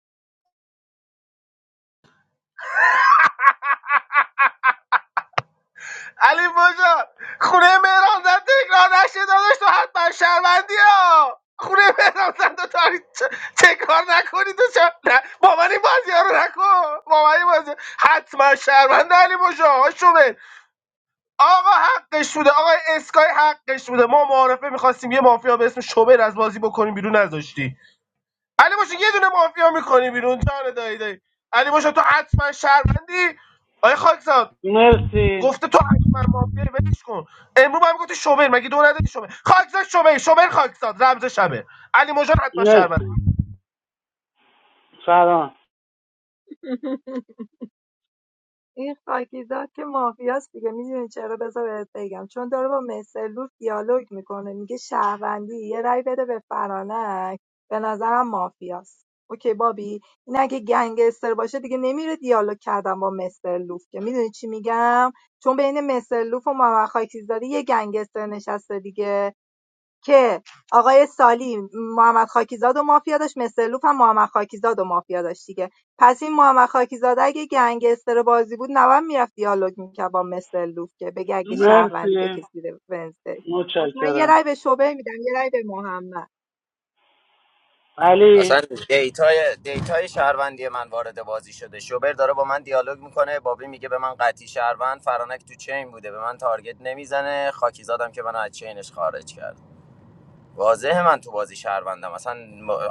K: علی بجا خونه مهران زن تکرار نشه داداش تو حتما شهروندی ها خونه مهران زن تو تاریخ تکرار نکنی تو چه نه مامانی بازی ها رو نکن مامانی بازی حتما شهروند علی بجا شومن آقا حقش بوده آقا اسکای حقش بوده ما معارفه میخواستیم یه مافیا به اسم شومن از بازی بکنیم بیرون نذاشتی علی بجا یه دونه مافیا میکنی بیرون جان دایی دایی علی بجا تو حتما شرمندی آیا خاکزاد
I: مرسی
K: گفته تو حتما مافیای ولش کن امروز هم گفتی شومر مگه دو ندادی شومر خاکزاد شومر شومر خاکزاد رمز شمه علی مجان حتما شرمنده
I: مرسی فران
C: <laughs> این خاکیزاد که مافیاست دیگه میدونی چرا بذار بهت بگم چون داره با مسلوف دیالوگ میکنه میگه شهروندی یه رأی بده به فرانک به نظرم مافیاست اوکی بابی این اگه گنگستر باشه دیگه نمیره دیالوگ کردن با مسلوف که میدونی چی میگم چون بین مسلوف و محمد خاکیزاده یه گنگستر نشسته دیگه که آقای سالی محمد خاکیزاد و مافیا داشت مستر لوف هم محمد خاکیزاد و مافیا داشت دیگه پس این محمد خاکیزاد اگه گنگستر بازی بود نباید میرفت دیالوگ میکرد با مستر لوف که بگه اگه شهروندی
I: مرسی
C: بکش زیر ونزدی پس من یه
I: متشکرم
C: رای به شعبه میدم یه رای به محمد
G: اصلا
I: علی
G: دیتای دیتای شهروندی من وارد بازی شده شوبر داره با من دیالوگ میکنه بابی میگه به من قطعی شهروند فرانک تو چین بوده به من تارگت نمیزنه خاکیزادم که من از چینش خارج کرد واضحه من تو بازی شهروندم اصلا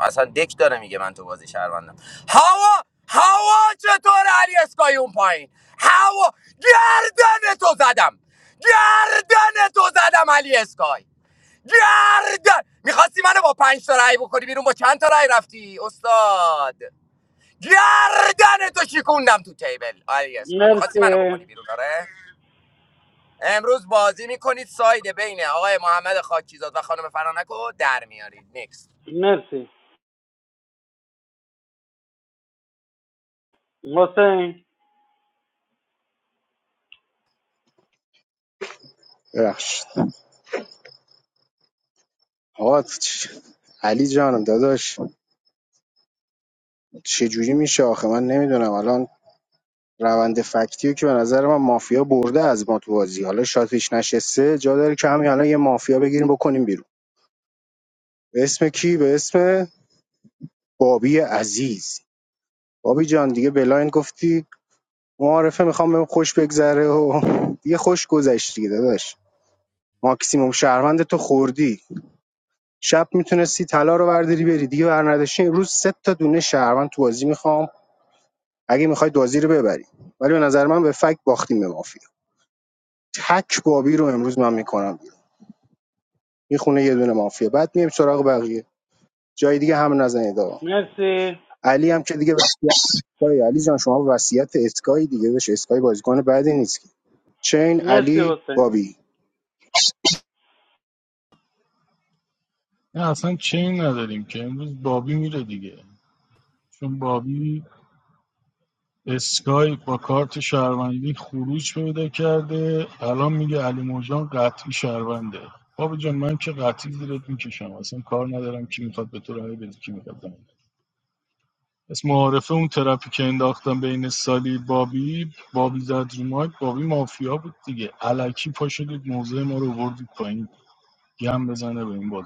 G: اصلا دک داره میگه من تو بازی شهروندم هوا هوا چطور علی اسکای اون پایین هوا گردن تو زدم گردن تو زدم علی اسکای گردن میخواستی منو با پنج تا رای بکنی بیرون با چند تا رای رفتی استاد گردن تو شکوندم تو تیبل علی اسکای میخواستی منو بکنی
I: مرسی
G: بیرون آره امروز بازی میکنید ساید بین آقای محمد خاکیزاد و خانم فرانک رو در میارید نیکس.
I: مرسی حسین
M: ببخشید آقا چ- علی جانم داداش چجوری میشه آخه من نمیدونم الان روند فکتیو که به نظر من مافیا برده از ما تو بازی حالا شاتش نشسته جا داره که همین الان یه مافیا بگیریم بکنیم بیرون به اسم کی به اسم بابی عزیز بابی جان دیگه بلایند گفتی معارفه میخوام بهم خوش بگذره و دیگه خوش گذشت دیگه داداش ماکسیموم شهروند تو خوردی شب میتونستی طلا رو برداری بری دیگه برنداشی امروز سه تا دونه شهروند تو بازی میخوام اگه میخوای بازی رو ببری ولی به نظر من به فک باختیم به مافیا تک بابی رو امروز من میکنم بیرون میخونه یه دونه مافیا بعد میایم سراغ بقیه جای دیگه هم نزنید آقا
I: مرسی
M: علی هم که دیگه وصیت اسکای علی جان شما وصیت اسکای دیگه بش اسکای بازیکن بعدی نیست که چین
I: مرسی
M: علی
I: حسین
M: بابی
F: نه اصلا چین نداریم که امروز بابی میره دیگه چون بابی اسکای با کارت شهروندی خروج پیدا کرده الان میگه علی موجان قطعی شهرونده بابا جان من که قطعی زیرت میکشم اصلا کار ندارم کی میخواد به تو رای بده کی میخواد دم اسم معارفه اون ترپی که انداختم بین سالی بابی بابی زد رو مایک بابی مافیا بود دیگه علکی پا شدید موضع ما رو وردید پایین گم بزنه به این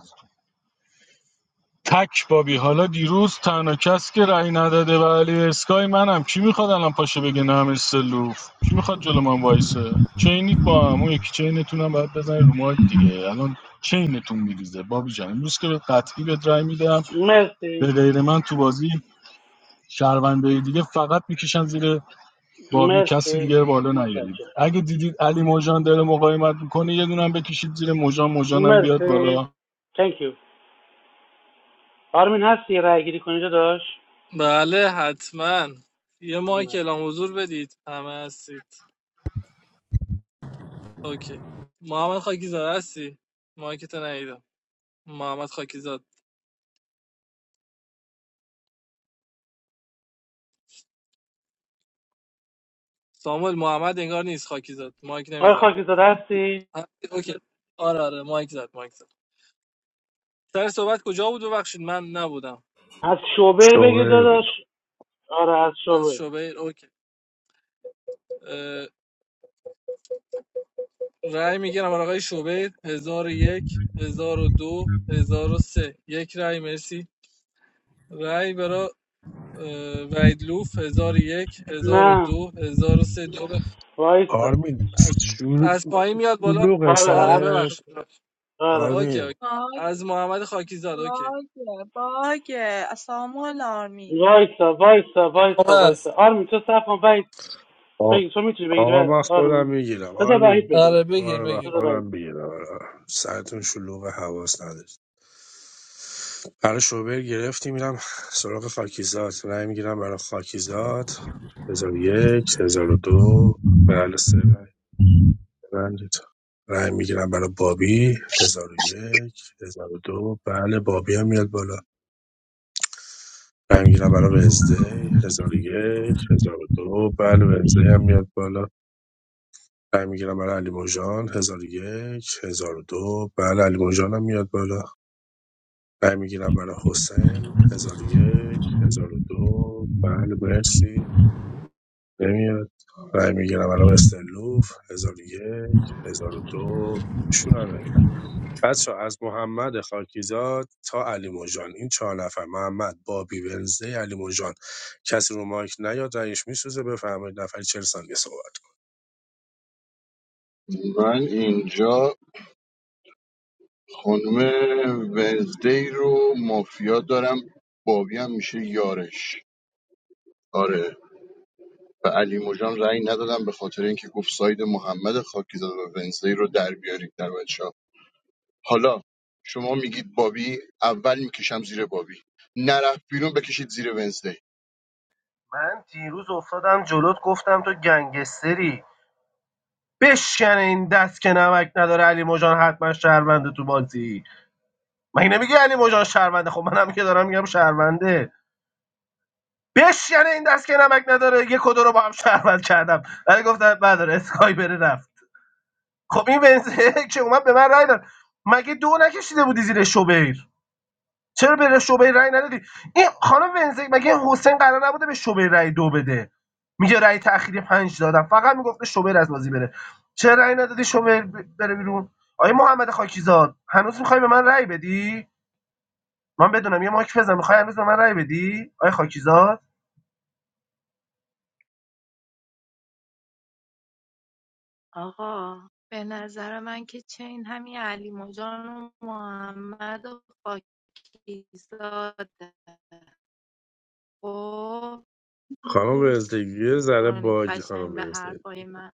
F: تک بابی حالا دیروز تنها کس که رأی نداده و علی اسکای منم کی میخواد الان پاشه بگه نه همش سلوف کی میخواد جلو من وایسه چینید با هم اون یکی چینتون هم باید بزنید رو مایک دیگه الان چینتون میریزه بابی جان امروز که به قطعی بهت رأی میدم به
I: مرسی
F: غیر من تو بازی شهروندای دیگه فقط میکشن زیر بابی کسی
I: مرسی
F: دیگه بالا نیارید
I: متشکرم
F: اگه دیدید علی موجان داره مقاومت میکنه یه دونه هم بکشید زیر موجان موجانم بیاد
I: مرسی
F: بالا
I: Thank you. آرمین هستی رای گیری کنی داداش
E: بله حتما یه مایک
I: نه.
E: اعلام حضور بدید همه هستید اوکی محمد خاکیزاد هستی مایک تو ندیدم محمد خاکیزاد ساموئل محمد انگار نیست خاکیزاد مایک
I: آقای
E: نمیزنم
I: خاکزاده هستی
E: اوکی آره آره مایک زد مایک زد سر صحبت کجا بود ببخشید من نبودم
I: از شوبر بگیر
R: شغل بود
I: داداش آره از
E: از
I: شوبر
E: شوبیر اوکی اه، رأی میگیرم برای آقای شوبیر 1001 1002 1003 یک رأی مرسی رأی برای اه، وحید لوف 1001
I: نه
E: 1002 1003 دو به-
I: وایسا
R: آرمین
E: از از پایین میاد بالا
R: شلوغ
I: آره
E: آره
I: از
R: سرت
I: ش...
E: ببخشید
I: آره
E: اوکی
R: آرمین
E: اوکی
C: باگ
E: از محمد خاکیزاد اوکی
C: باگ باگ اسام الارمی
I: وایسا وایسا وایسا
E: نام
I: وایسا
E: هست
I: آرمین تو صف کن وحید
R: آ-
I: بگیر تو میتونی بگیری
R: آقا
I: وحید.
R: من خودم
I: آرمین
R: میگیرم
I: بذار وحید
R: آرمی
I: بگیره
E: آره بگیر
R: آره من
E: بگیر
I: بذار
E: بگیر
I: وحید
R: خودم بگیرم سرتون شلوغ حواس نداشت برای شوبر گرفتی میرم سراغ خاکیزات رای میگیرم برای خاکیزات هزار و یک هزار و دو بله سه رای ببندید رای میگیرم برای بابی هزار و یک هزار و دو بله بابی هم میاد بالا رای میگیرم برای وزده هزار و یک هزار و دو بله وزده هم میاد بالا رای میگیرم برای علی موجان هزار و یک هزار و دو بله علی موجان هم میاد بالا رای میگیرم برای حسین هزار و یک هزار و دو بله مرسی نمیاد رای میگیرم برای مستر لوف هزار و یک هزار و دو بچه از محمد خاکیزاد تا علی موجان این چهار نفر محمد بابی ونزدی علی موجان کسی رو مایک نیاد رنگش میسوزه بفرمایید نفر 40 ثانیه صحبت کن.
L: من اینجا خانم ونزدی رو مافیا دارم بابی هم میشه یارش آره به علی مجان رأی ندادم به خاطر اینکه گفت ساید محمد خاکیزاد و ونزدی رو در بیارید در بچه‌ها حالا شما میگید بابی اول میکشم زیر بابی نرفت بیرون بکشید زیر ونزدی
K: من دیروز افتادم جلوت گفتم تو گنگستری بشکن این دست که نمک نداره علی مجان حتما شرمنده تو بازی مگه نمیگی علی مجان شرمنده خب منم که دارم میگم شرمنده بشکن این دست که نمک نداره یه کدو رو با هم شرمند کردم ولی گفتم نداره اسکای بره رفت خب این ونزه <laughs> که اومد به من رای داد مگه دو نکشیده بودی زیر شوبر چرا به شعبه رای ندادی این خانم ونزی مگه حسین قرار نبوده به شعبه رای دو بده میگه رای تأخیری پنج دادم فقط میگفته شعبه از بازی بره چرا رای ندادی شعبه بره بیرون آیا محمد خاکیزاد هنوز میخوای به من رای بدی من بدونم یه ماک بزن میخوای هنوز به من رأی بدی آیا خاکیزاد
C: آقا به نظر من که چین همین علی مجان و محمد و خاکیزاده خب
R: خانم
C: گوش
R: ونزدگی ذره
C: کنید
R: باگی خانم
C: قشنگ به
R: ونزدگی
C: حرفای من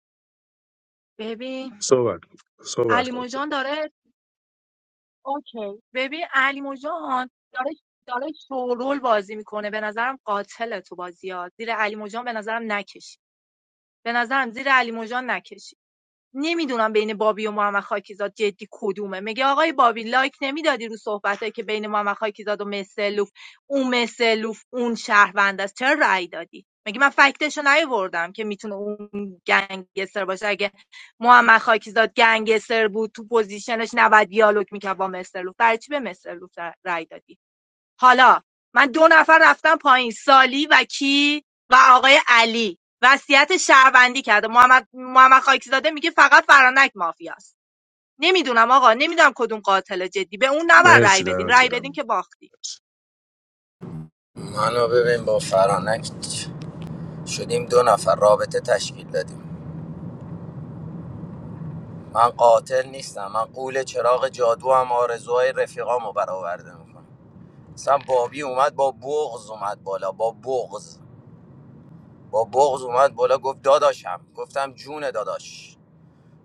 C: ببین
R: صحبت کن صحبت
C: علی
R: کن
C: موجان داره اوکی ببین علی موجان داره داره شورول بازی میکنه به نظرم قاتل تو بازی ها زیر علی موجان به نظرم نکشی به نظرم زیر علی موجان نکشی نمیدونم بین بابی و محمد خاکیزاد جدی کدومه میگه آقای بابی لایک نمیدادی رو صحبتایی که بین محمد خاکیزاد و مسلوف اون مسلوف اون شهروند است چرا رأی دادی مگه من فکتشو نیاوردم که میتونه اون گنگستر باشه اگه محمد خاکیزاد گنگستر بود تو پوزیشنش نباید دیالوگ میکرد با مسترلوف برای چی به مسترلوف رای دادی حالا من دو نفر رفتم پایین سالی و کی و آقای علی وصیت شهروندی کرده محمد محمد خاکزاده میگه فقط فرانک مافیاست نمیدونم آقا نمیدونم کدوم قاتل جدی به اون نبر رای
R: مرسی
C: بدین
R: دمت
C: رای بدین
R: گرم
C: که باختی
G: منو ببین با فرانک شدیم دو نفر رابطه تشکیل دادیم من قاتل نیستم من قول چراغ جادو هم آرزوهای رفیقامو برآورده میکنم مثلا بابی اومد با بغز اومد بالا با بغز با بغز اومد بالا گفت داداشم گفتم جون داداش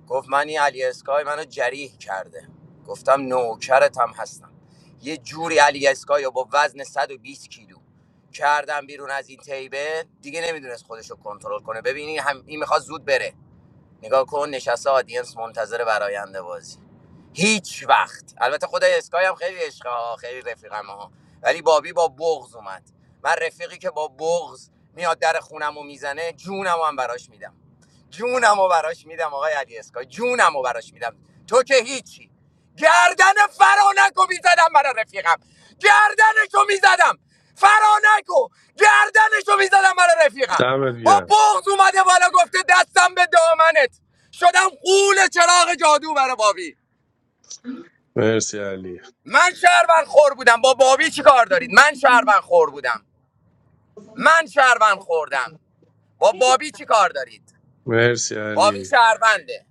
G: گفت من این علی اسکای منو جریح کرده گفتم نوکرت هم هستم یه جوری علی اسکای رو با وزن 120 کیلو کردم بیرون از این تیبه دیگه نمیدونست خودشو کنترل کنه ببینی هم این میخواد زود بره نگاه کن نشسته آدینس منتظر براینده بازی هیچ وقت البته خود اسکای هم خیلی عشقه ها خیلی رفیقم ها ولی بابی با بغض اومد من رفیقی که با بغض میاد در خونم میزنه جونم هم براش میدم جونم رو براش میدم آقای علی اسکای جونم رو براش میدم تو که هیچی گردن فرانکو میزدم برا رفیقم گردنشو میزدم فرانکو گردنشو میزدم برا رفیقم
R: دمت
G: با
R: گرم
G: بغض اومده بالا گفته دستم به دامنت شدم قول چراغ جادو برا بابی
R: مرسی علی
G: من شهروند خور بودم با بابی چی کار دارید من شهروند خور بودم من شهروند خوردم با بابی چی کار دارید
R: مرسی
G: بابی
R: علی
G: شهرونده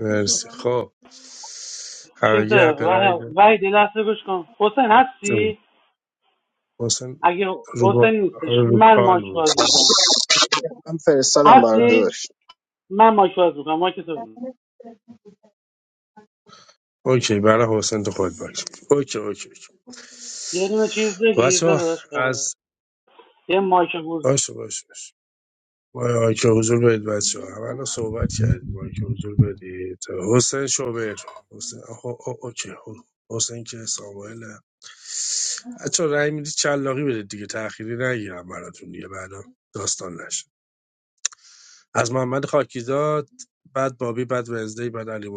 R: مرسی خب همگی
I: چیزه
R: حق رأی
I: وح-
R: داریم.
I: وحید یه لحظه گوش کن حسین
R: جون.
I: هستی
R: حسین
I: اگه
R: رو,
I: حسین
R: با...
I: نیستش
R: رو
I: من
R: کال
I: مایک باز
R: بود
I: میکنم
M: من فرستادم برای
I: هستی
M: داشت
I: من مایک باز میکنم مایک تو بگیر.
R: اوکی برای حسین تو خود باش اوکی اوکی اوکی
I: یه دونه چیز بگیر
R: بچه ها
I: داداش آره
R: از
I: یه مایک بود
R: باشه باشه باشه ما آی که حضور بدید بچه ها اولا صحبت کردیم ما که حضور بدید حسین شوبر حسین آها، آه، اوکی حسین که ساموئل بچه رای میدید چلاقی بدید دیگه تأخیری نگیرم براتون دیگه بعدا داستان نشه از محمد خاکیزاد بعد بابی بعد وزدی بعد علی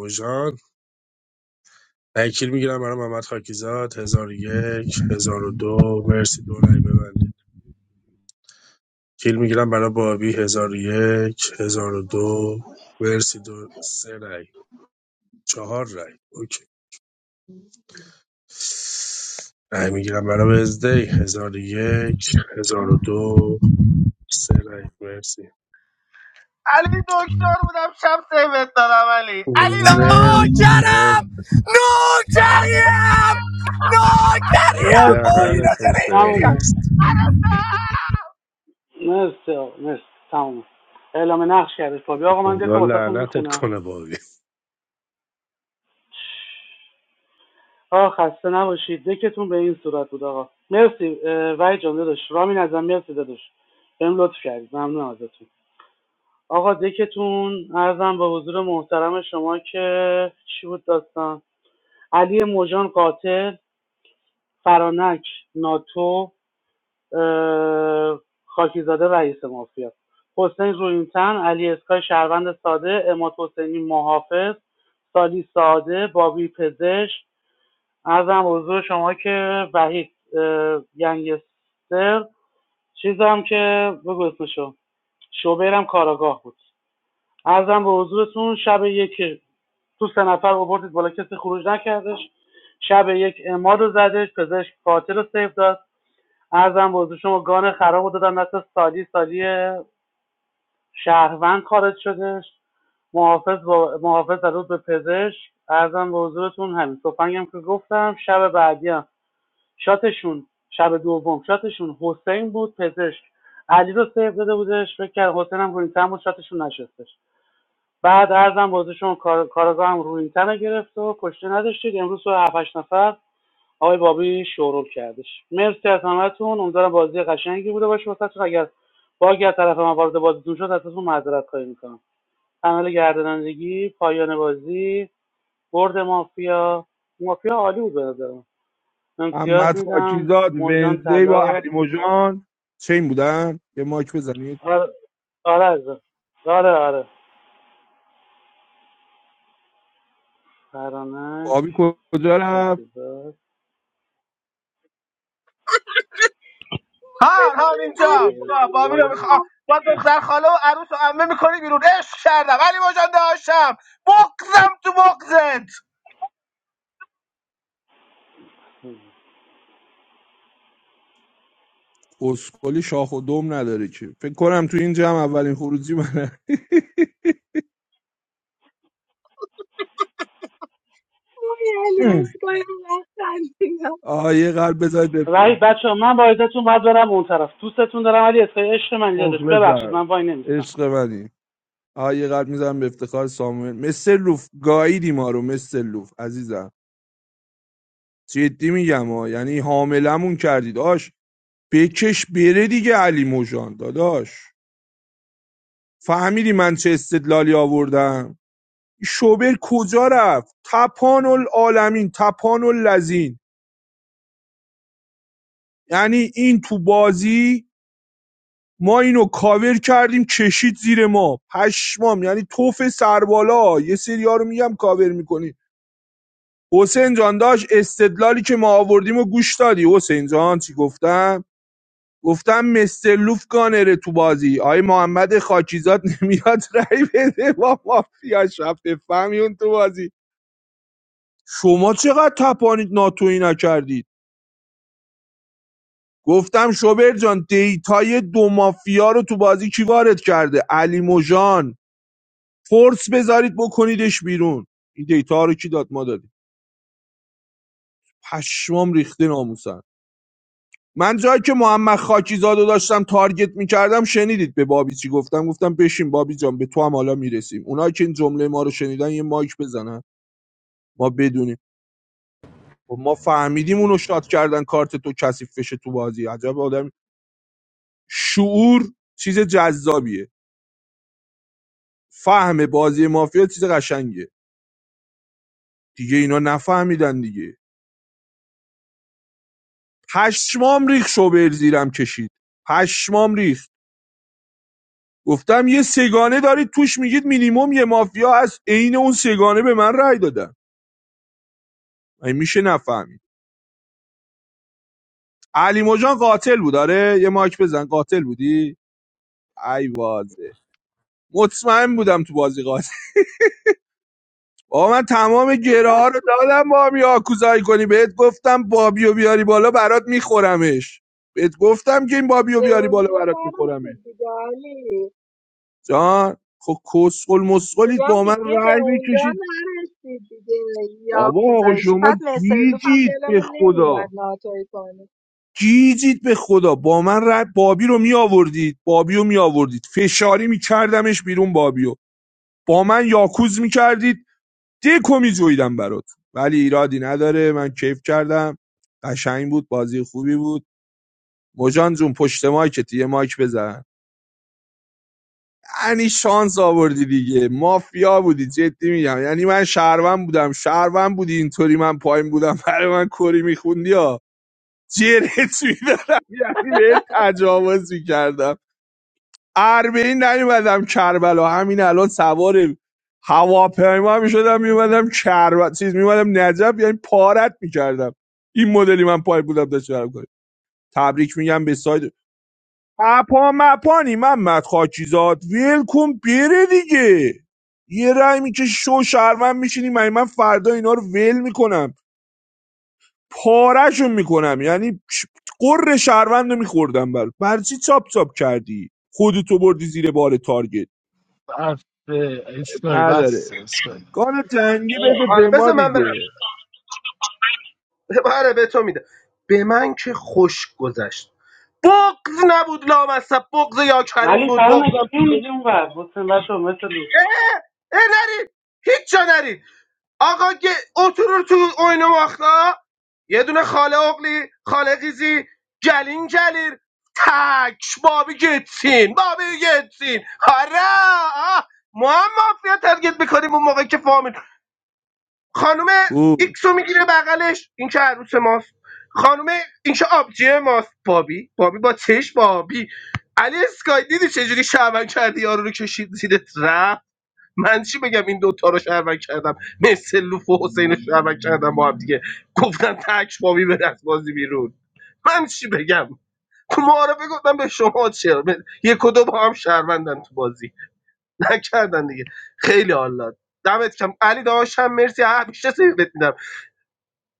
R: تکیل میگیرم برای محمد خاکیزاد 1001 1002 مرسی دو رای ببندید کیل میگیرم برای بابی 1001 1002 مرسی دو سه رای چهار رای اوکی رای میگیرم برای وزدی 1001 دو سه رای مرسی
K: علی دکتر بودم شب سیبت دادم علی علی رو
R: مرسی مرسی.
G: نوکرم نوکریم نوکریم با
I: مرسی
G: اینا
R: دهنتون
G: چرا اینجوری هم؟
I: تمومه
R: سرویس
I: مرسی آقا. مرسی تمومه اعلام نقش کردش فابی آقا من دکو
R: خدا
I: واسهتون
R: لعنتت
I: میخونم
R: کنه بابی
I: آقا خسته نباشید دکتون به این صورت بود آقا مرسی اه، وحید جان داداش رامین ازم مرسی داداش بهم لطف کردید ممنون ازتون آقا دکتون ارزم به حضور محترم شما که چی بود داستان علی موجان قاتل فرانک ناتو خاکیزاده رئیس مافیا حسین رویینتن علی اسکای شهروند ساده اماد حسینی محافظ سالی ساده بابی پزشک ارزم حضور شما که وحید اه، گنگستر چیزم که بگو اسمشو شوبرم کاراگاه بود ارزم به حضورتون شب یک تو سه نفر آوردید بالا کسی خروج نکردش شب یک اماد رو زدش پزشک قاتل رو سیف داد ارزم بازه شما گان خراب رو دادن دست سالی سالی شهروند خارج شدش محافظ با محافظ زد به پزشک ارزم به حضورتون همین تفنگم که گفتم شب بعدی هم شاتشون شب دوم شاتشون حسین بود پزشک علی رو سیف داده بودش فکر کرد حسین هم روینتن بود شاتشون نشستش بعد ارزم بازه شما کار... کارگاه هم روینتن رو گرفت و کشته نداشتید امروز تو 7 نفر آقای بابی شورول کردش مرسی از همتون امیدوارم بازی قشنگی بوده باشه واسه اگر باگی از طرف من وارد بازیتون شد ازتون معذرت خواهی میکنم عمل گردانندگی پایان بازی برد مافیا مافیا عالی بود به نظرم امتیاز
D: محمد
I: میدم
D: خاکیزاد
I: موجان
D: ونزی با
I: طلا
D: علی موجان چین بودن یه ماک بزنید
I: آره آره عزیزم. آره آره فرانک
D: آبی کجا رفت
I: اتباس
K: ها همینجا
I: علی
K: یا بابی رو
I: استاد
K: میخوام با دختر خاله و عروس و عمه میکنی بیرون عشق کردم علی ماجان داشتم بغزم تو بغزت
D: اسکلی شاخ و دم نداره که فکر کنم تو این جمع اولین خروجی منه
C: اوه علی از
D: <laughs>
C: کنیم خندیدم
D: آه یه قلب بذارید به
I: وحید بچه ها من با عزتون باید برم اون طرف دوستتون دارم ولی اسکای عشق من اینجا داشت ببخشید
D: مخلصم
I: من وای نمیستم
D: عشق منی آه یه قلب میزنم به افتخار ساموئل مثل لوف گاییدی ما رو مثل لوف عزیزم جدی میگم ها یعنی حاملمون کردید آش بکش بره دیگه علی موجان داداش فهمیدی من چه استدلالی آوردم این شوبر کجا رفت تپان العالمین تپان اللذین یعنی این تو بازی ما اینو کاور کردیم کشید زیر ما پشمام یعنی توف سربالا یه سریا رو میگم کاور میکنی حسین جان داشت استدلالی که ما آوردیم و گوش دادی حسین جان چی گفتم گفتم مستر لوف گانره تو بازی آی محمد خاکیزاد نمیاد رای بده با مافیا شب بفهمی اون تو بازی شما چقدر تپانید ناتویی نکردید گفتم شوبر جان دیتای دو مافیا رو تو بازی کی وارد کرده علی موژان فورس بذارید بکنیدش بیرون این دیتا ها رو کی داد ما دادیم پشمام ریخته ناموسن من جایی که محمد خاکیزاد داشتم تارگت میکردم شنیدید به بابی چی گفتم گفتم بشین بابی جان به تو هم حالا میرسیم اونایی که این جمله ما رو شنیدن یه مایک بزنن ما بدونیم خب ما فهمیدیم اونو شات کردن کارت تو کثیف بشه تو بازی عجب آدم شعور چیز جذابیه فهم بازی مافیا چیز قشنگیه دیگه اینا نفهمیدن دیگه پشمام ریخ شوبر زیرم کشید پشمام ریخ گفتم یه سگانه دارید توش میگید مینیمم یه مافیا از عین اون سگانه به من رأی دادن این میشه نفهمید علی مجان قاتل بود آره یه ماک بزن قاتل بودی ای وازه مطمئن بودم تو بازی قاتل با من تمام گره ها رو دادم با هم یاکوزایی کنی بهت گفتم بابیو بیاری بالا برات میخورمش بهت گفتم که این بابیو
C: به
D: بیاری بالا
C: اونجا
D: برات میخورمش
C: نرسید دیگه علی.
D: جان خب کسخل مسخلید
C: میگم
D: با من
C: دیگه به
D: رای
C: اونجا
D: بکشید
C: نرسید دیگه
D: بابا آقا
C: یاکوزایش
D: شما
C: بعد مسرلوف هم
D: گیجید به
C: دلمون نمیومد
D: خدا
C: ناتوی کنه.
D: گیجید به خدا با من رای بابی رو می آوردید بابی رو می آوردید فشاری می کردمش بیرون بابیو با من یاکوز می کردید، دکو میجویدم برات ولی ایرادی نداره من کیف کردم قشنگ بود بازی خوبی بود مجان جون پشت مایکت یه مایک بزن یعنی شانس آوردی دیگه مافیا بودی جدی میگم یعنی من شهروند بودم شهروند بودی اینطوری من پایم بودم برای من کری میخوندی ها جرت میدارم یعنی به تجاوز میکردم اربعین نیومدم کربلا همین الان سوار هواپیما میشدم میومدم کربلا چیز میومدم نجف یعنی پارت میکردم این مدلی من پای بودم داشت برم کنم تبریک میگم به ساید اپا مپانی محمد خاکیزاد ویلکوم بره دیگه یه رای میکشی شو شهروند میشینی من من فردا اینا رو ول میکنم پارهشون میکنم یعنی ش- قر شهروند رو میخوردم بر برای چی چاپ چاپ کردی خودتو بردی زیر بار تارگت
F: بس اسکای بس
D: نداره
F: اسکای
D: کار جنگی بده
K: آره
D: به ما
K: بذار من برم
D: دیگه
K: آره به تو میده به من که خوش گذشت بغز نبود لامصب بغز یا کریم
I: علی
K: بود
I: سلام
K: بغزم تو
I: اکبری
K: بغز.
I: میگه اونور حسین بچه مثل لوف
K: اه اه نرید هیچ جا نرید آقا که oturur تو oynamakla یه دونه خاله اقلی خاله قیزی گلین گلیر تک بابی گتسین بابی گتسین آره آه. ما هم مافیا ترگت میکنیم اون موقع که فامیل خانم
D: کو
K: ایکسو میگیره بغلش این که عروس ماست خانم این که آبجی ماست بابی بابی با چش بابی علی اسکای دیدی چجوری شعبن کردی یارو رو کشید زیرت رفت من چی بگم این دوتا رو شهروند کردم مثل لوف و حسین رو شهروند کردم با هم دیگه گفتن تک بابی به دست بازی بیرون من چی بگم تو معارفه گفتم به شما چرا به- یک و دو با هم شهروندن تو بازی <laughs> نکردن دیگه خیلی حال داد دمت کم علی داداش هم مرسی همیشه سیبت میدم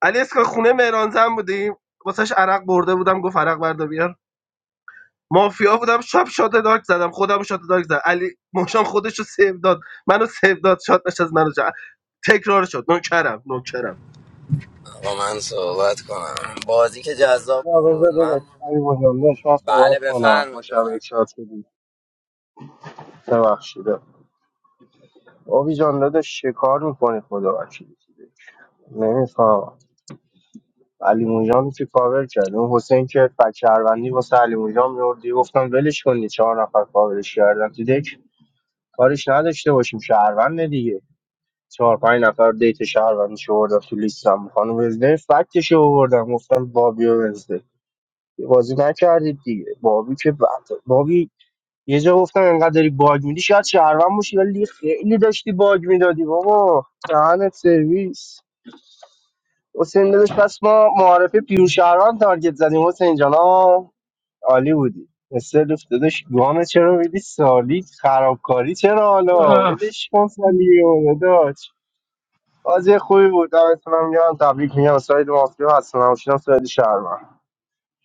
K: علی اسکا خونه مهران زن بودیم واسش عرق برده بودم گفت عرق بردار بیار مافیا بودم شب شات دارک زدم خودم شات دارک زدم علی مشان خودش رو سیو داد منو سیو داد شات نشست منو جا. تکرار شد نوکرم نوکرم
G: آقا من صحبت کنم بازی که جذاب
P: نه بذار
G: بود
P: داداش
G: من
P: علی بزرگ داشت من
G: بله
P: صحبت کنم ما
G: بفرمایید
P: شب یک
G: بفرمایید
P: شاد شدیم ببخشیده آبی جان داداش چه کار میکنی خدا وکیلی دیگه؟ نمیفهمم علی موجان که کاور کرد اون حسین که فک شهروندی واسه علی موجان میوردی گفتم ولش کنی چهار نفر کاورش کردن تو دک کارش نداشته باشیم شهروند دیگه چهار پنج نفر دیت شهروندی شو بردم تو لیستم خانم وزده فکتش رو بردم گفتم بابی و بازی نکردید دیگه بابی که بد- بابی یه جا گفتم انقدر داری باگ میدی شاید شهروند باشی ولی خیلی داشتی باگ میدادی بابا دهنت سرویس حسین داداش پس ما معارفه پیور شهروند تارگت زدیم حسین جان آه، عالی بودی مثل دوست داداش گام چرا میدی سالی خرابکاری چرا حالا ولش کن سالی و داداش بازی خوبی بود دمتونم گرم تبریک میگم ساید مافیا هستم نباشیدم ساید شهروند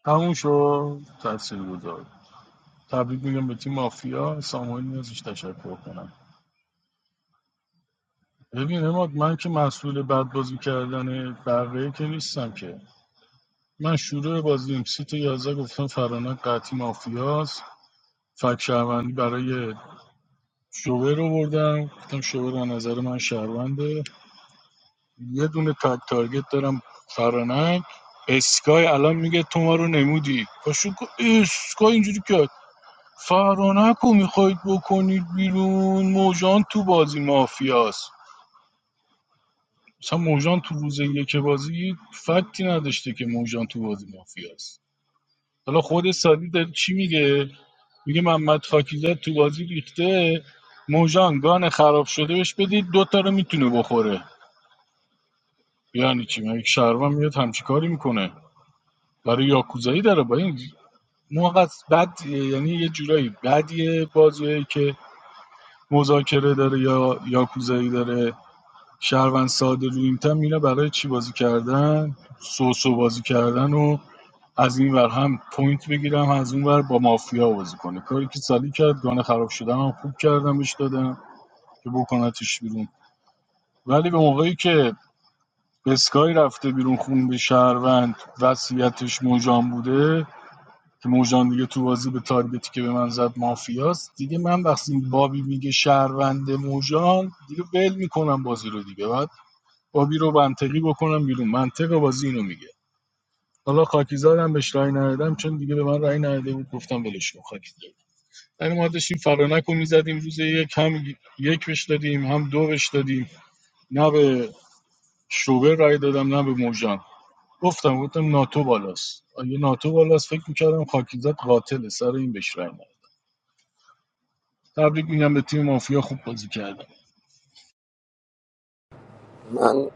F: تموم شد تاثیر گذار تبریک میگم به تیم مافیا ساموئل نیازش تشکر کنم ببین اماد من که مسئول بد بازی کردن بقیه که نیستم که من شروع بازیم سیت 11 گفتم فرانک قطعی مافیاست فک شهروندی برای شوبر رو بردم گفتم شوبر از نظر من شهرونده یه دونه تک تارگت دارم فرانک اسکای الان میگه تو ما رو نمودی پاشو گفت، اسکای اینجوری کرد فرانک رو میخواید بکنید بیرون موجان تو بازی مافیاست مثلا موجان تو روز یک بازی فکتی نداشته که موجان تو بازی مافیاست حالا خود سادی داره چی میگه میگه محمد خاکیزاد تو بازی ریخته موجان گان خراب شده بهش بدید دوتا رو میتونه بخوره یعنی چی من یک شهروند میاد همچی کاری میکنه برای یاکوزایی داره با این موقع بد یعنی یه جورایی بدیه بازیه که مذاکره داره یا یاکوزایی داره شهروند ساده رو اینتم میره برای چی بازی کردن سوسو بازی کردن و از این ور هم پوینت بگیرم از اون ور با مافیا بازی کنه کاری که سالی کرد گانه خراب شدن هم خوب کردم بهش دادم که بکنتش بیرون ولی به موقعی که اسکای رفته بیرون خون به شهروند وصیتش موجان بوده که موجان دیگه تو بازی به تارگتی که به من زد مافیاست دیگه من وقتی بابی میگه شهروند موجان دیگه ول میکنم بازی رو دیگه بعد بابی رو منطقی بکنم بیرون منطق بازی اینو میگه حالا خاکیزادم بهش رای ندادم چون دیگه به من رای نداده بود گفتم ولش کن خاکیزاد یعنی ما داشتیم فرانک رو میزدیم روز یک هم یک بش دادیم هم دو بش دادیم نه به شوبر رای دادم نه به موجان گفتم گفتم ناتو بالاست آ، ناتو بالاست فکر میکردم خاکیزاد قاتله سر این بهش رای ندادم. تبریک میگم به تیم مافیا خوب بازی کردم
G: من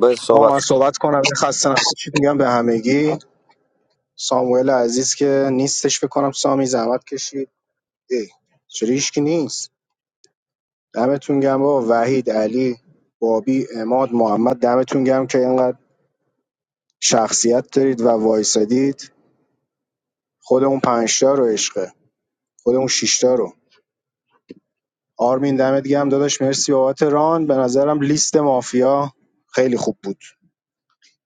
G: به صحبت
M: آقا من
G: کنم.
M: صحبت کنم یه خسته نباشید میگم به همگی ساموئل عزیز که نیستش بکنم سامی زحمت کشید ای چرا هیچکی نیست دمتون گم با وحید علی بابی اماد محمد دمتون گم که اینقدر شخصیت دارید و وایسادید خودمون پنجتا رو عشقه خودمون شیشتا رو آرمین دمت گم داداش مرسی بابت ران به نظرم لیست مافیا خیلی خوب بود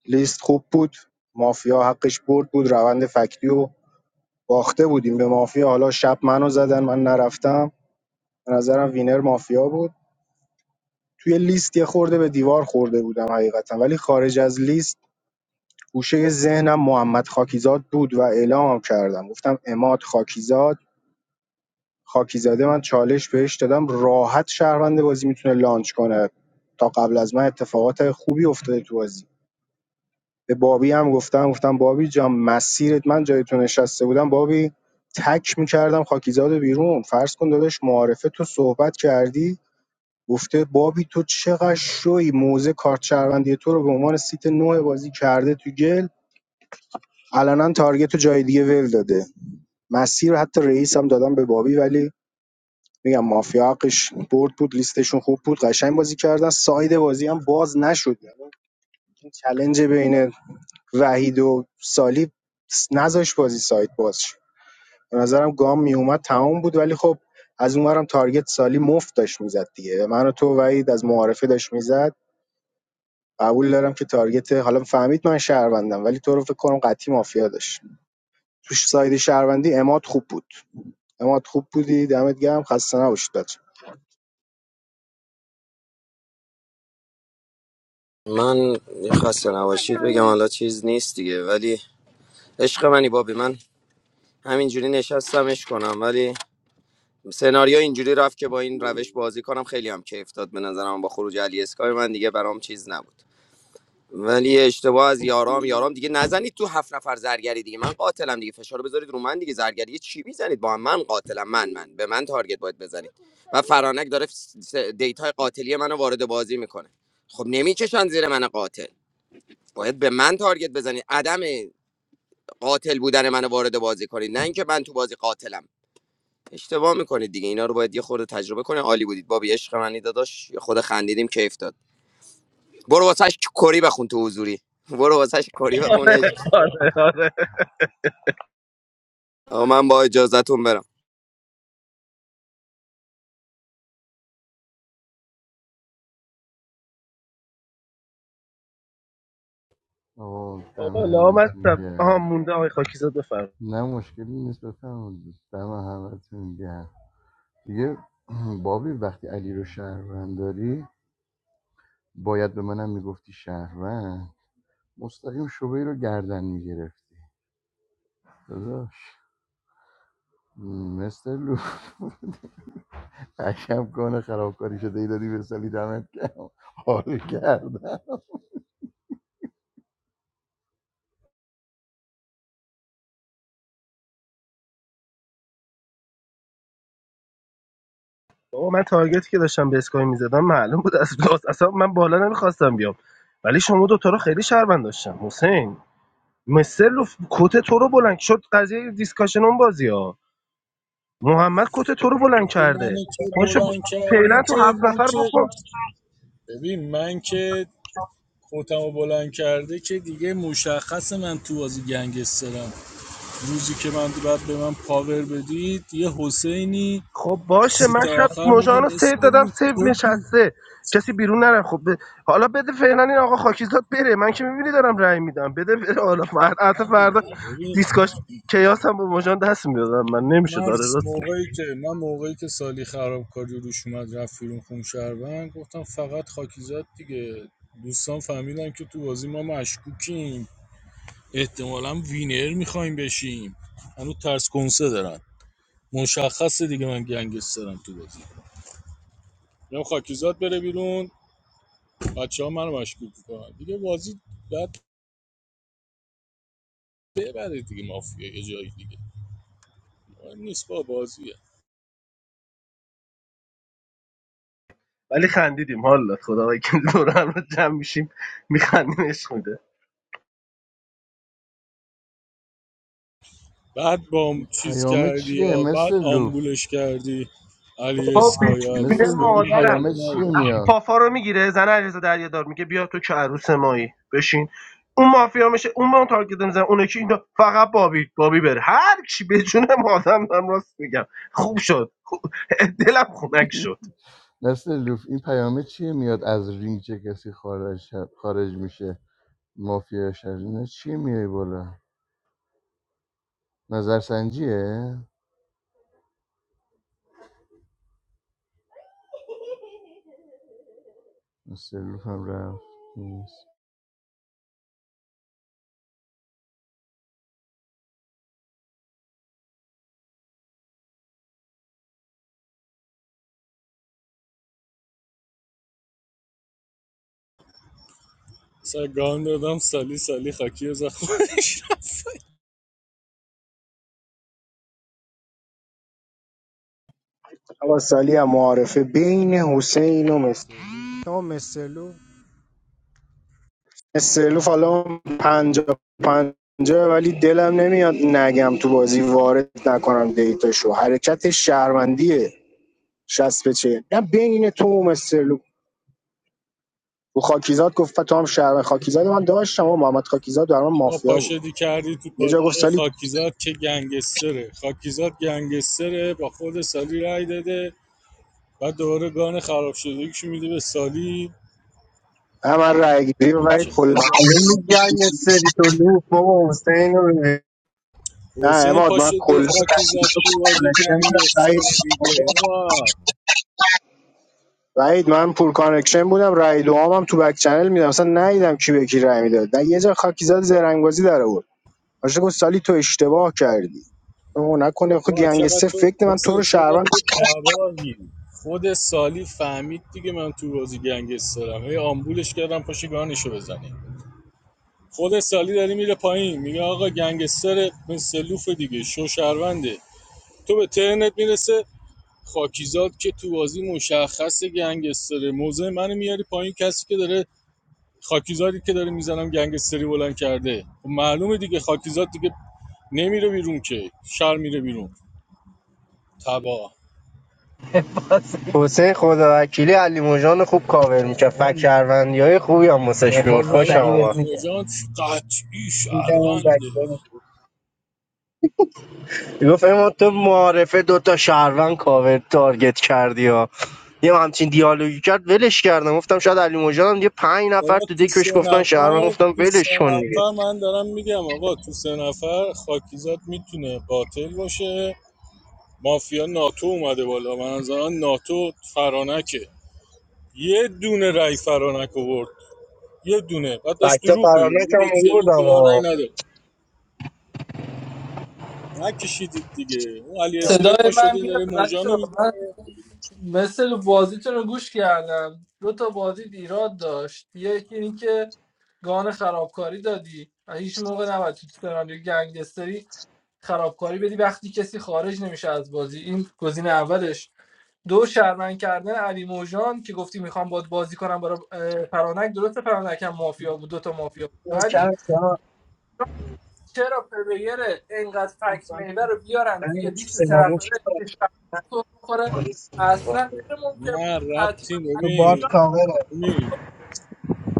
M: لیست خوب بود مافیا حقش برد بود روند فکتی و باخته بودیم به مافیا حالا شب منو زدن من نرفتم به نظرم وینر مافیا بود توی لیست یه خورده به دیوار خورده بودم حقیقتا ولی خارج از لیست گوشه ذهنم محمد خاکیزاد بود و اعلامم کردم گفتم اماد خاکیزاد خاکیزاده من چالش بهش دادم راحت شهروند بازی میتونه لانچ کنه تا قبل از من اتفاقات خوبی افتاده تو بازی به بابی هم گفتم گفتم بابی جان مسیرت من جای تو نشسته بودم بابی تک میکردم خاکیزاد رو بیرون فرض کن داداش معارفه تو صحبت کردی گفته بابی تو چقدر شوی موزه کارت شهروندی تو رو به عنوان سیت نوع بازی کرده تو گل علنا تارگت رو جای دیگه ول داده مسیر رو حتی رئیس هم دادم به بابی ولی میگم مافیا حقش برد بود لیستشون خوب بود قشنگ بازی کردن ساید بازی هم باز نشد یعنی این چلنج بین وحید و سالی نذاش بازی سایت باز شه. به نظرم گام میومد تمام بود ولی خب از اونورم تارگت سالی مفت داشت میزد دیگه من و تو وحید از معارفه داشت میزد قبول دارم که تارگت حالا فهمید من شهروندم ولی تو رو فکر کنم قطعی مافیا داشت توش ساید شهروندی اماد خوب بود اماد خوب بودی دمت گرم خسته نباشید بچه‌ها
G: من خسته نباشید بگم حالا چیز نیست دیگه ولی عشق منی بابی من همینجوری نشستمش کنم ولی سناریو اینجوری رفت که با این روش بازی کنم خیلی هم کیف داد به نظرم با خروج علی اسکای من دیگه برام چیز نبود ولی اشتباه از یارام یارام دیگه نزنید تو هفت نفر زرگری دیگه من قاتلم دیگه فشار رو بذارید رو من دیگه زرگری چی میزنید با هم من قاتلم من من به من تارگت باید بزنید و فرانک داره دیت قاتلی منو وارد بازی میکنه خب نمیکشن زیر من قاتل باید به من تارگت بزنید عدم قاتل بودن منو وارد بازی کنید نه اینکه من تو بازی قاتلم اشتباه میکنید دیگه اینا رو باید یه خورده تجربه کنه عالی بودید بابی عشق منی داداش یه خود خندیدیم کیف داد برو واسش کری بخون تو حضوری برم
K: آره آره
L: آه
K: بابا
L: دم همتون
K: لامصب آها
L: گرم
K: مونده آقای خاکیزاد بفرم
L: نه مشکلی نیست بفرمایید دم همتون گرم دیگه <clears throat> بابی وقتی علی رو شهروند داری باید به منم میگفتی شهروند مستقیم شبهی رو گردن میگرفتی داداش مستر لو <laughs> قشم کنه خرابکاری شده ای دادی به سالی دمت گرم. حال کرد
K: بابا من تارگتی که داشتم به اسکای میزدم معلوم بود از لاس اصلا من بالا نمیخواستم بیام ولی شما دوتا رو خیلی شرمند داشتم حسین مستر لوف کت تو رو بلند شد قضیه دیسکاشن اون بازی ها محمد کت تو رو بلند
F: تو منو
K: کرده
F: چه
K: پاشو ب-
F: بلند کرده
K: فعلا تو
F: که
K: هفت
F: ما
K: نفر
F: که
K: بکن
F: ببین من که کتمو بلند کرده که دیگه مشخص من تو بازی گنگسترم روزی که من بعد به من پاور بدید یه حسینی
K: خب باشه
F: سیت
K: من شب
F: آخر میگه
K: مژان رو
F: مثل
K: سیو دادم سیو
F: تو تو
K: نشسته کسی بیرون نره خب ب- حالا بده فعلا این آقا خاکیزاد بره من که میبینی دارم رأی میدم بده بره حالا فردا حتی
F: نه
K: فردا دیسکاش
F: ببین
K: کیاس هم با مژان دست میدادم من نمیشه داره
F: مارس
K: راست میگه
F: موقعی که من موقعی که سالی خرابکاری روش اومد رفت بیرون خون شهروند گفتم فقط خاکیزاد دیگه دوستان فهمیدن که تو بازی ما مشکوکیم احتمالا وینر میخوایم بشیم هنوز ترس کنسه دارن مشخصه دیگه من گنگسترم تو بازی میگم خاکیزاد بره بیرون بچه ها منو مشکوک میکنن دیگه بازی بعد ببره دیگه مافیا یه جایی دیگه مهم نیست با بازی
K: ولی خندیدیم حالا خدا که دور هم رو جمع میشیم میخندیم عشق میده
F: بعد با چیز
L: پیامه
F: کردی
L: چیه
F: یا بعد
L: مثل لوف
F: آمبولش کردی علی
K: بابا
F: اسکا یا علی
K: بیچونه
L: مثل
F: اسکا
L: لوف این
F: من تا
K: مادرم
F: حالا
L: پیامه چیه
F: ندیدم.
L: میاد
K: پافا رو میگیره زن علیرضا دریادار میگه بیا تو که عروس مایی بشین اون مافیا میشه اون به اون تارگت میزنه اون یکی اینو فقط بابی بابی بره هر کی به جون آدم دارم راست میگم خوب شد خوب- دلم خنک شد
L: مثل لوف این پیامه چیه میاد از رینگ چه کسی خارج خارج میشه مافیا شد نه چیه میای بالا نظرسنجیه مثل لوف هم رفت نیست.
F: مثلا گان دادم سالی سالی خاکی از خودش رفت
M: آقا سالی هم معارفه بین حسین و مس... مستلو استرلوف حالا پنجا پنجا ولی دلم نمیاد نگم تو بازی وارد نکنم دیتاشو حرکت شهروندیه شست به چه نه بین تو و استرلوف و خاکیزاد گفت تو هم شهر خاکیزاد من داشتم و محمد خاکیزاد در من
F: شما
M: مافیا بود
F: پاشدی کردی تو
M: یه جا گفت
F: پاچه
M: سالی
F: خاکیزاد که گنگستره خاکیزاد گنگستره با خود سالی رای داده بعد دوباره گان خراب شده میده به سالی
M: نه من رای گیری و وحید
F: چه
M: کلا
F: خود
P: معلوم بود جنگ سری تو لوف بابا حسین رو ببین.
M: نه
F: حسین
M: اماد من
F: پاشد دو
M: کلا
F: خاکیزاد تو بازی
M: کانکشن
F: گنگستره دیگه آه.
M: من پور کانکشن بودم رای دوام تو بک چنل میدم اصلا ندیدم کی به کی رای میداد یه جا خاکیزاد زرنگازی در آورد آجا گفت سالی تو اشتباه کردی او نکنه خود
F: وا چقدر
M: گنگستر
F: تو
M: فکر من تو
F: حسین
M: رو
F: چقدر
M: شهروند
F: تو تباهی خود سالی فهمید دیگه من تو بازی گنگسترم هی آمبولش کردم پاشو گانشو بزنی خود سالی داری میره پایین میگه آقا گنگستر مثلوف دیگه شو شهرونده تو به ترنت میرسه خاکیزاد که تو بازی مشخص گنگستره موضع منو میاری پایین کسی که داره خاکیزادی که داره میزنم گنگستری بلند کرده خب معلومه دیگه خاکیزاد دیگه نمیره بیرون که شر میره بیرون تباه
P: حسین خدا وکیلی علی موجان خوب کاور میکرد فک شهروندی های خوبی هم واسه یه شد خوش
F: آره
P: آمد
F: علی مجان قطعی شهرونده
P: گفت اما تو معارفه دوتا شهروند کاور تارگت کردی ها یه همچین دیالوگی کرد ولش کردم گفتم شاید علی موجان. هم یه پنج نفر
F: بابا
P: تو
F: تو سه
P: دکش گفتن شهروند
F: نفر
P: گفتم
F: تو سه
P: ولش کن دیگه
F: نفر من دارم میگم آقا تو سه نفر خاکیزاد میتونه قاتل باشه مافیا ناتو اومده بالا به نظرم ناتو فرانکه یه دونه رای فرانک آورد یه دونه بعد داشت
P: فکتا
F: دروغ میگه
P: پرانک
F: میگه با
P: هم
F: چلی تو
P: بردم
F: من
P: ها
F: رای نداره نکشیدید دیگه اون علی اسکای
E: صدای
F: پا
E: من
F: شده داره
E: میاد بچه
F: موجانو
E: من
F: میزنه
E: مثل بازیتون رو گوش کردم دو تا بازی ایراد داشت یکی این که گان خرابکاری دادی و هیچ موقع نباید تو سناریو گنگستری خرابکاری بدی وقتی کسی خارج نمیشه از بازی این گزینه اولش دو شرمن کردن علی موجان که گفتی میخوام باد بازی کنم برای اه، فرانک درسته فرانک هم مافیا بود دو تا مافیا بود. ولی چرا پلیر اینقدر فکت محور رو بیارن توی لیست سه نفره که شب سر بخوره اصلا غیر ممکن
F: نه
E: بود حتما
F: ربطی
E: موجان
F: ببین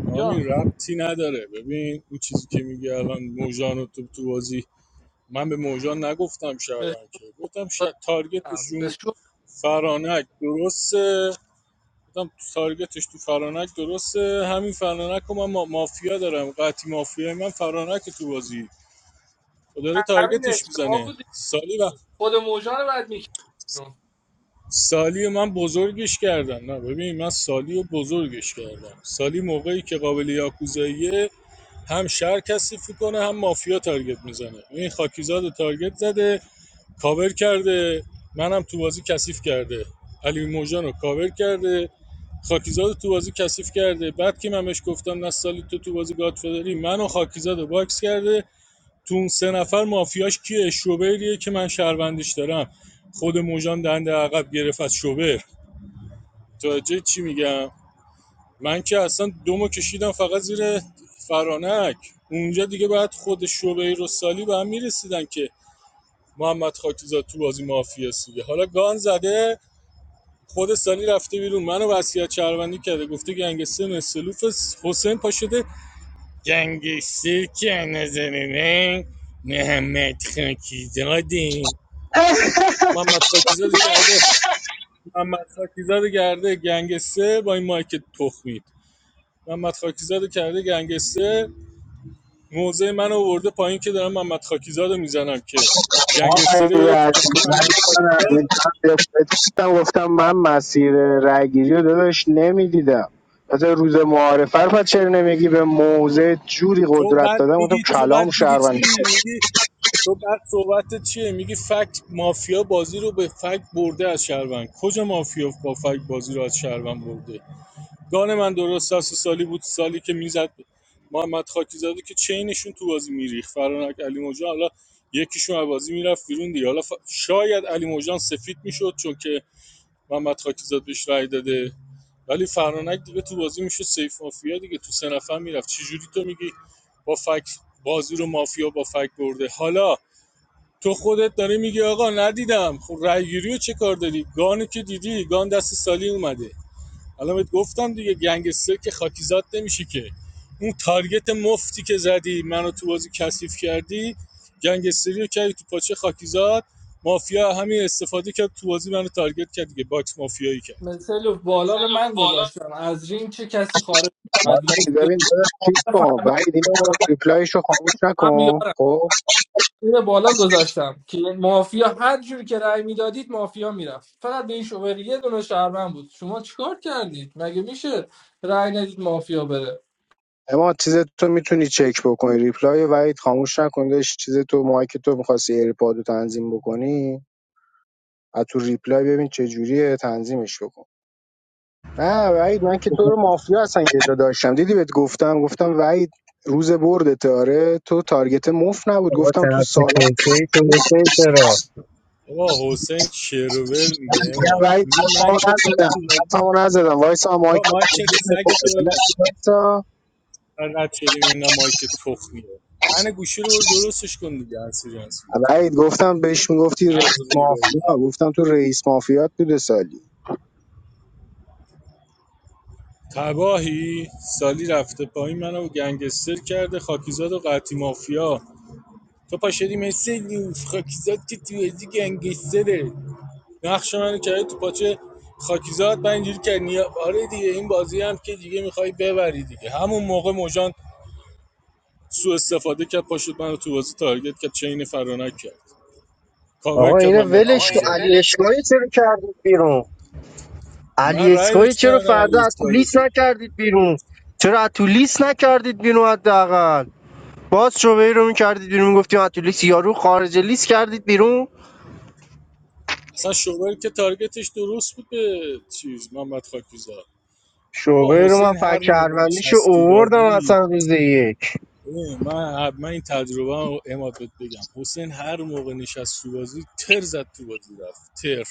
F: آمین
E: جان
F: ربطی نداره ببین اون چیزی که میگه الان موجان تو تو بازی من به موجان نگفتم
E: به
F: شهروند که گفتم ش... تارگتش
E: شوزم. به
F: رو
E: شوزم.
F: فرانک درسته گفتم تارگتش تو فرانک درسته همین فرانک رو من ما... مافیا دارم قطعی مافیا من فرانک تو بازی و داره
E: همین
F: تارگتش
E: اشتباه
F: میزنه
E: بود
F: سالی و
E: خود موجان رو باید میکرد
F: سالی من بزرگش کردم نه ببین من سالی رو بزرگش کردم سالی موقعی که قابل یاکوزاییه هم شهر کثیف کنه هم مافیا تارگت میزنه این خاکیزاد رو تارگت زده کاور کرده منم تو بازی کثیف کرده علی موجان رو کاور کرده خاکیزاد تو بازی کثیف کرده بعد که من بهش گفتم نستالی تو تو بازی گادفادری منو خاکیزاد رو باکس کرده تو اون سه نفر مافیاش کیه شوبریه که من شهروندش دارم خود موجان دنده عقب گرفت از شوبر متوجه چی میگم من که اصلا دومو کشیدم فقط زیر فرانک اونجا دیگه بعد خود شعبه و سالی به هم میرسیدن که محمد خاکیزاد تو بازی مافیا سیگه حالا گان زده خود سالی رفته بیرون منو وصیت شهروندی کرده گفته گنگستر مثلوف حسین پا شده گنگستر که نظرینه محمد خاکیزاده محمد خاکیزاد کرده محمد خاکیزاد کرده گنگستر با این مایک تخمید محمد خاکیزاد کرده گنگستر موضع من آورده پایین که دارم محمد خاکیزاد رو میزنم که گنگستری
M: آقای
F: بره تو
M: عزیز،
F: پاکی
M: ولی
F: محمد
M: من
F: خاکیزاد
M: گفتم گفتم من مسیر رأیگیری رو داداش نمیدیدم حتی روز معارفه رو پس چرا نمیگی به موضع جوری
F: تو
M: قدرت
F: بعد
M: دادم گفتم
F: میگی تو
M: کلام
F: بعد میگی
M: شهروند
F: چی میگی تو بعد صحبت چیه میگی فکت مافیا بازی رو به فکت برده از شهروند کجا مافیا با فکت بازی رو از شهروند برده گان من درست است سالی بود سالی که میزد محمد خاکیزاده که چینشون تو بازی میریخ فرانک علی موجان حالا یکیشون از بازی میرفت بیرون دیگه حالا ف- شاید علی موجان سفید میشد چون که محمد خاکیزاد بهش رای داده ولی فرانک دیگه تو بازی میشه سیف مافیا دیگه تو سه نفر میرفت چجوری تو میگی با فک بازی رو مافیا با فک برده حالا تو خودت داری میگی آقا ندیدم خب رای گیری رو چه کار داری گان که دیدی گان دست سالی اومده الان بهت گفتم دیگه گنگستر که خاکیزاد نمیشه که اون تارگت مفتی که زدی منو تو بازی کثیف کردی گنگستری رو کردی تو پاچه خاکیزاد مافیا همین استفاده کرد تو بازی منو تارگت کرد دیگه باکس مافیایی کرد
E: مثل بالا رو من گذاشتم از رینگ چه کسی خارج شد مافیا
M: ببین
E: دو
M: داداش چیز کن
E: همین
M: ولی دیگه ریپلایش رو خاموش
E: با هم یارن.
M: نکن خب
E: این بالا گذاشتم که مافیا هر جوری که رأی میدادید مافیا میرفت فقط به این شوبر یه دونه شهروند بود شما چیکار کردید مگه میشه رأی ندید مافیا بره
M: اما چیز تو میتونی چک بکنی ریپلای وحید خاموش نکن داداش چیز تو ماهی که تو میخواستی ایرپاد رو تنظیم بکنی از تو ریپلای ببین چه جوریه تنظیمش بکن نه وحید من که تو رو مافیا هستن که جا داشتم دیدی بهت گفتم گفتم وحید روز برد تاره تو تارگت مف نبود
P: بابا
M: گفتم تو
P: طرف
M: سال دیگه
P: کنسه ای تو حسین چرا
F: آقا حسین شرور میگه اماد
M: وحید
F: میگه من
M: تمام
F: که تو رو
M: نزدم
F: تو بازی
M: تمام نزدم وایسا هم مایک
F: آقا مایکت سگ تو ببن
M: وایسا.
F: من رد شدیم اینقدر مایک تخ میره من گوشی رو برو درستش کن دیگه انسی جنسی بیته
M: وحید گفتم بهش میگفتی رئیس
F: مغزمونو گاییدی
M: مافیا گفتم تو رئیس مافیات بوده سالی
F: تباهی سالی رفته پایین منو گنگستر کرده خاکیزاد و قطی مافیا تو پاشدی مثل لوف خاکیزاد که تو بازی گنگستره نقش منو کرده تو پاچه خاکیزاد من اینجوری که نیا- آره دیگه این بازی هم که دیگه میخوای ببری دیگه همون موقع سوء استفاده کرد پاشد منو تو بازی تارگت کرد چین فرانک کرد کاور
P: آقا
F: کرد
P: اینو
F: محمد خاکی. آقا
P: ولش کن
F: اینو
P: علی
F: ولش کن
P: اسکایی چرا کردید بیرون
F: من
P: علی
F: رأی
P: اسکایی
F: بهش
P: چرا
F: ندادم علی
P: فردا از تو
F: اسکایو
P: لیست
F: که
P: نکردید بیرون چرا از تو لیست نکردید بیرون حداقل باز شعبه رو میکردید بیرون میگفتیم از تو لیست یارو خارج لیست کردید بیرون
F: اصلا شغل که تارگتش درست بود به چیز محمد خاکیزاد با
P: شعبه رو من
F: حسین
P: فکر
F: هر موقع
P: شهروندیشو
F: نشست تو
P: اووردم
F: بازی
P: اصلا روز یک
F: من من این تجربه رو اماد بهت بگم حسین هر موقع نشست تو بازی تر زد تو بازی رفت تر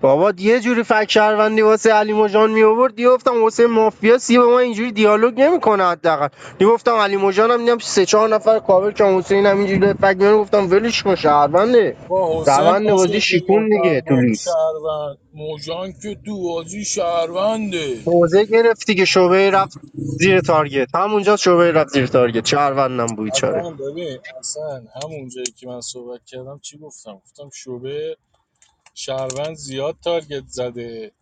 P: بابا یه جوری فک شهروندی واسه علی مژان می آورد گفتم واسه مافیا سی با ما اینجوری دیالوگ نمیکنه حداقل گفتم علی مژان هم دیدم سه چهار نفر کاور که حسین هم اینجوری داره فک میاره گفتم ولش کن شهرونده
F: با حسین
P: روند بازی
F: پاشد به
P: شیکون دیگه
F: موجان
P: تو
F: گفت
P: لیست
F: شهروند موجان که تو بازی شهرونده
P: موزه گرفتی که شعبه رفت زیر تارگت همونجا شعبه رفت زیر تارگت شهروندم بود چاره
F: اصلا ببین اصلا همون جایی که من صحبت کردم چی گفتم گفتم شعبه شهروند زیاد تارگت زده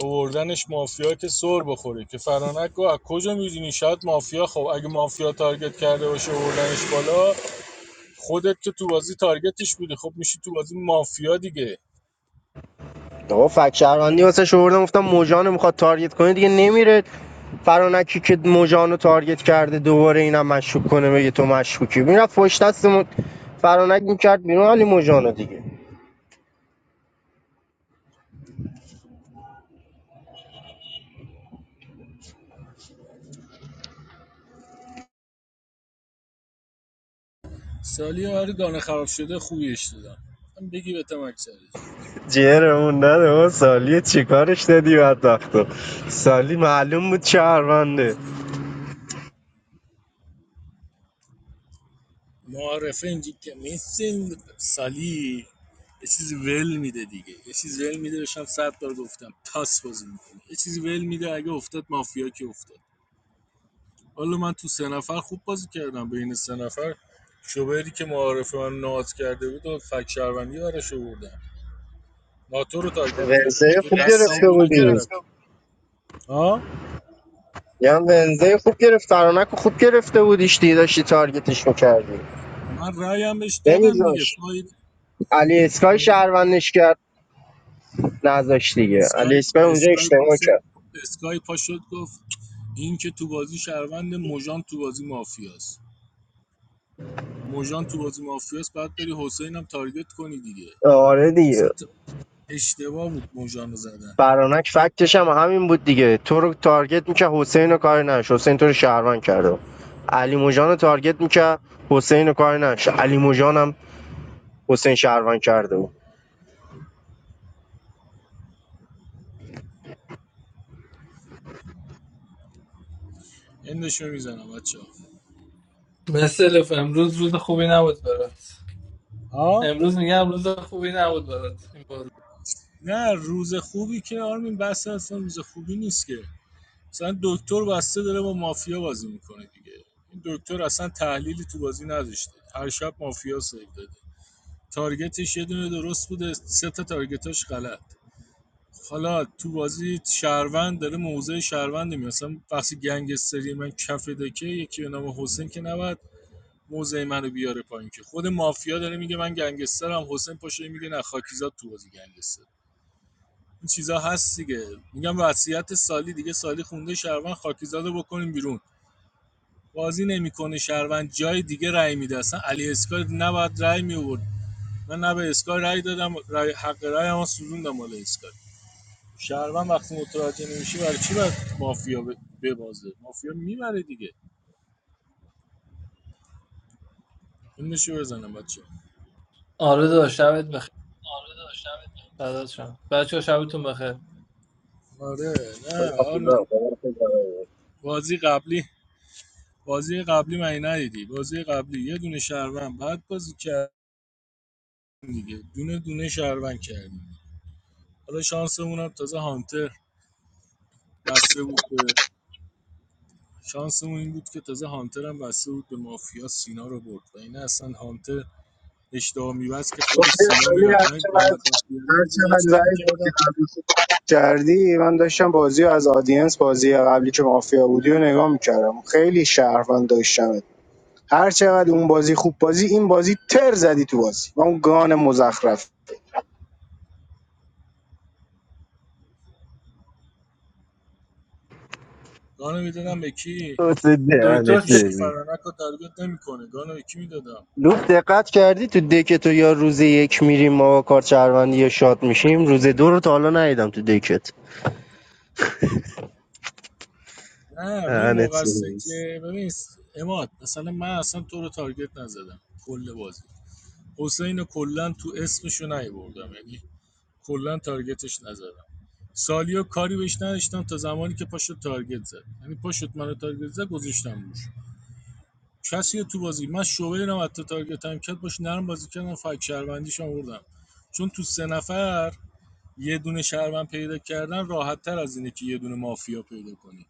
F: اوردنش مافیا که سر بخوره که فرانک گفت از کجا میدونی شاید مافیا خب اگه مافیا تارگت کرده باشه اوردنش بالا خودت که تو بازی تارگتش بودی خب میشی تو بازی مافیا دیگه
P: آقا فک شهروندی واسه شوردم گفتم موجانو میخواد تارگت کنه دیگه نمیره فرانکی که موجانو رو تارگت کرده دوباره اینم مشکوک کنه بگه تو مشکوکی میرفت پشت دستمون فرانک میکرد بیرون علی موجان رو دیگه
F: سالی برای دانه خراب شده خویش دادم من بگی به تمک سرت.
P: جیرمون نده ما سالی چیکارش دادی بدبخت رو. سالی معلوم بود شهرونده
F: معارفه اینجا که میسین سالی یه چیزی ول میده دیگه یه چیزی ول میده بشم صد بار گفتم تاس بازی میکنه یه چیزی ول میده اگه افتاد مافیا که افتاد حالا من تو سه نفر خوب بازی کردم بین سه نفر شوبری که معارفه من نات کرده بود و فک شهروندی براش آوردم ناتو رو تارگت کردم
P: ونزه
F: دیگه
P: خوب
F: دستم
P: گرفته
F: بو
P: بودی
F: نکردم ها
P: یه هم ونزه خوب گرفت فرانک رو خوب گرفته بودیش دیگه داشتی تارگتش میکردی
F: من رایم بهش دادم دیگه
P: نمیذاش
F: فاید
P: علی اسکای
F: فایده
P: شهروندش کرد نذاش دیگه علی
F: اسکای
P: اسپر اونجا
F: اسکای
P: اشتباه
F: پاس
P: کرد
F: اسکای پا شد گفت این که تو بازی شهروند مژان تو بازی مافیاست مژان تو بازی مافیاست بعد بری حسین هم تارگت کنی دیگه
P: آره
F: اصلا
P: دیگه
F: اشتباه بود مژان رو زدن
P: فرانک فکتش هم همین بود دیگه تو رو تارگت میکرد حسین رو کاری نش حسین تو رو شهروند کرده علی موجان رو تارگت میکرد حسین رو کاری نش علی موجان هم حسین شهروند کرده بود
F: اندشو میزنم بچه
E: مثل الف امروز روز خوبی نبود برات
F: ها
E: امروز میگم روز خوبی نبود برات این بازی
F: نه روز خوبی که آرمین بسته اصلا روز خوبی نیست که مثلا دکتر بسته داره با مافیا بازی میکنه دیگه این دکتر اصلا تحلیلی تو بازی نداشته هر شب مافیا سیو داده تارگتش یه دونه درست بوده سه تا تارگتاش غلط حالا تو بازی شهروند داره موضع شهروند میاد مثلا وقتی گنگستری من کف دکه یکی به نام حسین که نباید موضع منو بیاره پایین که خود مافیا داره میگه من گنگسترم حسین پاشه میگه نه خاکیزاد تو بازی گنگستر این چیزا هست دیگه میگم وصیت سالی دیگه سالی خونده شهروند خاکیزاد رو بکنیم بیرون بازی نمیکنه شهروند جای دیگه رای میده اصلا علی اسکار نباید رای میورد من نه به اسکای رای دادم رای حق رای هم سوزوندم مال اسکای شهروند وقتی متوجه نمیشه برای چی باید مافیا ب- ببازه مافیا میبره دیگه این نشو بزنم بچه
E: آره داشت شبت بخیر
F: آره داشتم
E: فدات شم بچه‌ها شبتون بخیر
F: آره نه آره بازی قبلی بازی قبلی من ندیدی بازی قبلی یه دونه شهروند بعد بازی کردیم دیگه دونه دونه شهروند کردیم حالا شانسمون هم تازه هانتر بسته بود به شانسمون این بود که تازه هانتر هم بسته بود به مافیا سینا رو برد و این اصلا هانتر اشتها میبست که خود
M: گفتی
F: سینا
M: سالی
F: میرفت من
M: هرچقدر
F: محمد بختیاری یه جور
M: هرچقدر
F: چیز میکردم
M: وحید کردی من داشتم بازی رو از آدینس بازی قبلی که مافیا بودی و نگاه میکردم خیلی شهروند داشتمت هر چقدر اون بازی خوب بازی این بازی تر زدی تو بازی و اون گان مزخرف
F: گانو میدادم به کی
P: حسین دهنه
E: دکتر
F: هیچکی
P: سرویس.
F: فرانک رو تارگت نمیکنه گانو به کی میدادم
P: لوف دقت کردی تو دک تو یا روز یک میریم ما با کارت شهروندی یا شاد میشیم روز دو رو تا حالا ندیدم تو دکت
F: نه این
P: دهنت
F: موقع است
P: سرویس.
F: که ببین اماد مثلا من اصلا تو رو تارگت نزدم کل بازی حسین رو کلا تو اسمشو نیاوردم یعنی کلا تارگتش نزدم سالیو کاری بهش نداشتم تا زمانی که پاشو تارگت زد یعنی پاشوت منو تارگت زد گذاشتم روش کسیه تو بازی من شعبه دیدم حتی تارگت هم کرد باش نرم بازی کردم فک شهروندیش آوردم چون تو سه نفر یه دونه شهروند پیدا کردن راحت تر از اینه که یه دونه مافیا پیدا کنی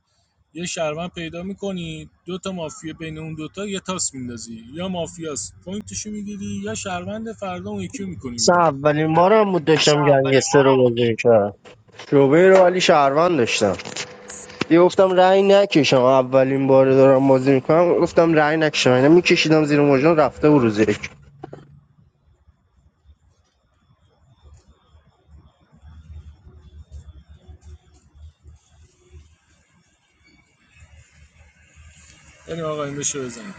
F: یه شهروند پیدا میکنی دو تا مافیا بین اون دوتا یه تاس میندازی یا مافیاست پوینتشو میگیری یا شهروند فردا اون یکی میکنی
P: سه
F: بیرون
P: اولین بارم بود
F: سه
P: داشتم
F: اولین
P: گنگستر
F: بارم
P: رو
F: بود.
P: بازی میکردم شعبه رو ولی شهروند داشتم یه گفتم رأی نکشم اولین بار دارم بازی میکنم گفتم رأی نکشم اینا میکشیدم زیر مجرم رفته و روزی
F: بریم آقا این بشه بزنیم